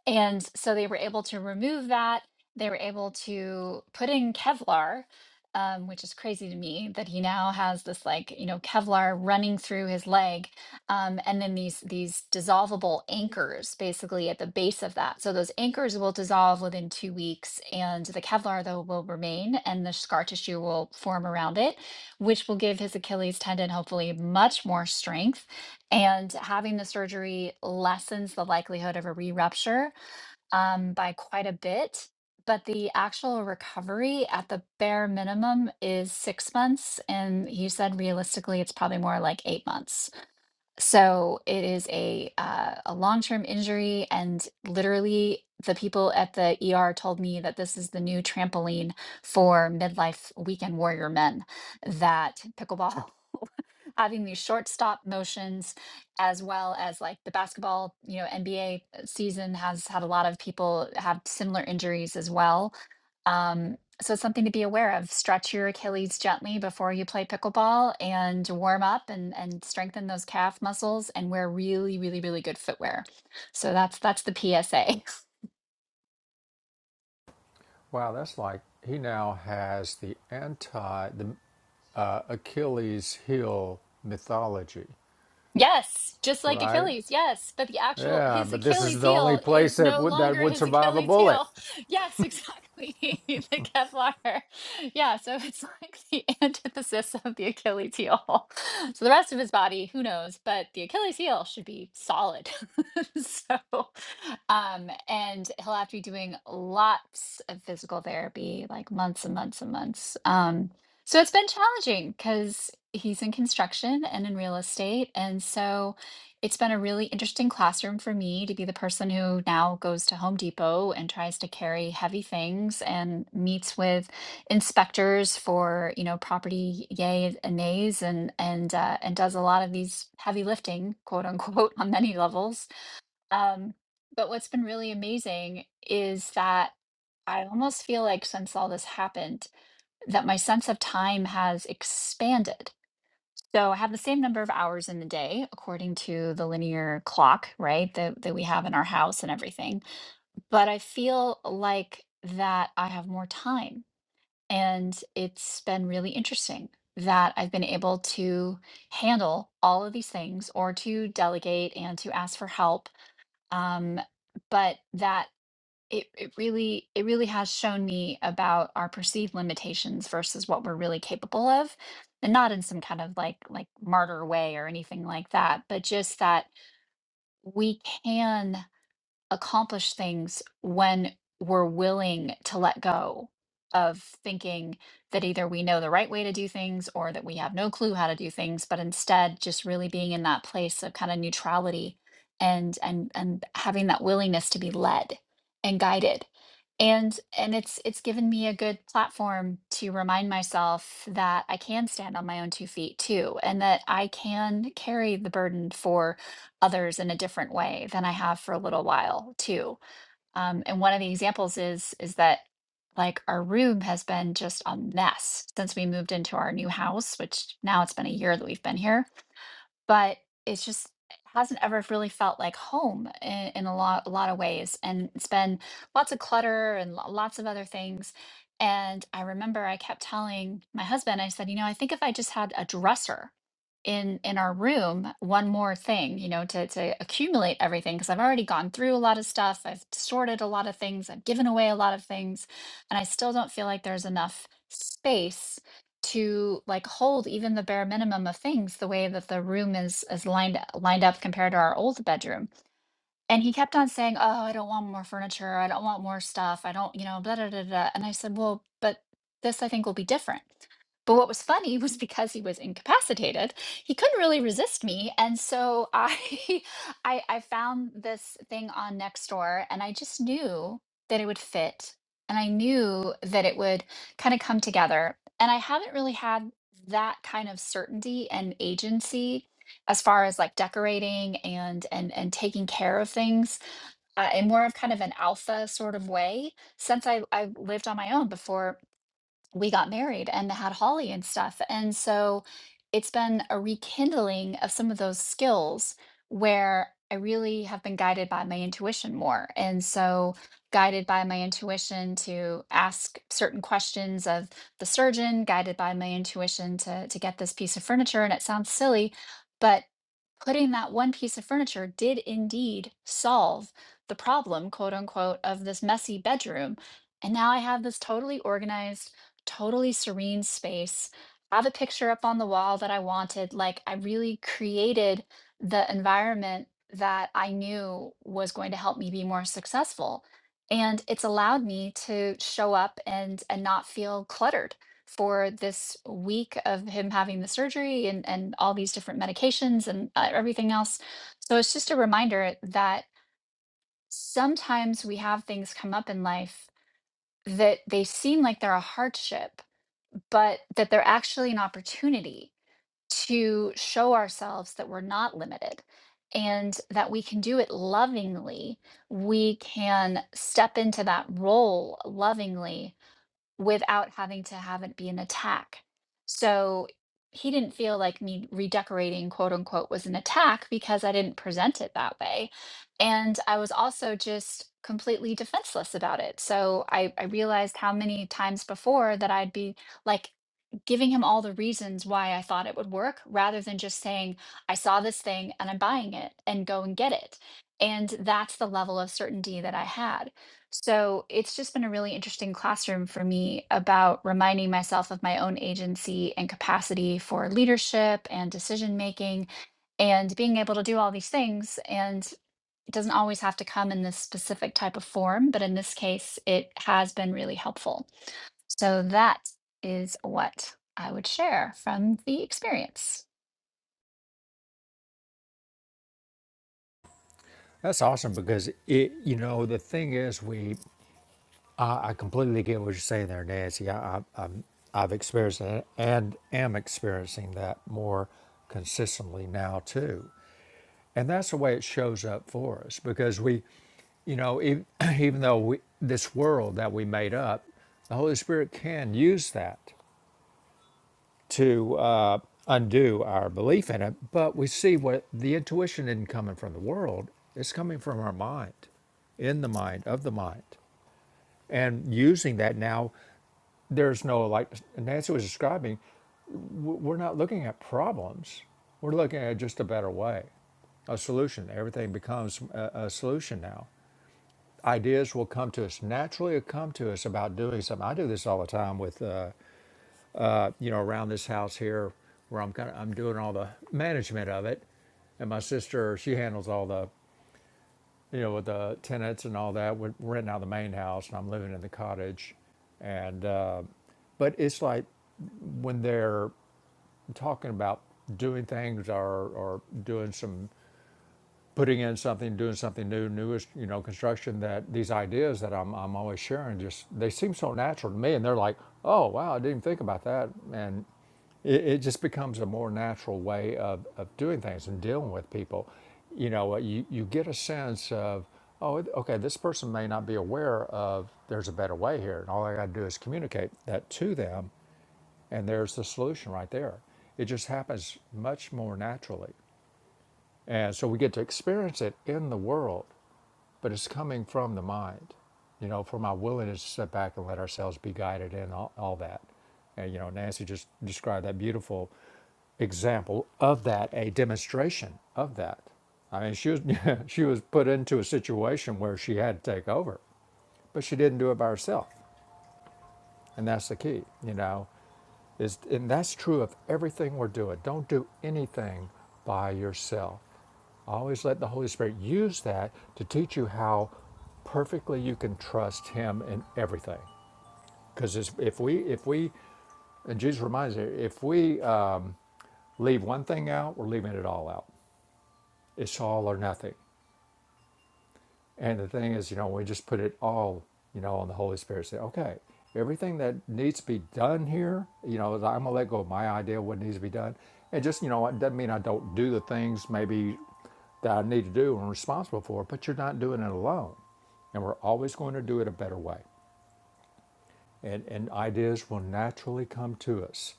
Speaker 3: and so they were able to remove that. They were able to put in Kevlar. Um, which is crazy to me that he now has this like you know kevlar running through his leg um, and then these these dissolvable anchors basically at the base of that. So those anchors will dissolve within two weeks, and the Kevlar though will remain, and the scar tissue will form around it, which will give his Achilles tendon hopefully much more strength. And having the surgery lessens the likelihood of a re-rupture um, by quite a bit. But the actual recovery at the bare minimum is six months. And he said realistically, it's probably more like eight months. So it is a uh, a long-term injury, and literally the people at the ER told me that this is the new trampoline for midlife weekend warrior men, that pickleball having these short stop motions as well as like the basketball, you know, NBA season has had a lot of people have similar injuries as well. Um, so it's something to be aware of. Stretch your Achilles gently before you play pickleball and warm up and, and strengthen those calf muscles and wear really, really, really good footwear. So that's that's the PSA.
Speaker 2: Wow, that's like he now has the anti the uh, Achilles heel mythology,
Speaker 3: Yes, just like
Speaker 2: right?
Speaker 3: Achilles. Yes, but the actual
Speaker 2: Yeah,
Speaker 3: his
Speaker 2: but this is
Speaker 3: Achilles
Speaker 2: the only
Speaker 3: heel
Speaker 2: place
Speaker 3: is
Speaker 2: that
Speaker 3: no
Speaker 2: would that
Speaker 3: longer
Speaker 2: would
Speaker 3: his
Speaker 2: survive a
Speaker 3: Achilles
Speaker 2: bullet.
Speaker 3: heel. Yes, exactly. The Kevlar. Yeah, so it's like the antithesis of the Achilles heel. So the rest of his body, who knows, but the Achilles heel should be solid. So, um, and he'll have to be doing lots of physical therapy, like months and months and months. Um, so it's been challenging because. He's in construction and in real estate. And so it's been a really interesting classroom for me to be the person who now goes to Home Depot and tries to carry heavy things and meets with inspectors for, you know, property yays and nays and and uh, and does a lot of these heavy lifting, quote unquote, on many levels. Um, but what's been really amazing is that I almost feel like since all this happened, that my sense of time has expanded so I have the same number of hours in the day according to the linear clock, right? That that we have in our house and everything. But I feel like that I have more time. And it's been really interesting that I've been able to handle all of these things or to delegate and to ask for help. Um, but that it, it really it really has shown me about our perceived limitations versus what we're really capable of and not in some kind of like like martyr way or anything like that but just that we can accomplish things when we're willing to let go of thinking that either we know the right way to do things or that we have no clue how to do things but instead just really being in that place of kind of neutrality and and and having that willingness to be led and guided and and it's it's given me a good platform to remind myself that I can stand on my own two feet too and that I can carry the burden for others in a different way than I have for a little while too. Um, and one of the examples is is that like our room has been just a mess since we moved into our new house, which now it's been a year that we've been here but it's just it hasn't ever really felt like home in, in a lot a lot of ways and it's been lots of clutter and lo- lots of other things and i remember i kept telling my husband i said you know i think if i just had a dresser in in our room one more thing you know to to accumulate everything because i've already gone through a lot of stuff i've sorted a lot of things i've given away a lot of things and i still don't feel like there's enough space to like hold even the bare minimum of things the way that the room is is lined lined up compared to our old bedroom and he kept on saying oh i don't want more furniture i don't want more stuff i don't you know blah, blah, blah, blah. and i said well but this i think will be different but what was funny was because he was incapacitated, he couldn't really resist me, and so I, I, I found this thing on Nextdoor, and I just knew that it would fit, and I knew that it would kind of come together. And I haven't really had that kind of certainty and agency as far as like decorating and and and taking care of things uh, in more of kind of an alpha sort of way since I I lived on my own before we got married and had Holly and stuff. And so it's been a rekindling of some of those skills where I really have been guided by my intuition more. And so guided by my intuition to ask certain questions of the surgeon, guided by my intuition to to get this piece of furniture and it sounds silly, but putting that one piece of furniture did indeed solve the problem, quote unquote, of this messy bedroom. And now I have this totally organized totally serene space, have a picture up on the wall that I wanted. Like I really created the environment that I knew was going to help me be more successful. And it's allowed me to show up and and not feel cluttered for this week of him having the surgery and, and all these different medications and uh, everything else. So it's just a reminder that sometimes we have things come up in life that they seem like they're a hardship but that they're actually an opportunity to show ourselves that we're not limited and that we can do it lovingly. We can step into that role lovingly without having to have it be an attack. So he didn't feel like me redecorating, quote unquote, was an attack because I didn't present it that way. And I was also just completely defenseless about it. So I, I realized how many times before that I'd be like giving him all the reasons why I thought it would work rather than just saying, I saw this thing and I'm buying it and go and get it. And that's the level of certainty that I had. So it's just been a really interesting classroom for me about reminding myself of my own agency and capacity for leadership and decision making and being able to do all these things. And it doesn't always have to come in this specific type of form, but in this case, it has been really helpful. So that is what I would share from the experience.
Speaker 2: That's awesome because it, you know, the thing is, we I, I completely get what you're saying there, Nancy. I, I, I'm, I've experienced it and am experiencing that more consistently now too, and that's the way it shows up for us because we, you know, e even though we, this world that we made up, the Holy Spirit can use that to uh, undo our belief in it, but we see what the intuition isn't coming from the world, it's coming from our mind, in the mind, of the mind. And using that now, there's no, like Nancy was describing, w- we're not looking at problems, we're looking at just a better way, a solution. Everything becomes a, a solution now. Ideas will come to us naturally, will come to us about doing something. I do this all the time with. Uh, you know, around this house here where I'm kind of I'm doing all the management of it, and my sister she handles all the you know with the tenants and all that. We're renting out the main house, and I'm living in the cottage, and uh, but it's like when they're talking about doing things or or doing some putting in something, doing something new, newest, you know, construction that these ideas that I'm, I'm always sharing just, they seem so natural to me. And they're like, oh, wow, I didn't even think about that. And it, it just becomes a more natural way of, of doing things and dealing with people. You know, uh, you, you get a sense of, oh, it- okay, this person may not be aware of there's a better way here. And all I got to do is communicate that to them. And there's the solution right there. It just happens much more naturally. And so we get to experience it in the world, but it's coming from the mind, you know, from our willingness to step back and let ourselves be guided in all, all that. And, you know, Nancy just described that beautiful example of that, a demonstration of that. I mean, she was, she was put into a situation where she had to take over, but she didn't do it by herself. And that's the key, you know. Is, and that's true of everything we're doing. Don't do anything by yourself. Always let the Holy Spirit use that to teach you how perfectly you can trust Him in everything. Because if we, if we, and Jesus reminds me, if we uh, leave one thing out, we're leaving it all out. It's all or nothing. And the thing is, you know, we just put it all, you know, on the Holy Spirit. Say, okay, everything that needs to be done here, you know, I'm gonna let go of my idea of what needs to be done, and just, you know, it doesn't mean I don't do the things maybe that I need to do and I'm responsible for, but you're not doing it alone, and we're always going to do it a better way, and and ideas will naturally come to us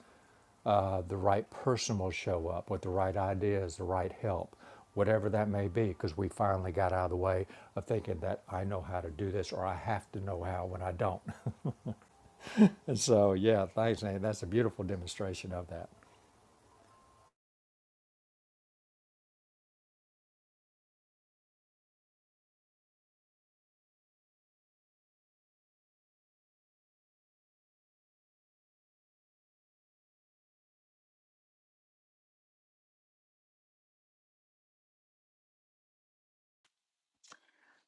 Speaker 2: uh, the right person will show up with the right ideas, the right help, whatever that may be, because we finally got out of the way of thinking that I know how to do this or I have to know how when I don't. And so, yeah, thanks, Nancy. That's a beautiful demonstration of that.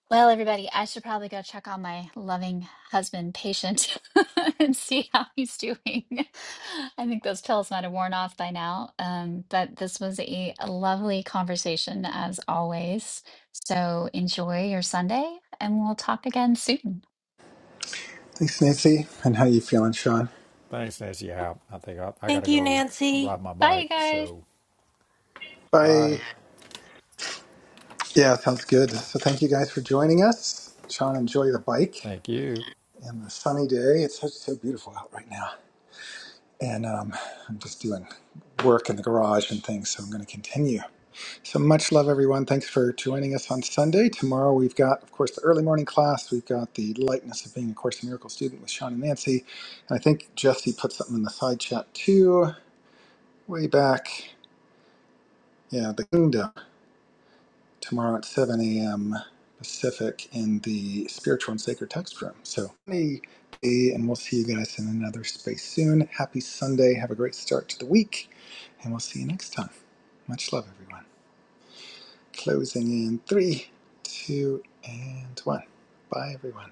Speaker 3: Well, everybody, I should probably go check on my loving husband patient and see how he's doing. I think those pills might have worn off by now. Um, but this was a lovely conversation as always. So enjoy your Sunday and we'll talk again soon.
Speaker 1: Thanks, Nancy. And how you feeling, Sean?
Speaker 2: Thanks, Nancy. Yeah, I think I, I got
Speaker 4: Thank
Speaker 2: to
Speaker 4: you,
Speaker 2: go
Speaker 4: Nancy.
Speaker 2: ride my
Speaker 3: Bye,
Speaker 2: bike.
Speaker 3: you guys.
Speaker 2: So, bye.
Speaker 1: Bye. Yeah, sounds good. So thank you guys for joining us. Sean, enjoy the bike
Speaker 2: Thank you.
Speaker 1: and the sunny day. It's so, so beautiful out right now. And um, I'm just doing work in the garage and things, so I'm going to continue. So much love, everyone. Thanks for joining us on Sunday. Tomorrow we've got, of course, the early morning class. We've got the lightness of being a Course in Miracles student with Sean and Nancy. And I think Jesse put something in the side chat too, way back. Yeah, the kingdom tomorrow at 7 a.m. Pacific in the spiritual and sacred text room. So, hey, hey, and we'll see you guys in another space soon. Happy Sunday. Have a great start to the week, and we'll see you next time. Much love, everyone. Closing in three, two, and one. Bye, everyone.